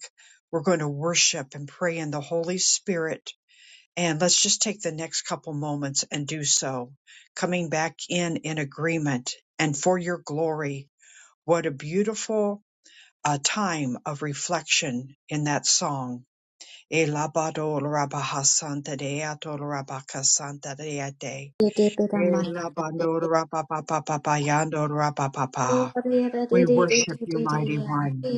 S1: we're going to worship and pray in the Holy Spirit And let's just take the next couple moments and do so, coming back in in agreement and for your glory. What a beautiful uh, time of reflection in that song. Elabado rabaha santa deato rabaka santa deate.
S3: Di-di-bi-da-ma.
S1: Elabando rabapapapapayando rabapapa.
S3: Oh,
S1: We worship you, mighty
S3: di-di-di-di-di-di-di-di-ya.
S1: one.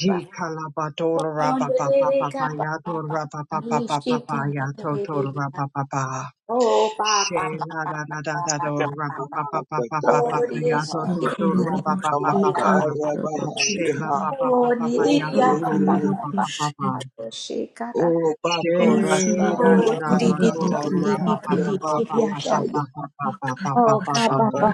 S1: Jikalabadora rabapapapapayado rabapapapapapayato
S3: Di-ka-ba-di-shi-ka-da-ba-di.
S1: rabapapa.
S3: Oh, ba-ba.
S1: Shela da da da da do ra pa pa pa pa pa pa
S3: Oh,
S1: pa pa ya do
S8: Yamakatayabaha,
S6: Oh
S1: do do ra
S3: di-shi-ki-di-di-di-di-ya.
S1: pa pa pa pa pa
S6: Kororoboshita.
S1: la. Shela
S8: Amakarabahayaha,
S6: Robotita.
S1: pa pa pa
S3: Oh,
S1: pa pa ya do
S6: Oh
S1: do ra
S8: Opo,
S1: pa pa
S3: di-di-di-ya-ba-ba-ba-ba.
S1: pa pa pa.
S6: Kororoboshita.
S3: Washikara.
S1: She da
S6: Yusuraboshita
S1: da
S3: Oh,
S1: da da do ra pa
S8: Obakorasamyabakatayaha,
S1: pa pa
S6: Robokita.
S1: pa pa pa pa pa
S3: di-di-di-di-di-di-di-di-di-di-ya-shana.
S8: Yabakotayaha,
S1: pa
S6: Oh
S1: pa pa pa pa
S3: Oh,
S1: pa pa la.
S6: Karaboshita.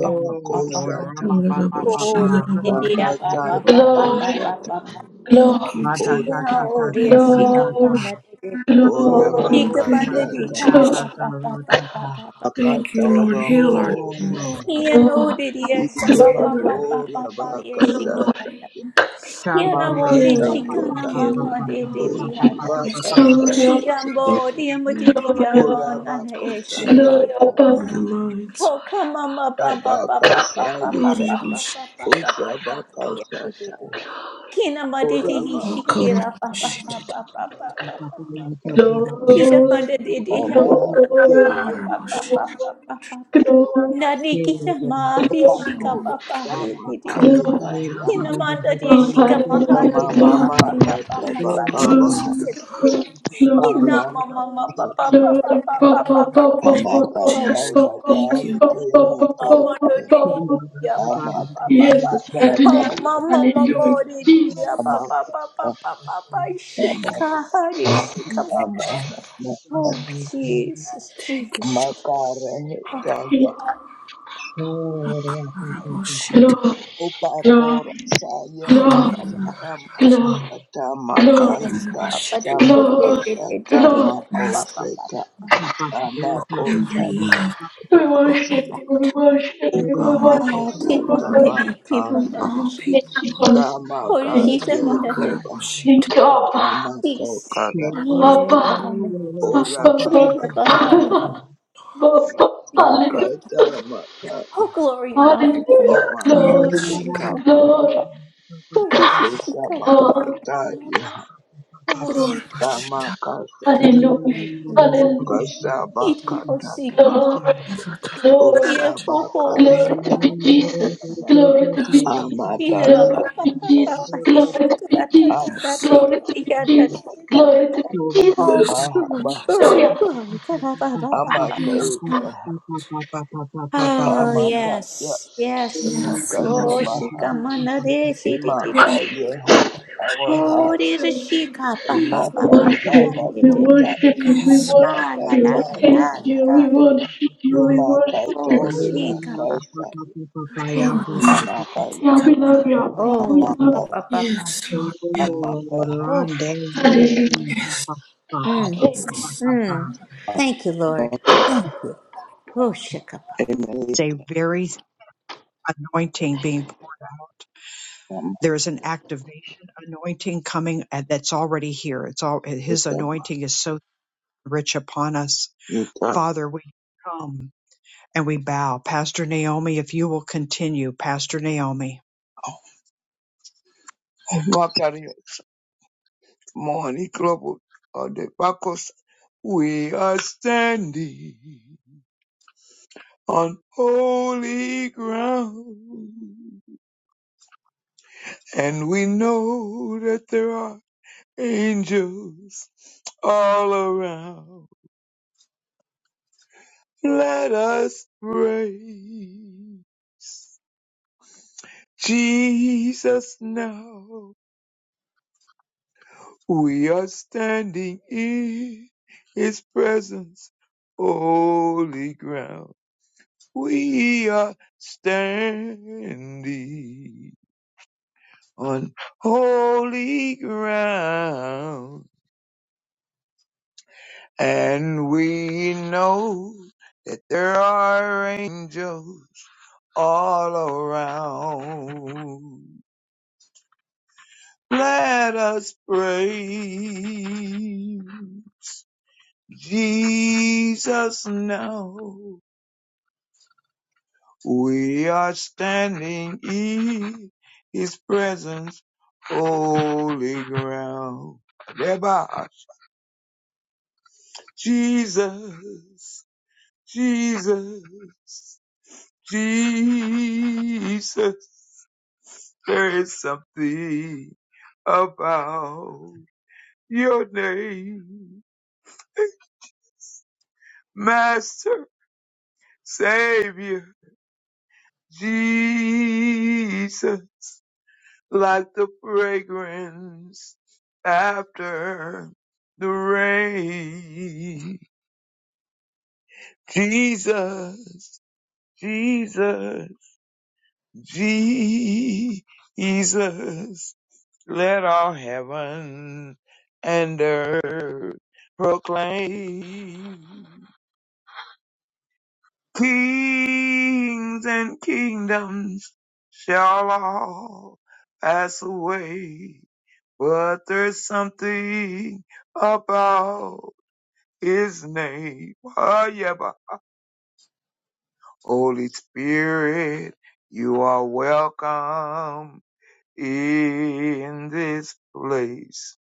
S1: Oh, ra pa pa pa pa pa
S3: Oh, dear,
S1: ha ta
S6: Kororoboshita
S1: ta
S3: dear,
S1: ta
S3: pa
S1: ta
S6: Robokita.
S3: pa
S1: ta.
S3: pa pa pa
S4: Glory,
S3: pa pa,
S8: Akatatikosata,
S3: ba.
S6: Thank
S4: glory,
S6: you,
S1: La ta
S6: Jesus.
S1: ta
S3: Yeah,
S1: ta ta
S3: oh,
S1: ta
S3: dear,
S6: Thank
S1: ta
S3: she
S6: you.
S1: ta
S8: Oramakararasa,
S3: got
S1: ta.
S4: glory,
S3: one that did it.
S4: glory,
S3: He
S6: Oh,
S3: got
S1: Oh
S6: thank you,
S3: one
S1: ra
S3: that
S1: ta
S3: he
S1: ta
S8: Oramakasata,
S3: pa
S1: ta
S6: Jesus.
S4: glory,
S3: pa pa
S1: ta
S3: pa pa
S1: ta
S3: pa
S1: ta.
S3: pa pa pa.
S6: Thank you,
S3: ba.
S6: Lord.
S8: Akatoro
S6: Heal our Lord.
S1: Oh
S8: mukoshata
S3: Yeah, no,
S4: glory,
S3: dear, dear, some,
S8: ike
S6: Heal
S3: pa
S6: our
S3: pa
S4: glory,
S3: pa pa
S8: makora
S3: pa pa
S6: Lord.
S3: yeah, she
S6: Heal our
S3: got
S8: bakashata
S6: Lord.
S3: that. Yeah, no,
S1: Chandra
S3: oh, dear,
S8: makata
S3: she
S6: Healing,
S3: got
S6: Lord,
S3: no,
S8: yakaho
S3: mama, dear,
S6: healing.
S3: dear,
S4: glory,
S3: dear, da,
S6: We
S3: da.
S4: Jesus.
S6: speak
S4: Glory,
S3: He
S6: Jesus
S8: bakashate
S4: Abba,
S3: got,
S6: over
S3: oh, dear,
S6: the
S3: mo, dear,
S6: land.
S4: glory,
S3: dear,
S8: ora
S3: mo,
S4: Abba,
S3: na, na, yeah,
S6: Speak
S3: she did
S8: bakoshata
S6: Jesus
S4: glory,
S3: it.
S4: Abba,
S8: taba
S6: over the
S4: Abba.
S6: minds.
S3: Oh, come on, up, up, up, up, up, up, up,
S6: Lord,
S8: tabakashayika
S3: up,
S6: it was
S3: up,
S6: she-
S3: up, up, up, up,
S8: usa
S3: up, up, yeah, do, do,
S8: bakashata
S3: do, do. Kina ma de
S8: ora
S3: de he
S6: Oh,
S3: she
S6: God, I worship it
S3: kira
S8: bakashata
S3: pa
S6: was
S3: pa
S6: she
S3: pa
S6: did.
S3: pa pa pa
S6: If
S3: Kira pa
S4: glory,
S3: de de de ha
S8: ama ke
S4: glory,
S6: God, I
S3: pa pa pa
S6: worship it
S3: pa pa pa
S4: glory, glory.
S3: Nani kita mari
S6: was
S3: shika
S6: she did.
S8: pakora
S3: pa pa he
S8: tama
S3: de de de.
S6: God,
S4: glory.
S8: ayika ya
S3: Kina
S6: it
S3: ma de
S4: Lord,
S3: shika ma
S4: hallelujah,
S3: ha
S8: ama
S3: de de
S4: glory,
S3: ha pa
S8: mama
S6: was
S3: pa pa
S8: kata
S6: she
S3: pa
S6: did. Thank
S3: pa pa.
S8: bakaba
S4: glory,
S6: you,
S4: glory,
S3: Kina
S6: Jesus.
S8: ama
S3: ma ma ma pa pa pa pa
S4: glory,
S3: pa pa
S4: bo- bo- bo- bo- bo-
S3: pa pa
S4: bo-
S8: Amapata
S4: bo-
S6: Jesus,
S3: pa.
S4: bo-
S6: thank
S4: bo-
S6: you.
S8: makariki
S4: bo- bo- bo- bo-
S3: Oh,
S4: bo-
S3: mando
S4: bo-
S8: amakayika
S3: di di
S4: bo- bo-
S3: di ya pa pa pa pa
S6: Thank
S4: Yes,
S3: pa.
S4: happiness,
S3: Oh,
S8: amakamakaya
S3: my mama mama
S4: hallelujah,
S3: di di di ya pa
S4: Jesus,
S3: pa pa pa
S8: amakama
S3: pa pa pa.
S6: thank you.
S3: Shika
S8: amaka
S3: hari shika
S6: Thank you,
S3: mama.
S6: Jesus.
S8: amama
S3: Oh Jesus,
S6: Thank you.
S3: Jesus.
S6: Thank
S3: Oh,
S6: you.
S8: makarehekaya
S6: Oh, God, I worship it was she did.
S4: glory, glory,
S8: upakora saya
S6: Oh, God,
S4: glory,
S6: I worship it was she did.
S4: glory,
S8: makasakamkasata
S6: Oh, God, I worship
S4: glory,
S6: it
S3: shaka
S8: makahika
S6: was
S3: papa
S6: she did.
S3: di di di
S4: glory,
S3: di di di
S8: samakasata
S3: di
S4: glory.
S3: ya pa pa
S6: Yes,
S3: pa pa
S8: makoseta
S3: pa pa.
S6: down your
S8: amakota
S6: love.
S4: We
S8: prokosa
S3: pa.
S4: worship you, we worship you, we
S6: honor
S4: worship
S3: Ah,
S4: you, we
S3: kima
S8: ukabakosata
S3: di
S8: ba
S4: worship
S3: di kima
S6: from
S8: asa
S3: da di
S6: all
S3: shi.
S4: you.
S6: people.
S4: Thank you, Holy
S1: Thank
S4: Spirit.
S3: Oh,
S4: Thank you,
S3: shisa
S6: Oh,
S3: mama
S6: God,
S3: di
S6: I
S3: di.
S8: tamakayekeba
S6: wish you to-
S4: thank you, Abba,
S3: Jesus,
S8: amakokara
S3: give up
S4: Abba,
S3: performance.
S8: Ora
S4: Abba,
S3: Give
S4: Abba,
S8: baka
S3: up
S8: sata,
S4: Abba. Baba,
S8: maka
S4: Hallelujah,
S3: performance.
S8: tama ka,
S3: Oh, glory and honor to you.
S4: hallelujah,
S8: oma
S6: God,
S8: ka
S6: I
S4: glory,
S6: wish you
S8: sata
S6: to-
S8: ba,
S4: glory,
S3: Oh, Jesus, you
S8: kosa
S3: come on
S8: baka
S3: that.
S4: glory,
S3: on that.
S8: taya,
S3: Oh,
S6: Lord,
S3: we
S6: I
S3: do
S6: wish you
S8: rama
S6: to-
S8: ka sata,
S3: it,
S4: hallelujah,
S3: Lord Jesus.
S4: hallelujah,
S8: kosa
S3: Eat him,
S8: baka
S3: oh, seek
S8: taya,
S6: Oh,
S3: him.
S6: God,
S4: glory,
S6: I thought that I
S4: glory,
S8: osa
S3: Yeah, oh,
S8: baka
S3: oh,
S4: glory
S8: sata,
S4: to be Jesus,
S3: shalom.
S4: glory to
S6: Yes,
S4: be Jesus,
S3: Yeah, da,
S4: glory
S3: ba,
S4: to
S3: ba,
S4: be
S3: ba, ba,
S4: Jesus,
S8: kasa,
S3: ba, dee, sh-
S4: glory
S1: you.
S4: to
S3: da,
S4: be
S3: da, da,
S8: ama,
S4: Jesus,
S3: da, do,
S4: glory
S3: dee,
S4: to
S3: dee,
S4: be
S3: yeah, da, da,
S4: Jesus,
S3: do, dee.
S4: glory to be
S3: Oh,
S4: Jesus.
S6: yes,
S8: aha,
S3: glory,
S8: ma,
S3: glory,
S4: Hallelujah.
S3: glory. da, da, ba, ba, ba,
S8: ama
S3: ba.
S8: ka
S6: yes,
S8: eka,
S6: Lord,
S3: Oh, yes, yes, Lord.
S6: yes, yes, Lord, yes, Lord, yes,
S3: Oh, she
S8: sabaha,
S3: come on
S8: ima ka
S6: yes,
S3: that.
S8: yeha, awaha,
S3: Holy the shika, ba
S6: yes,
S3: ba
S8: ima
S4: We
S3: ba
S8: ka
S3: ba ba,
S4: worship you,
S3: ye
S4: we
S3: de de,
S4: worship you, we
S6: yes,
S3: ah
S4: worship
S3: la
S4: you,
S3: la
S4: we
S3: la la
S4: thank
S3: la
S4: you,
S3: la,
S4: we
S3: la.
S4: worship you, we worship
S3: oh
S1: It's
S8: Imakatore
S3: shika ba,
S8: bakasa
S6: Lord, yes,
S3: mm.
S4: you.
S8: amakaya
S4: Yeah, we love you.
S6: God.
S4: We
S3: oh
S4: love
S3: ba
S4: you.
S8: amakas
S3: ba ba
S6: yes,
S3: ba,
S6: Lord, yes,
S8: amakaha
S3: oh mm.
S4: Hallelujah.
S3: Mm.
S6: yes.
S3: mm. Thank you, Lord. Thank you. Oh shika ba.
S1: a
S8: amelika
S1: very anointing being poured out. There is an activation anointing coming and that's already here. It's all his
S8: amakutaba
S1: anointing is so rich upon us.
S8: nita
S1: Father, we come and we bow. Pastor Naomi, if you will continue, Pastor Naomi.
S8: makarios moni klobo on the bakos we are standing on holy ground and we know that there are angels all around let us praise Jesus, now we are standing in His presence, holy ground. We are standing on holy ground, and we know that there are angels all around. Let us pray Jesus now we are standing in his presence, holy ground. Reba, Jesus, Jesus, Jesus, there is something about your name. Master, Savior, Jesus. like the fragrance after the rain. Jesus, Jesus, Jesus, let all heaven and earth proclaim. Kings and kingdoms shall all pass away But there's something about his name. Oh yeah, but Holy Spirit, you are welcome in this place.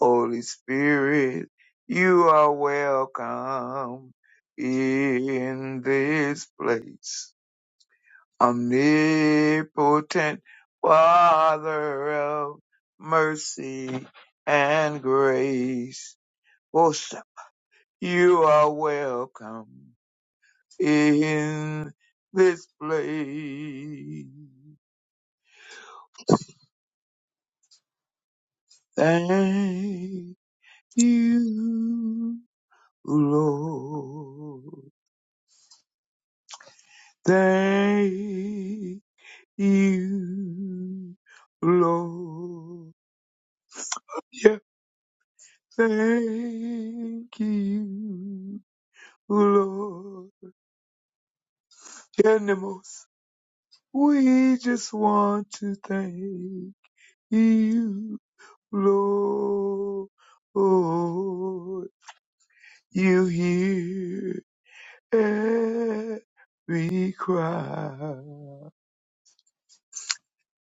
S8: Holy Spirit, you are welcome in this place. Omnipotent Father of mercy and grace. oh. You are welcome in this place. Thank you, Lord. Thank you, Lord. Yeah, thank you, Lord. Animals, we just want to thank you. Lord, you hear every cry.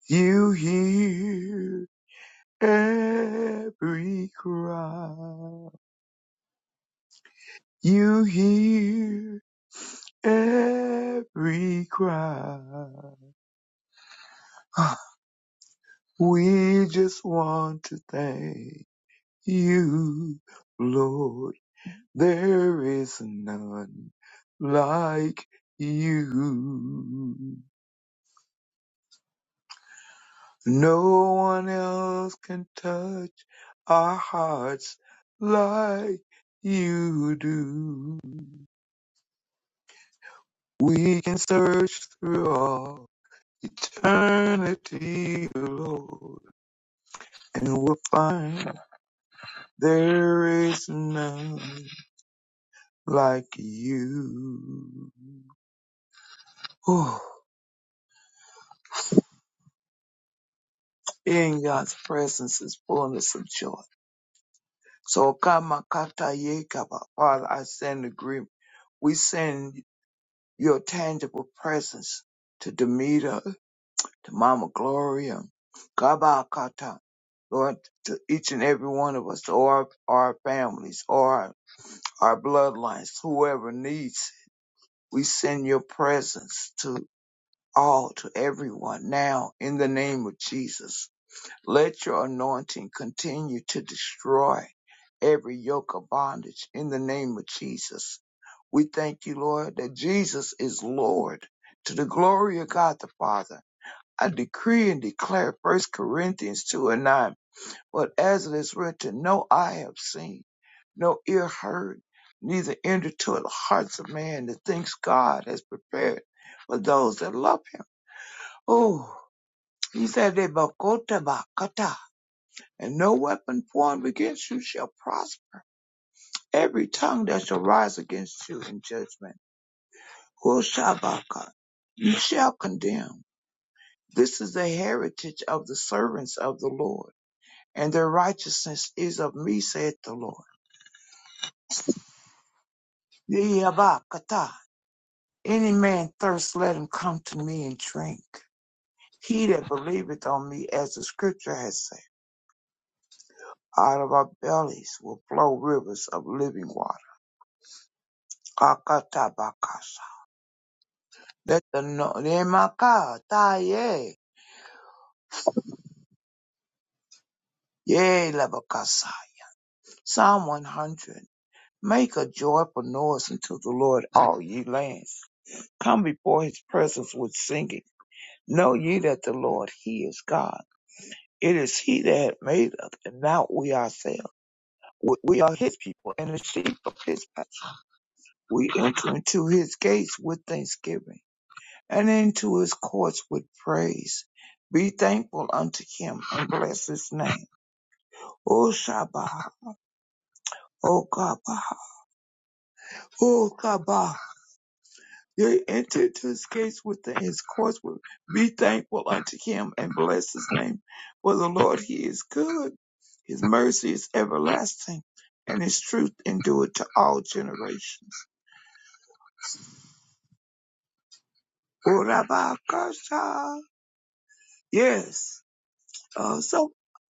S8: You hear every cry. You hear every cry. We just want to thank you, Lord. There is none like you. No one else can touch our hearts like you do. We can search through all eternity, Lord, and we'll find there is none like you. Oh, In God's presence is fullness of joy So Kama Kata Yekaba, Father, I send agreement. We send your tangible presence to Demeter, to Mama Gloria, Kaba Kata, Lord, to each and every one of us, or our our families, or our, our bloodlines, whoever needs, we send your presence to all, to everyone now in the name of Jesus. Let your anointing continue to destroy. every yoke of bondage in the name of Jesus. We thank you, Lord, that Jesus is Lord to the glory of God the Father. I decree and declare First Corinthians 2 and 9, but as it is written, no eye have seen, no ear heard, neither entered to the hearts of man the things God has prepared for those that love him. Oh, he said, "Ebakota bakata," and no weapon formed against you shall prosper. Every tongue that shall rise against you in judgment, Hushabaka, you shall condemn. This is the heritage of the servants of the Lord, and their righteousness is of me, saith the Lord. Yabakata. Any man thirst, let him come to me and drink. He that believeth on me, as the scripture has said, out of our bellies will flow rivers of living water. Akatabakasa. Let the no- Nemaka, ta, yeah. Yea, Psalm 100. Make a joyful noise unto the Lord, all ye lands. Come before his presence with singing. Know ye that the Lord, he is God. It is he that hath made us, and not we ourselves. We we are his people, and the sheep of his pasture. We enter into his gates with thanksgiving, and into his courts with praise. Be thankful unto him, and bless his name. O Shabbat, O Kabah, O Kabah. They enter into his gates with his courts with be thankful unto him and bless his name. For the Lord he is good, his mercy is everlasting, and his truth endureth to all generations. Yes. Uh, so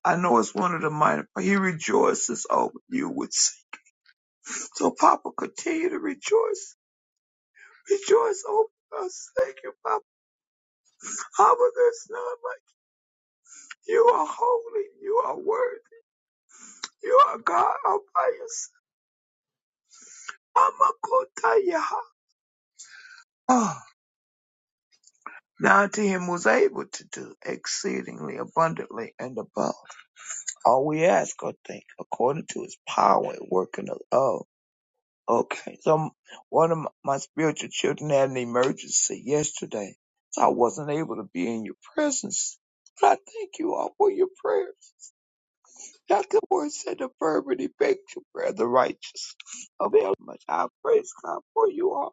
S8: I know it's one of the minor but he rejoices over you with singing. So Papa continue to rejoice. Rejoice over us. Thank you, Papa. How there's none like you You are holy, you are worthy. You are God all by yourself. Amakotaya. Ah, Now to him was able to do exceedingly abundantly and above all we ask or think, according to his power at work in us. Oh, okay. So one of my spiritual children had an emergency yesterday, so I wasn't able to be in your presence. But I thank you all for your prayers. Dr. Ward said the fervent your prayer, the righteous Oh, very much. I praise God for you all.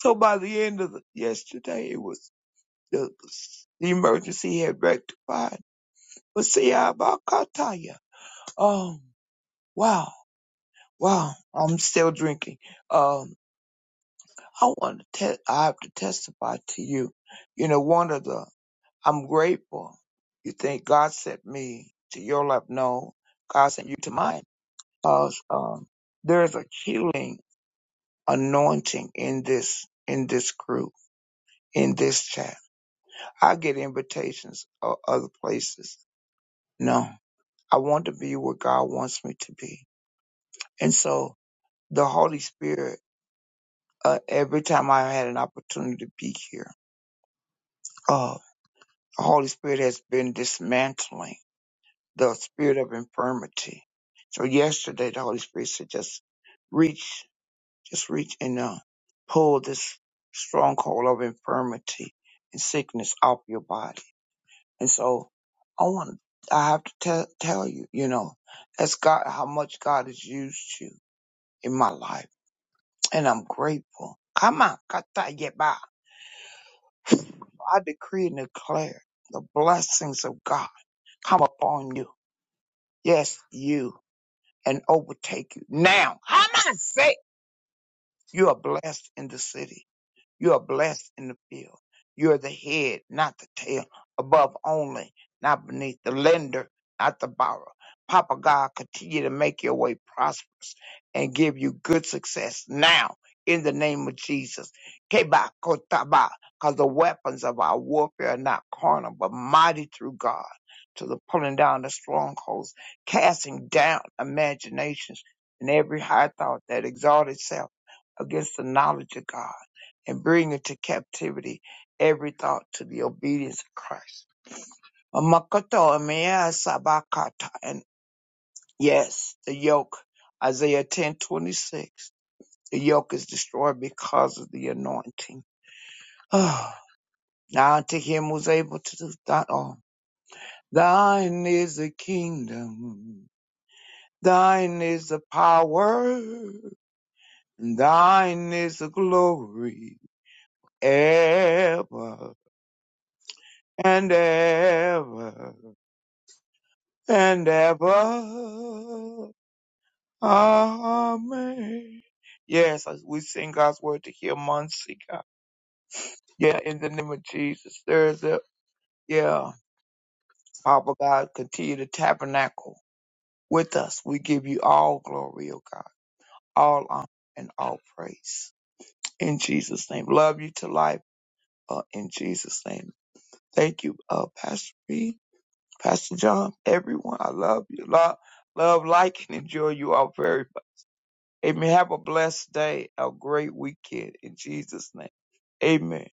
S8: So by the end of the, yesterday, it was the, the emergency had rectified. But see, I about Kataya. Um, wow, wow, I'm still drinking. Um, I want to te- I have to testify to you. You know, one of the, I'm grateful. You think God sent me to your life? No, God sent you to mine. Cause um, there's a healing anointing in this in this group in this chat. I get invitations of other places. No, I want to be where God wants me to be. And so the Holy Spirit, uh, every time I had an opportunity to be here, uh, the Holy Spirit has been dismantling the spirit of infirmity. So yesterday, the Holy Spirit said, just reach, just reach and uh, pull this stronghold of infirmity and sickness off your body And so I want I have to tell tell you, you know, that's God how much God has used you in my life. And I'm grateful. Come on, kata yeba. I decree and declare the blessings of God come upon you. Yes, you and overtake you. Now, how am I say you are blessed in the city You are blessed in the field. You are the head, not the tail, above only, not beneath, the lender, not the borrower. Papa God, continue to make your way prosperous and give you good success now in the name of Jesus. Keba kotaba, because the weapons of our warfare are not carnal, but mighty through God to the pulling down the strongholds, casting down imaginations and every high thought that exalts itself against the knowledge of God and bring into captivity every thought to the obedience of Christ. Amakoto emea sabakata. And yes, the yoke, Isaiah ten twenty six. The yoke is destroyed because of the anointing. Oh, now unto him who's able to do that all. Thine is the kingdom. Thine is the power. and Thine is the glory. Ever and ever. and ever. Amen. Yes, as we sing God's word to hear Muncie, God. Yeah, in the name of Jesus, there's a, yeah, Papa God, continue to tabernacle with us. We give you all glory, oh God, all honor and all praise. In Jesus' name. Love you to life, uh, in Jesus' name. Thank you, uh, Pastor B, Pastor John, everyone. I love you. Love, love, like, and enjoy you all very much. Amen. Have a blessed day, a great weekend in Jesus' name. Amen.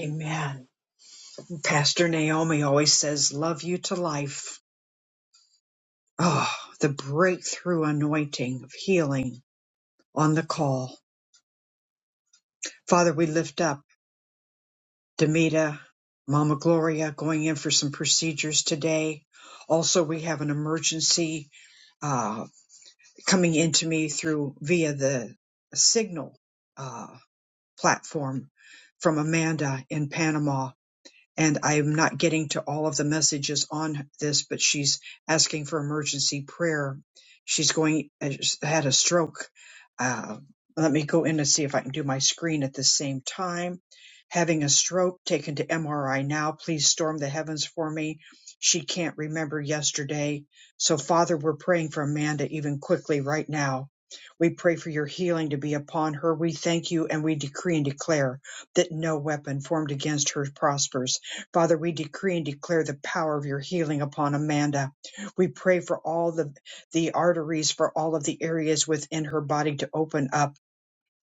S1: Amen. Pastor Naomi always says, Love you to life. Oh, the breakthrough anointing of healing on the call. Father, we lift up Demita, Mama Gloria going in for some procedures today. Also, we have an emergency uh, coming into me through via the signal uh, platform from Amanda in Panama and I'm not getting to all of the messages on this, but she's asking for emergency prayer. She's going had a stroke. Uh, let me go in and see if I can do my screen at the same time. Having a stroke, taken to MRI now. Please storm the heavens for me. She can't remember yesterday. So, Father, we're praying for Amanda even quickly right now. We pray for your healing to be upon her. We thank you and we decree and declare that no weapon formed against her prospers Father, we decree and declare the power of your healing upon Amanda. We pray for all the, the arteries, for all of the areas within her body to open up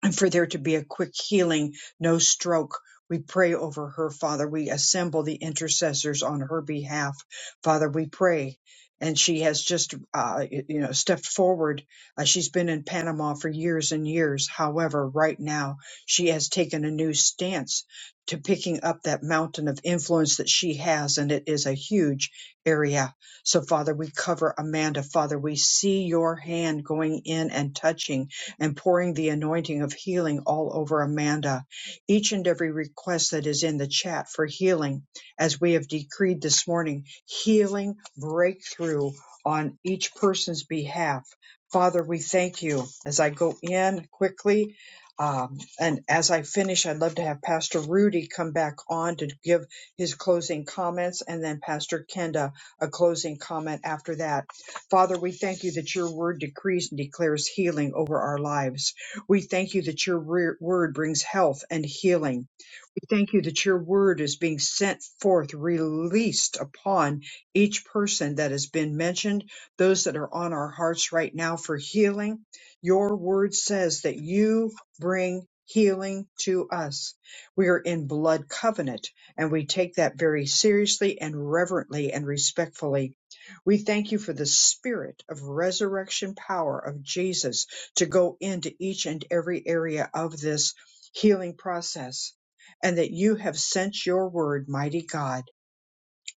S1: and for there to be a quick healing, no stroke. We pray over her, Father. We assemble the intercessors on her behalf, Father. We pray. And she has just, uh, you know, stepped forward. Uh, she's been in Panama for years and years. However, right now she has taken a new stance to picking up that mountain of influence that she has, and it is a huge area. So, Father, we cover Amanda. Father, we see your hand going in and touching and pouring the anointing of healing all over Amanda. Each and every request that is in the chat for healing, as we have decreed this morning, healing breakthrough on each person's behalf. Father, we thank you. As I go in quickly, um, and as I finish, I'd love to have Pastor Rudy come back on to give his closing comments, and then Pastor Kenda a closing comment after that Father, we thank you that your word decrees and declares healing over our lives. We thank you that your re- word brings health and healing. We thank you that your word is being sent forth, released upon each person that has been mentioned, those that are on our hearts right now for healing. Your word says that you bring healing to us. We are in blood covenant and we take that very seriously and reverently and respectfully we thank you for the spirit of resurrection power of Jesus to go into each and every area of this healing process, and that you have sent your word, mighty God,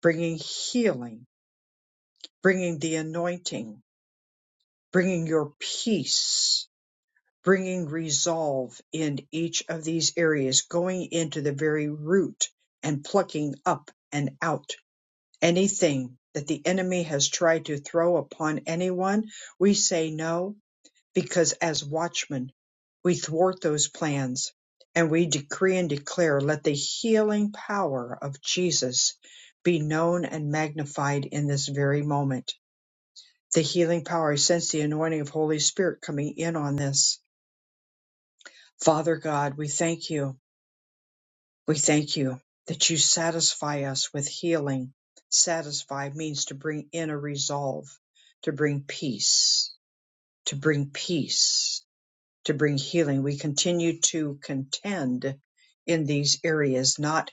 S1: bringing healing, bringing the anointing, bringing your peace, bringing resolve in each of these areas, going into the very root and plucking up and out Anything that the enemy has tried to throw upon anyone, we say no, because as watchmen, we thwart those plans and we decree and declare, let the healing power of Jesus be known and magnified in this very moment. The healing power, I sense the anointing of Holy Spirit coming in on this. Father God, we thank you. We thank you that you satisfy us with healing. Satisfy means to bring in a resolve, to bring peace, to bring peace, to bring healing. We continue to contend in these areas, not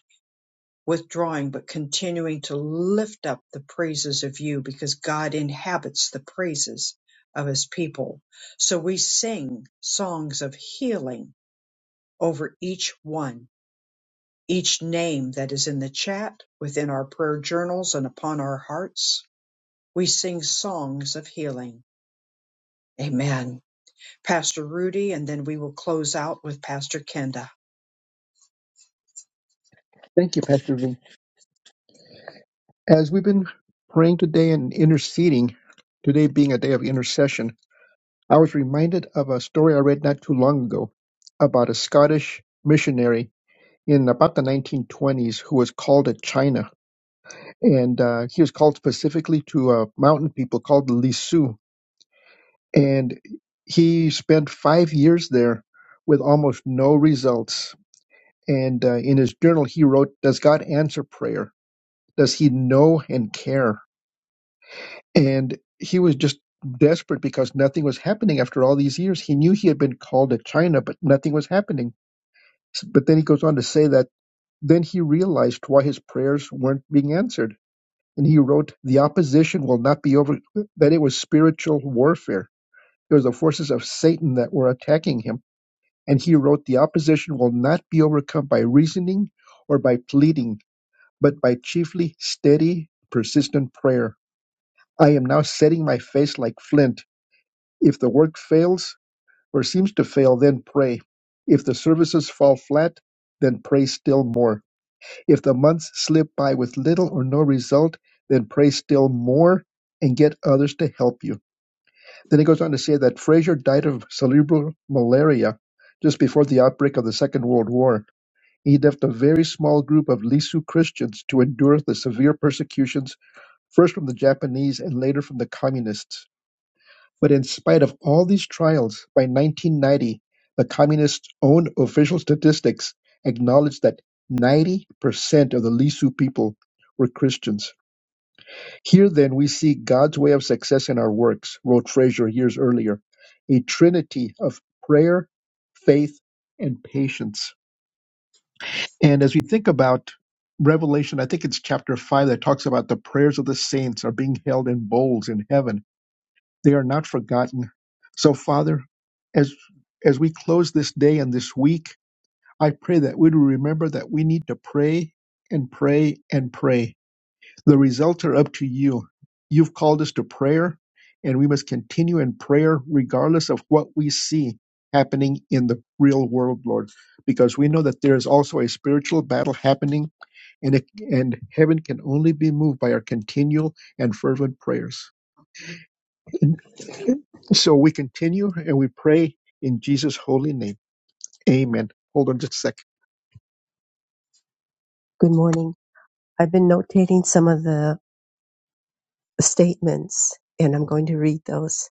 S1: withdrawing, but continuing to lift up the praises of you because God inhabits the praises of his people. So we sing songs of healing over each one each name that is in the chat, within our prayer journals, and upon our hearts, we sing songs of healing. Amen. Pastor Rudy, and then we will close out with Pastor Kenda.
S2: Thank you, Pastor V. As we've been praying today and interceding, today being a day of intercession, I was reminded of a story I read not too long ago about a Scottish missionary in about the 1920s who was called to China. And uh, he was called specifically to a mountain people called the Lisu. And he spent five years there with almost no results. And uh, in his journal, he wrote, Does God answer prayer? Does he know and care? And he was just desperate because nothing was happening after all these years. He knew he had been called to China, but nothing was happening S- But then he goes on to say that then he realized why his prayers weren't being answered. And he wrote, The opposition will not be over, that it was spiritual warfare. It was the forces of Satan that were attacking him. And he wrote, The opposition will not be overcome by reasoning or by pleading, but by chiefly steady, persistent prayer. I am now setting my face like flint. If the work fails or seems to fail, then pray. If the services fall flat, then pray still more If the months slip by with little or no result, then pray still more and get others to help you. Then he goes on to say that Fraser died of cerebral malaria just before the outbreak of the Second World War. He left a very small group of Lisu Christians to endure the severe persecutions, first from the Japanese and later from the communists. But in spite of all these trials, by 1990, the Communists' own official statistics acknowledged that 90% of the Lisu people were Christians. Here then we see God's way of success in our works, wrote Fraser years earlier, a trinity of prayer, faith, and patience. And as we think about Revelation, I think it's chapter 5 that talks about the prayers of the saints are being held in bowls in heaven they are not forgotten. So, Father, as as we close this day and this week, I pray that we will remember that we need to pray and pray and pray. The results are up to you. You've called us to prayer, and we must continue in prayer regardless of what we see happening in the real world, Lord, because we know that there is also a spiritual battle happening, and it, and heaven can only be moved by our continual and fervent prayers. So we continue and we pray in Jesus' holy name. Amen. Hold on just a second. Good morning. I've been notating some of the statements and I'm going to read those.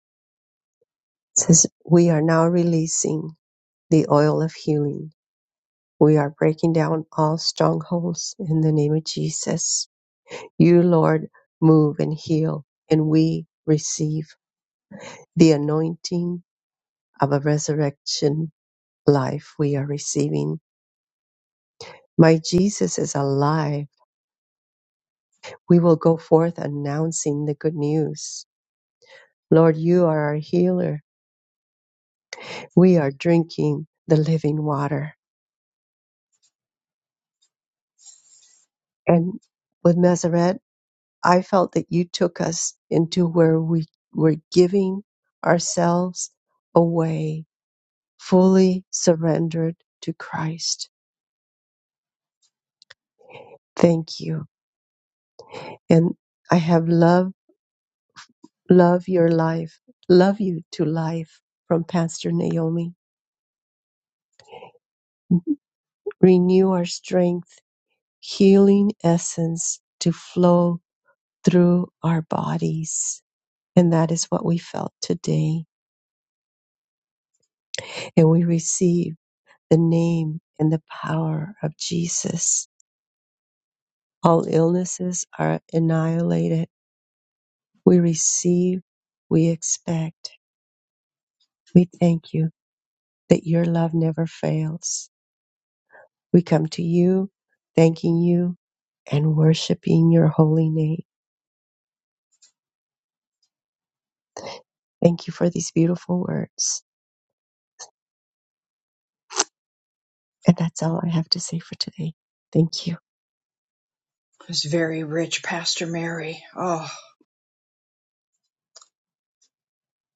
S2: It says, We are now releasing the oil of healing. We are breaking down all strongholds in the name of Jesus. You, Lord, move and heal, and we receive the anointing of a resurrection life we are receiving My Jesus is alive. We will go forth announcing the good news. Lord, you are our healer. We are drinking the living water. And with Masoret, I felt that you took us into where we were giving ourselves away, fully surrendered to Christ. Thank you. And I have love, love your life, love you to life from Pastor Naomi. Renew our strength healing essence to flow through our bodies. And that is what we felt today. And we receive the name and the power of Jesus. All illnesses are annihilated. We receive, we expect. We thank you that your love never fails. We come to you, thanking you and worshiping your holy name. Thank you for these beautiful words. And that's all I have to say for today. Thank you.
S1: It's very rich, Pastor Mary. Oh,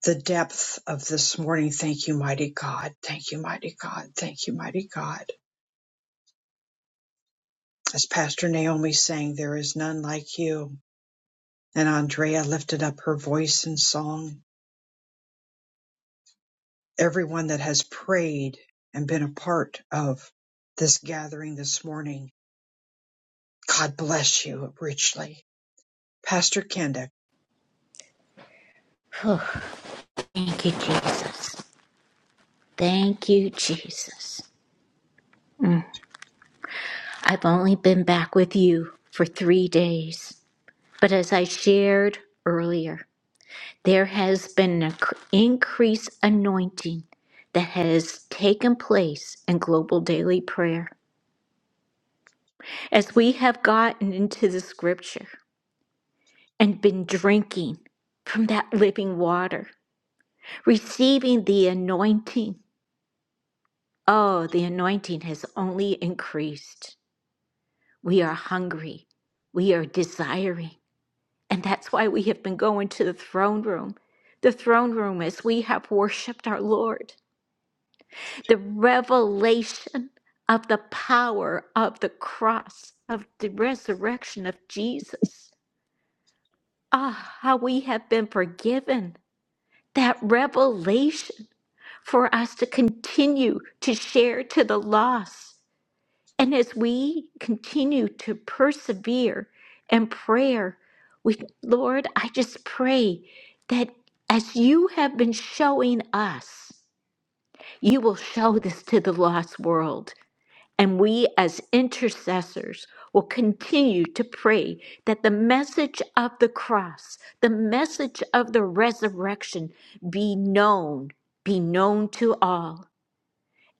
S1: the depth of this morning. Thank you, mighty God. Thank you, mighty God. Thank you, mighty God. As Pastor Naomi sang, There is none like you. And Andrea lifted up her voice in song. everyone that has prayed and been a part of this gathering this morning. God bless you richly. Pastor Kenda.
S3: Oh, thank you, Jesus. Thank you, Jesus. Mm. I've only been back with you for three days, but as I shared earlier. There has been an inc- increased anointing that has taken place in global daily prayer. As we have gotten into the scripture and been drinking from that living water, receiving the anointing, oh, the anointing has only increased. We are hungry, we are desiring. And that's why we have been going to the throne room. The throne room as we have worshiped our Lord. the revelation of the power of the cross, of the resurrection of Jesus. Ah, how we have been forgiven. That revelation for us to continue to share to the lost. And as we continue to persevere in prayer, we, Lord, I just pray that as you have been showing us, you will show this to the lost world. And we, as intercessors, will continue to pray that the message of the cross, the message of the resurrection be known, be known to all.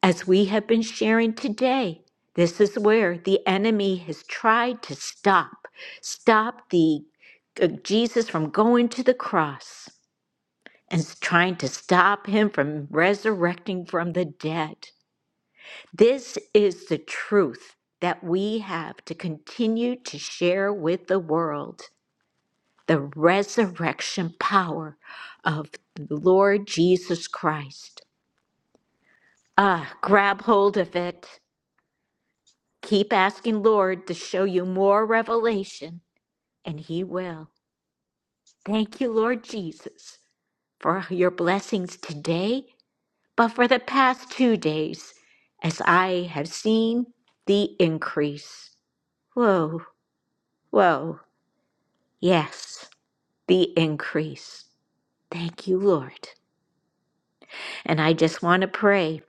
S3: As we have been sharing today, this is where the enemy has tried to stop, stop the uh, Jesus from going to the cross and s- trying to stop him from resurrecting from the dead. This is the truth that we have to continue to share with the world the resurrection power of the Lord Jesus Christ. Ah, grab hold of it. Keep asking Lord to show you more revelation, and He will. Thank you, Lord Jesus, for your blessings today, but for the past two days, as I have seen the increase. Whoa. Whoa, yes, the increase. Thank you, Lord. And I just want to pray.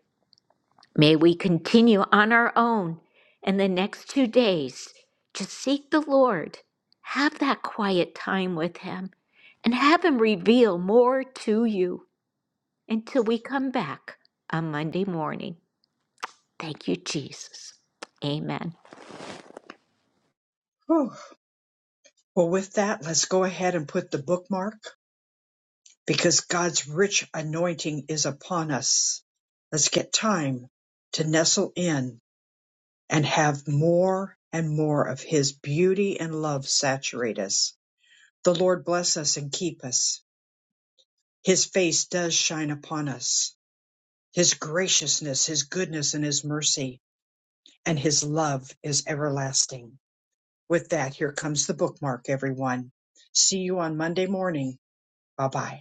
S3: May we continue on our own in the next two days. Just seek the Lord, have that quiet time with Him, and have Him reveal more to you until we come back on Monday morning. Thank you, Jesus. Amen.
S1: Whew. Well, with that, let's go ahead and put the bookmark because God's rich anointing is upon us. Let's get time to nestle in and have more and more of His beauty and love saturate us. The Lord bless us and keep us. His face does shine upon us His graciousness, his goodness, and his mercy, and his love is everlasting. With that, here comes the bookmark, everyone. See you on Monday morning. Bye bye.